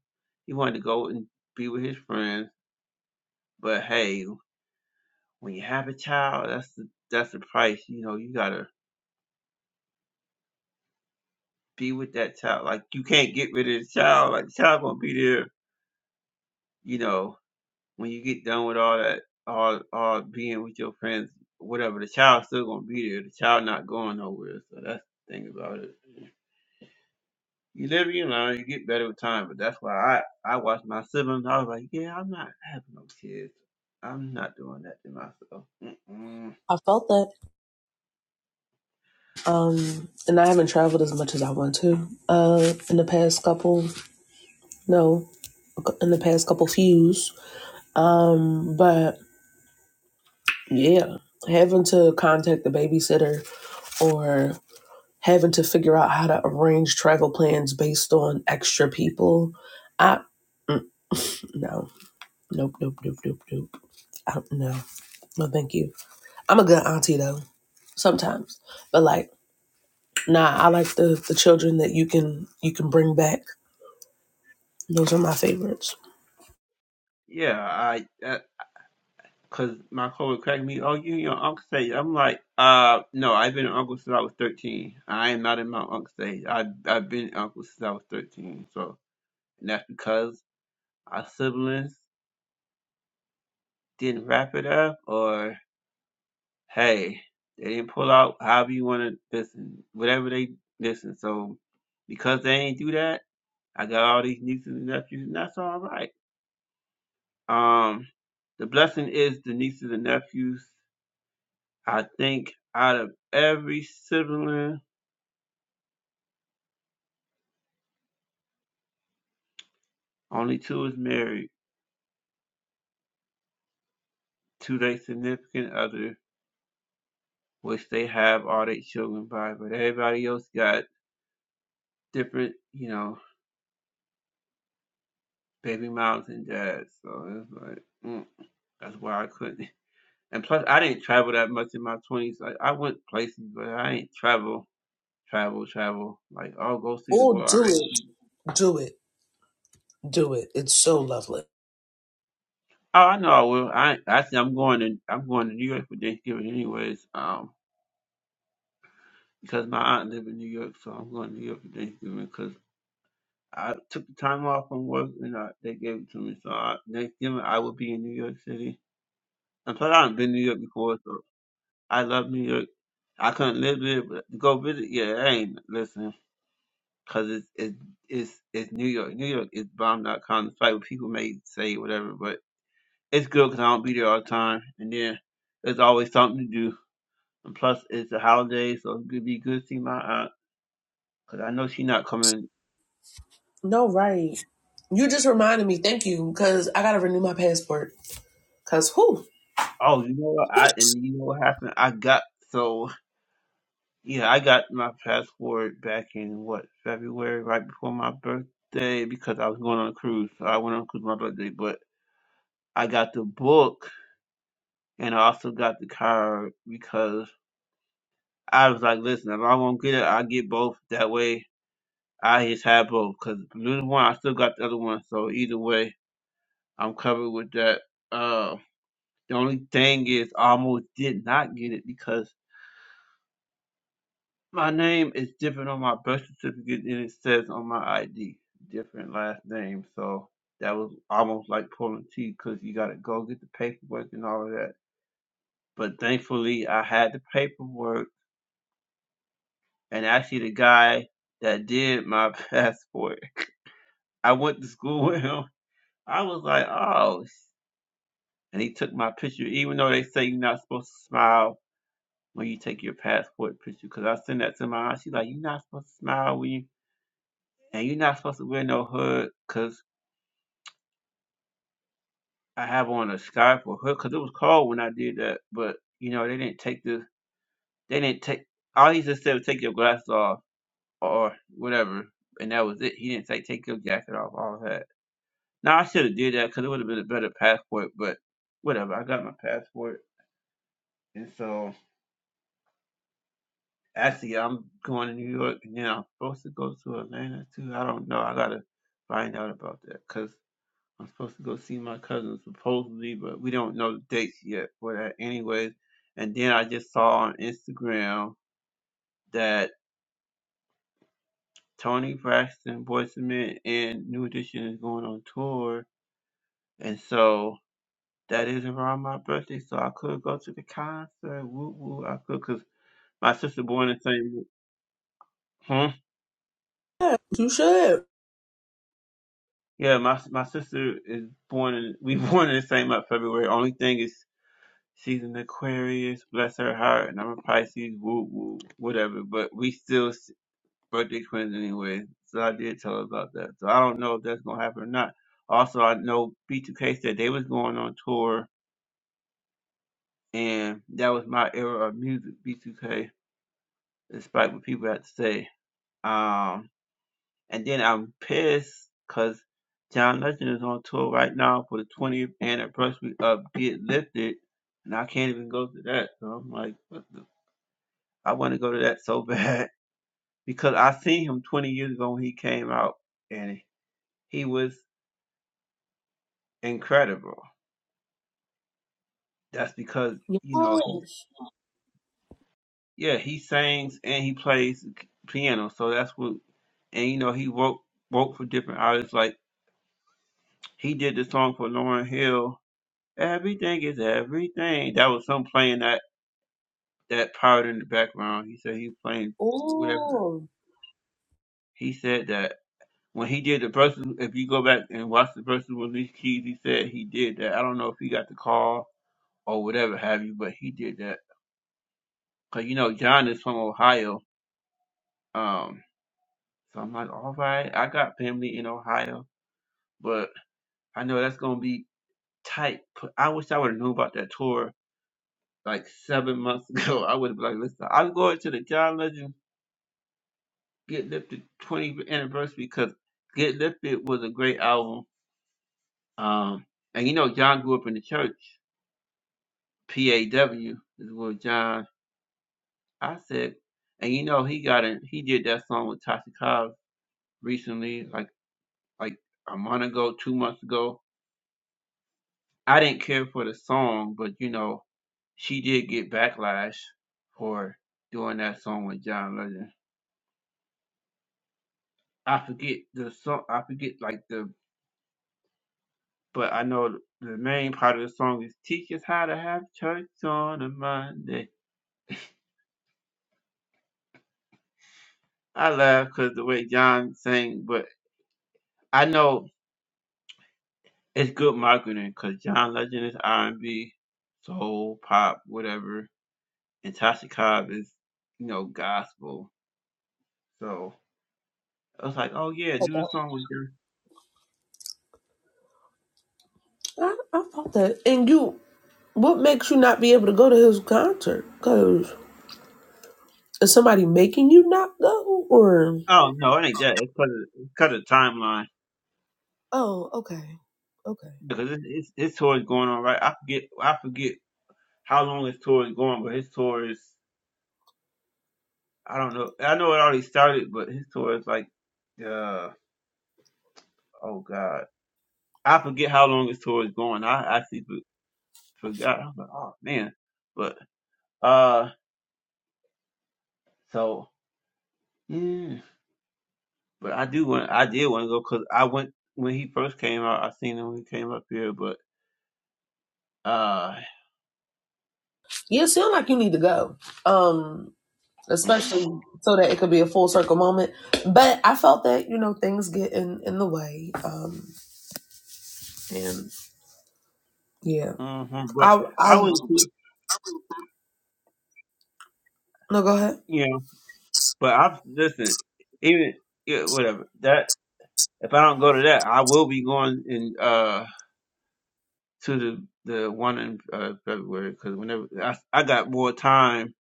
Speaker 1: He wanted to go and be with his friends. But hey, When you have a child, that's the that's the price. You know, you gotta be with that child. Like you can't get rid of the child. Like the child gonna be there. You know, when you get done with all that, all all being with your friends, whatever, the child's still gonna be there. The child not going nowhere. So that's the thing about it. You live, you learn, you get better with time. But that's why I I watched my siblings. I was like, yeah, I'm not having no kids. I'm not doing that to myself. Mm-mm.
Speaker 3: I felt that. Um, and I haven't traveled as much as I want to. Uh, in the past couple, no, in the past couple fews. Um, but yeah, having to contact the babysitter or having to figure out how to arrange travel plans based on extra people, I mm, no, nope, nope, nope, nope, nope. I don't know. No, thank you. I'm a good auntie though. Sometimes, but like. Nah, I like the the children that you can you can bring back. Those are my favorites.
Speaker 1: Yeah, I that Cause my coworker cracked me. Oh, you and your uncle stage. I'm like, uh, no, I've been an uncle since I was 13. I am not in my uncle stage. I I've been an uncle since I was 13. So and that's because our siblings didn't wrap it up, or hey, they didn't pull out. However you want to listen, whatever they listen. So because they ain't do that, I got all these nieces and nephews, and that's all right. Um, the blessing is the nieces and nephews I think out of every sibling, only two is married to their significant other, which they have all their children by. But everybody else got different, you know, baby moms and dads. So it's like mm, that's why I couldn't. [laughs] And plus, I didn't travel that much in my twenties. Like I went places, but I ain't travel, travel, travel. Like oh, go see the
Speaker 3: Oh,
Speaker 1: world. I ain't-
Speaker 3: do it, do it, do it. It's so lovely.
Speaker 1: Oh, I know I will. I actually I'm going to I'm going to New York for Thanksgiving anyways. Um. because my aunt live in New York, so I'm going to New York for Thanksgiving because I took the time off from work and I, they gave it to me. So I, Thanksgiving, I will be in New York City. And plus, I haven't been to New York before, so I love New York. I couldn't live there, but to go visit, yeah, I ain't listen because it's, it's it's it's New York. New York is bomb dot com. It's like people may say whatever, but it's good because I don't be there all the time. And then there's always something to do. And plus, it's a holiday, so it'd be good to see my aunt because I know she not coming
Speaker 3: No, right. You just reminded me. Thank you, because I gotta renew my passport. Cause who?
Speaker 1: Oh, you know what? I and you know what happened? I got so yeah, I got my passport back in what February, right before my birthday, because I was going on a cruise. So I went on a cruise my birthday, but I got the book and I also got the card because I was like, listen, if I won't get it, I get both. That way, I just have both. Because little one, I still got the other one, so either way, I'm covered with that. Uh, the only thing is, I almost did not get it because. My name is different on my birth certificate than it says on my ID. Different last name, so that was almost like pulling teeth because you got to go get the paperwork and all of that. But thankfully, I had the paperwork, and actually, the guy that did my [laughs] passport, I went to school [laughs] with him. I was like, oh, and he took my picture, even though they say you're not supposed to smile when you take your passport picture. Because I sent that to my aunt, she's like, you're not supposed to smile when you and you're not supposed to wear no hood because I have on a scarf or hood because it was cold when I did that. But you know, they didn't take the they didn't take all he just said was take your glasses off or whatever, and that was it. He didn't say take your jacket off, all that. Now I should have did that because it would have been a better passport, but whatever. I got my passport, and so actually I'm going to New York, and then I'm supposed to go to Atlanta too. I don't know. I gotta find out about that, cause. I'm supposed to go see my cousin supposedly, but we don't know the dates yet for that anyways. And then I just saw on Instagram that Tony Braxton, Boyz II Men, and New Edition is going on tour. And so that is around my birthday, so I could go to the concert. Woo woo, I could, cause my sister born in the same. Hmm?
Speaker 3: You should.
Speaker 1: Yeah, my my sister is born in. We [laughs] born in the same month, February. Only thing is She's an Aquarius, bless her heart, and I'm a Pisces, woo woo, whatever. But we still s- birthday twins anyway. So I did tell her about that. So I don't know if that's gonna happen or not. Also, I know B2K said they was going on tour, and that was my era of music, B2K, despite what people had to say. Um, and then I'm pissed because John Legend is on tour right now for the 20th anniversary of Get Lifted, and I can't even go to that. So I'm like, what the I want to go to that so [laughs] bad because I seen him 20 years ago when he came out and he was incredible. That's because, you know, he-
Speaker 3: Yes.
Speaker 1: yeah, he sings and he plays piano. So that's what, and you know, he wrote, wrote for different artists. Like he did the song for Lauren Hill, Everything is Everything. That was him playing that, that part in the background. He said he was playing whatever.
Speaker 3: Oh,
Speaker 1: He said that. When he did the verses, if you go back and watch the verses with Alicia Keys, he said he did that. I don't know if he got the call or whatever have you, but he did that. Cause you know John is from Ohio, um, so I'm like, all right, I got family in Ohio, but I know that's gonna be tight. But I wish I would have known about that tour like seven months [laughs] ago. I would have been like, listen, I'm going to the John Legend Get Lifted 20th anniversary because Get Lifted was a great album. Um, and you know John grew up in the church. PAW is with John said, And you know he got in he did that song with Tasha Cobbs recently, like like a month ago, two months ago. I didn't care for the song, but you know, she did get backlash for doing that song with John Legend. I forget the song I forget like the but I know the main part of the song is teach us how to have church on a Monday. I laugh because the way John sang, but I know It's good marketing because John Legend is R and B, soul, pop, whatever, and Tasha Cobb is, you know, gospel. So I was like, oh yeah, do the song with her.
Speaker 3: I, I felt that. And you, what makes you not be able to go to his concert? Cause is somebody making you not go? Or
Speaker 1: Oh no, it ain't that. It's cause of, it's cut of timeline
Speaker 3: oh, okay, okay.
Speaker 1: because it's, it's his tour is going on right. I forget I forget how long his tour is going, but his tour is I don't know. I know it already started, but his tour is like, uh, oh god, I forget how long his tour is going. I actually for- forgot. I was like, oh man, but. uh. So, yeah. But I do want. I did want to go because I went when he first came out. I seen him when he came up here, but uh,
Speaker 3: Yeah, it sound like you need to go. Um,
Speaker 1: [laughs]
Speaker 3: especially so that it could be a full circle moment. But I felt that, you know, things get in, in the way. Um and yeah.
Speaker 1: mhm, but
Speaker 3: I I
Speaker 1: I wouldn't. see-
Speaker 3: no go ahead.
Speaker 1: You know, but I listen. Even yeah, whatever that. If I don't go to that, I will be going in uh to the the one in uh, February because whenever I I got more time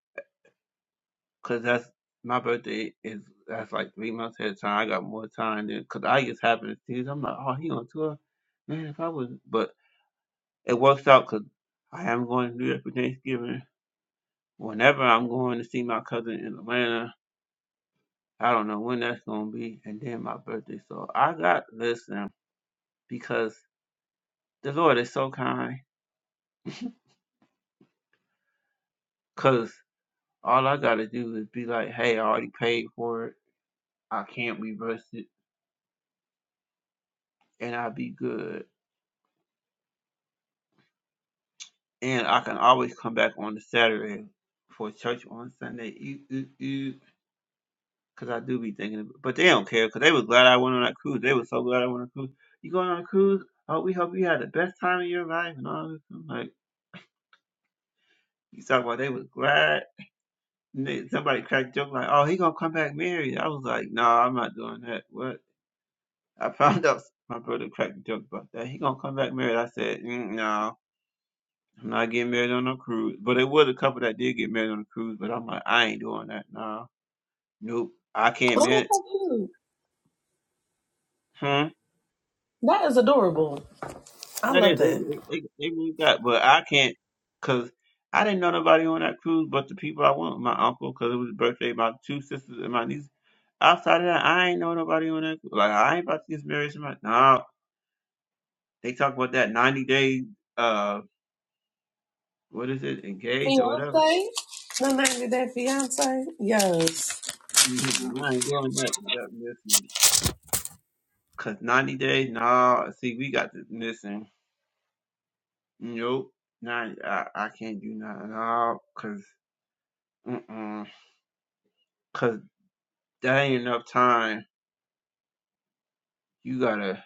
Speaker 1: because that's my birthday is that's like three months ahead of time. I got more time then because I just happen to see this. I'm like, oh, he on tour, man. If I was, but it works out because I am going to do that for Thanksgiving. Whenever I'm going to see my cousin in Atlanta, I don't know when that's going to be, and then my birthday. So I got this now because the Lord is so kind. Cause all I got to do is be like, hey, I already paid for it. I can't reverse it, and I'll be good. And I can always come back on the Saturday for church on Sunday. Ew, ew, ew. Cause I do be thinking, but they don't care. Cause they was glad I went on that cruise. They was so glad I went on a cruise. You going on a cruise? Oh, we hope you had the best time of your life and all this. I'm like you talk about, they was glad. And they- somebody cracked joke like, "Oh, he gonna come back married." I was like, "No, nah, I'm not doing that." What? I found [laughs] out my brother cracked a joke about that. He gonna come back married. I said, mm, "No, I'm not getting married on no cruise." But it was a couple that did get married on a cruise. But I'm like, I ain't doing that. No, nope, I can't
Speaker 3: Oh,
Speaker 1: marry.
Speaker 3: that's so cute.
Speaker 1: Hmm.
Speaker 3: That is adorable. I
Speaker 1: That
Speaker 3: love
Speaker 1: is, they,
Speaker 3: that.
Speaker 1: they, they, they really got, but I can't, cause I didn't know nobody on that cruise but the people I went with, my uncle, cause it was his birthday, my two sisters and my niece. Outside of that, I ain't know nobody on that. cruise. Like, I ain't about to get married to my, no, they talk about that 90 day, uh, what is it, engaged or whatever.
Speaker 3: Fiance? No name of that fiance? Yes.
Speaker 1: Mhm, I ain't doing that, you missing. Cause 90 days, no, see, we got this missing. Nope, nah, I, I can't do nothing, no, cause, mm-mm, cause that ain't enough time you gotta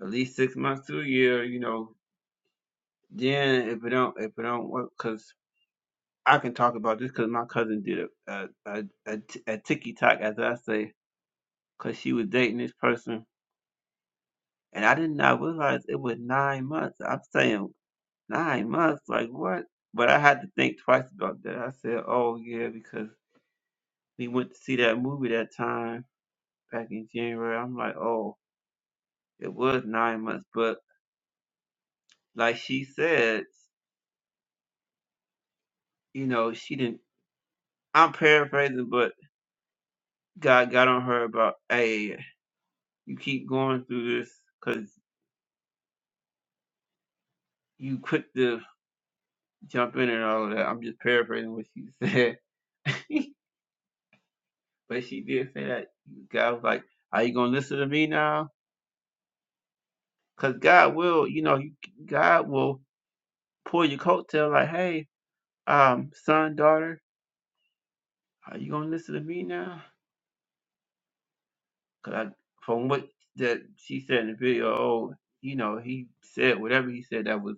Speaker 1: at least six months to a year, you know. Then if it don't if it don't work, cause I can talk about this, cause my cousin did a a a, a ticky tock, as I say, cause she was dating this person, and I did not realize it was nine months. I'm saying nine months, like what? But I had to think twice about that. I said, oh yeah, because we went to see that movie that time back in January. I'm like, oh, it was nine months, but like she said, you know, she didn't. I'm paraphrasing, but God got on her about, hey, you keep going through this because you quick to jump in and all of that. I'm just paraphrasing what she said. [laughs] but she did say that God was like, are you going to listen to me now? Because God will, you know, God will pull your coattail like, hey, um, son, daughter, are you going to listen to me now? Because from what that she said in the video, oh, you know, he said whatever he said that was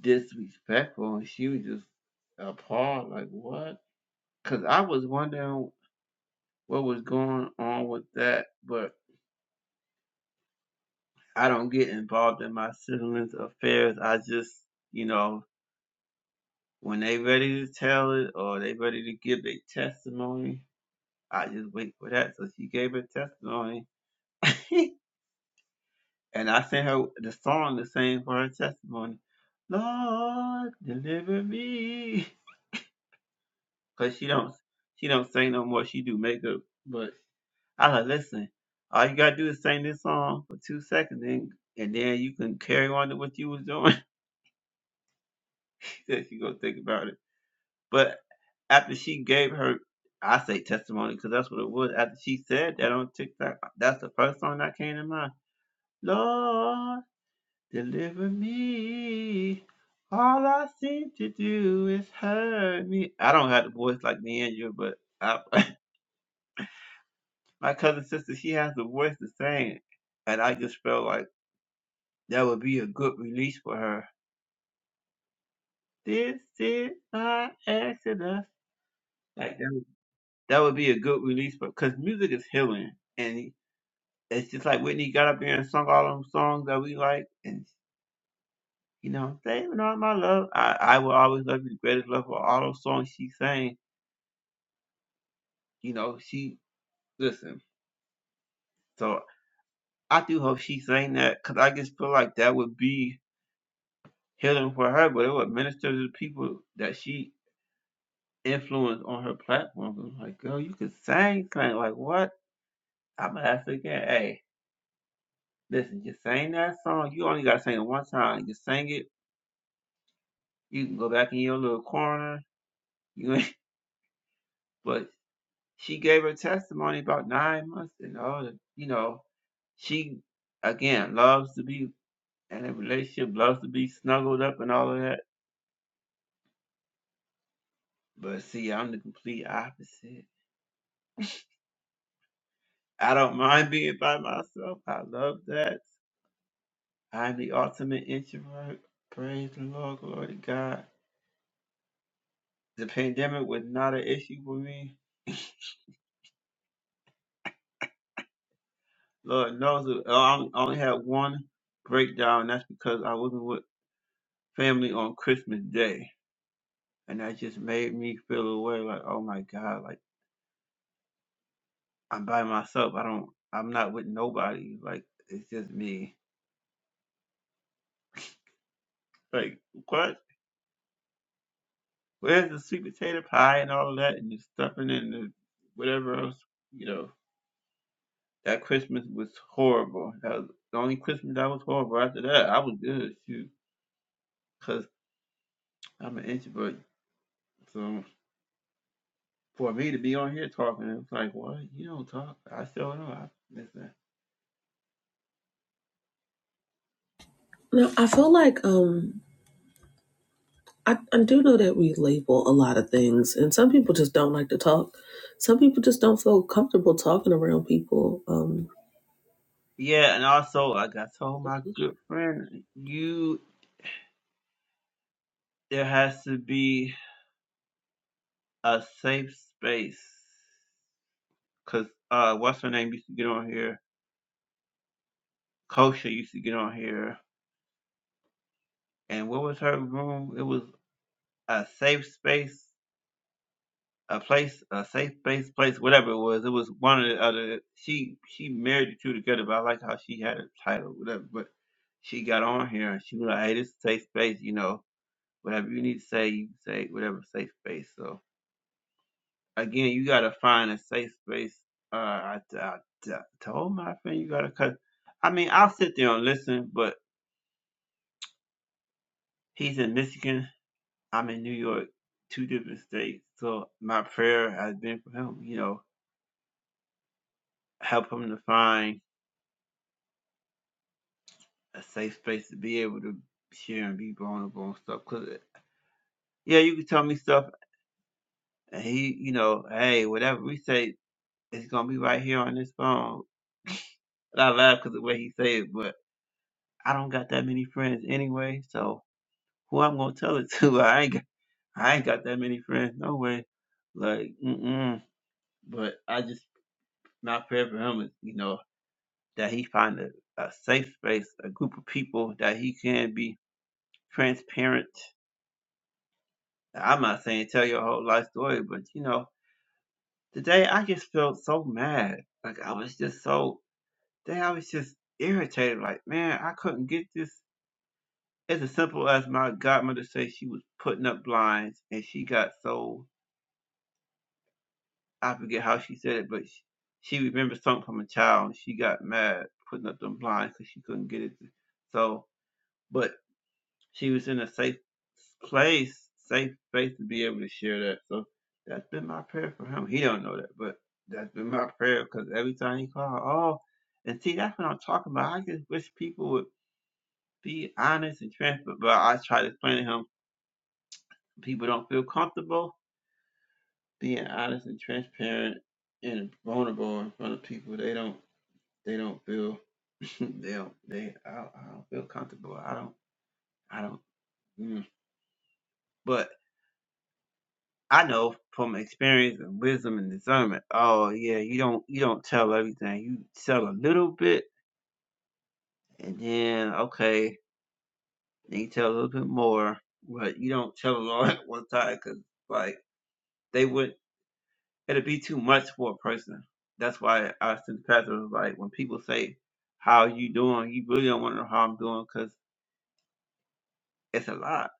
Speaker 1: disrespectful, and she was just appalled, like what? Because I was wondering what was going on with that, but I don't get involved in my siblings' affairs. I just, you know, when they ready to tell it or they ready to give their testimony, I just wait for that. So she gave her testimony, [laughs] and I sent her the song the same for her testimony. Lord, deliver me, cause she don't she don't sing no more. She do makeup, but I like, listen, all you gotta do is sing this song for two seconds, and, and then you can carry on to what you was doing. [laughs] she said she gonna think about it. But after she gave her, I say testimony because that's what it was. After she said that on TikTok, that's the first song that came to mind. Lord, deliver me. All I seem to do is hurt me. I don't have the voice like Neandra, but I, [laughs] my cousin sister, she has the voice to sing. And I just felt like. That would be a good release for her. This is my Exodus. Like that would, that would be a good release for because music is healing, and it's just like Whitney got up there and sung all them songs that we like, and you know, saving all my love. I I will always love you the greatest love for all those songs she sang. You know, she listen. So I do hope she sang that because I just feel like that would be healing for her, but it would minister to the people that she influence on her platform. I'm like, girl, you could sing, sing. Like, what? I'm gonna ask her again. Hey, listen, you sang that song. You only gotta sing it one time. You sang it. You can go back in your little corner. You, ain't [laughs] but she gave her testimony about nine months and all that. You know, she again loves to be in a relationship, loves to be snuggled up and all of that. But see, I'm the complete opposite. I don't mind being by myself. I love that. I'm the ultimate introvert. Praise the Lord, glory to God. The pandemic was not an issue for me. Lord knows it- I only had one breakdown. and That's because I wasn't with family on Christmas Day, and that just made me feel away. Like, oh my God, like I'm by myself. I don't. I'm not with nobody. Like it's just me. Like what? Where's the sweet potato pie and all that and the stuffing and the whatever else? you know? That Christmas was horrible. That was the only Christmas that was horrible. After that, I was good, shoot, because I'm an introvert. So for me to be on here talking, it was like, what? You don't talk. I still know. I listen.
Speaker 3: No, I feel like um I, I do know that we label a lot of things and some people just don't like to talk. Some people just don't feel comfortable talking around people. Um,
Speaker 1: Yeah, and also, like I told my
Speaker 3: definition
Speaker 1: good friend, you there has to be a safe space. Cause uh, what's her name used to get on here. Kosha used to get on here, and what was her room? It was a safe space a place, a safe space place, whatever it was. It was one or the other. She she married the two together, but I liked how she had a title, whatever. But she got on here and she was like, "Hey, this is safe space, you know, whatever you need to say, you can say whatever safe space." So again, you gotta find a safe space. Uh, I, I, I told my friend you gotta cut. I mean, I'll sit there and listen, but he's in Michigan. I'm in New York, two different states. So my prayer has been for him, you know, help him to find a safe space to be able to share and be vulnerable and stuff. Cause yeah, you can tell me stuff, and he, you know, hey, whatever we say, it's gonna be right here on this phone. And I cause the way he say it, but I don't got that many friends anyway, so who I'm gonna tell it to? [laughs] I ain't, got, I ain't got that many friends, no way. Like, mm-mm. But I just my prayer for him is, you know, that he find a, a safe space, a group of people that he can be transparent I'm not saying tell your whole life story, but you know, today I just felt so mad. Like I was just so today I was just irritated. Like man, I couldn't get this. It's as simple as my godmother said she was putting up blinds, and she got so I forget how she said it, but she, she remembered something from a child, and she got mad putting up them blinds because she couldn't get it. So, but she was in a safe place, safe space to be able to share that. So that's been my prayer for him. He don't know that, but that's been my prayer because every time he called, oh, and see, that's what I'm talking about. I just wish people would be honest and transparent. But I try to explain to him, people don't feel comfortable being honest and transparent and vulnerable in front of people. They don't. They don't feel. [laughs] they don't. They. I, don't- I don't feel comfortable. I don't. I don't. Mm. But I know from experience and wisdom and discernment. Oh yeah, you don't you don't tell everything. You tell a little bit, and then okay, then you tell a little bit more, but you don't tell a lot [laughs] at one time because like they would it'd be too much for a person. That's why I sent the pastor was like when people say how you doing, you really don't want to know how I'm doing because it's a lot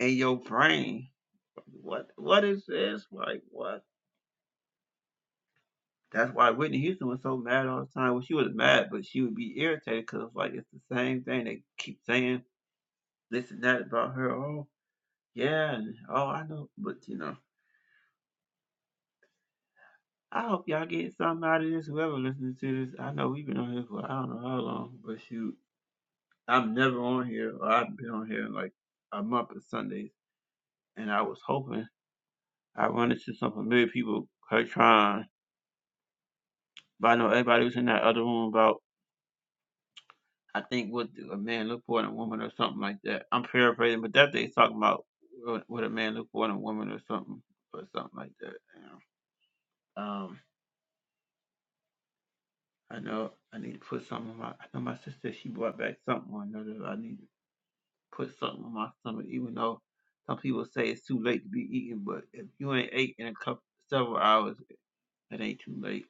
Speaker 1: in your brain. Like, What what is this like? What? That's why Whitney Houston was so mad all the time. Well, she was mad, but she would be irritated because like it's the same thing. They keep saying this and that about her. Oh yeah, and oh I know, but you know, I hope y'all get something out of this. Whoever listening to this, I know we've been on here for I don't know how long, but shoot, I'm never on here. Or I've been on here in like a month of Sundays, and I was hoping I run into some familiar people. Her trying, but I know everybody was in that other room about. I think what do a man look for in a woman or something like that. I'm paraphrasing, but that they's talking about what what a man look for in a woman or something or something like that. you know. Um, I know I need to put something on my. I know my sister she brought back something. I know that I need to put something on my stomach, even though some people say it's too late to be eating. But if you ain't ate in a couple several hours, it ain't too late.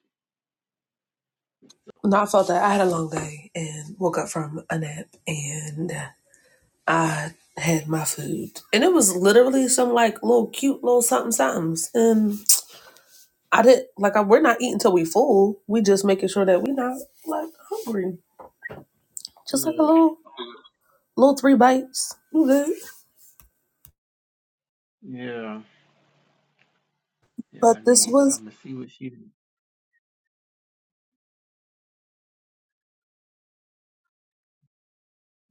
Speaker 3: No, I felt that I had a long day and woke up from a nap and I had my food. And it was literally some like little cute little something somethings. And I did not like I, we're not eating till we full. We just making sure that we not like hungry. Just like a
Speaker 1: Right.
Speaker 3: little Little three bites. I'm good.
Speaker 1: Yeah. Yeah.
Speaker 3: But
Speaker 1: I
Speaker 3: this
Speaker 1: need.
Speaker 3: was
Speaker 1: I'm gonna see what she.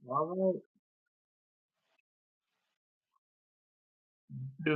Speaker 1: All right. Yeah.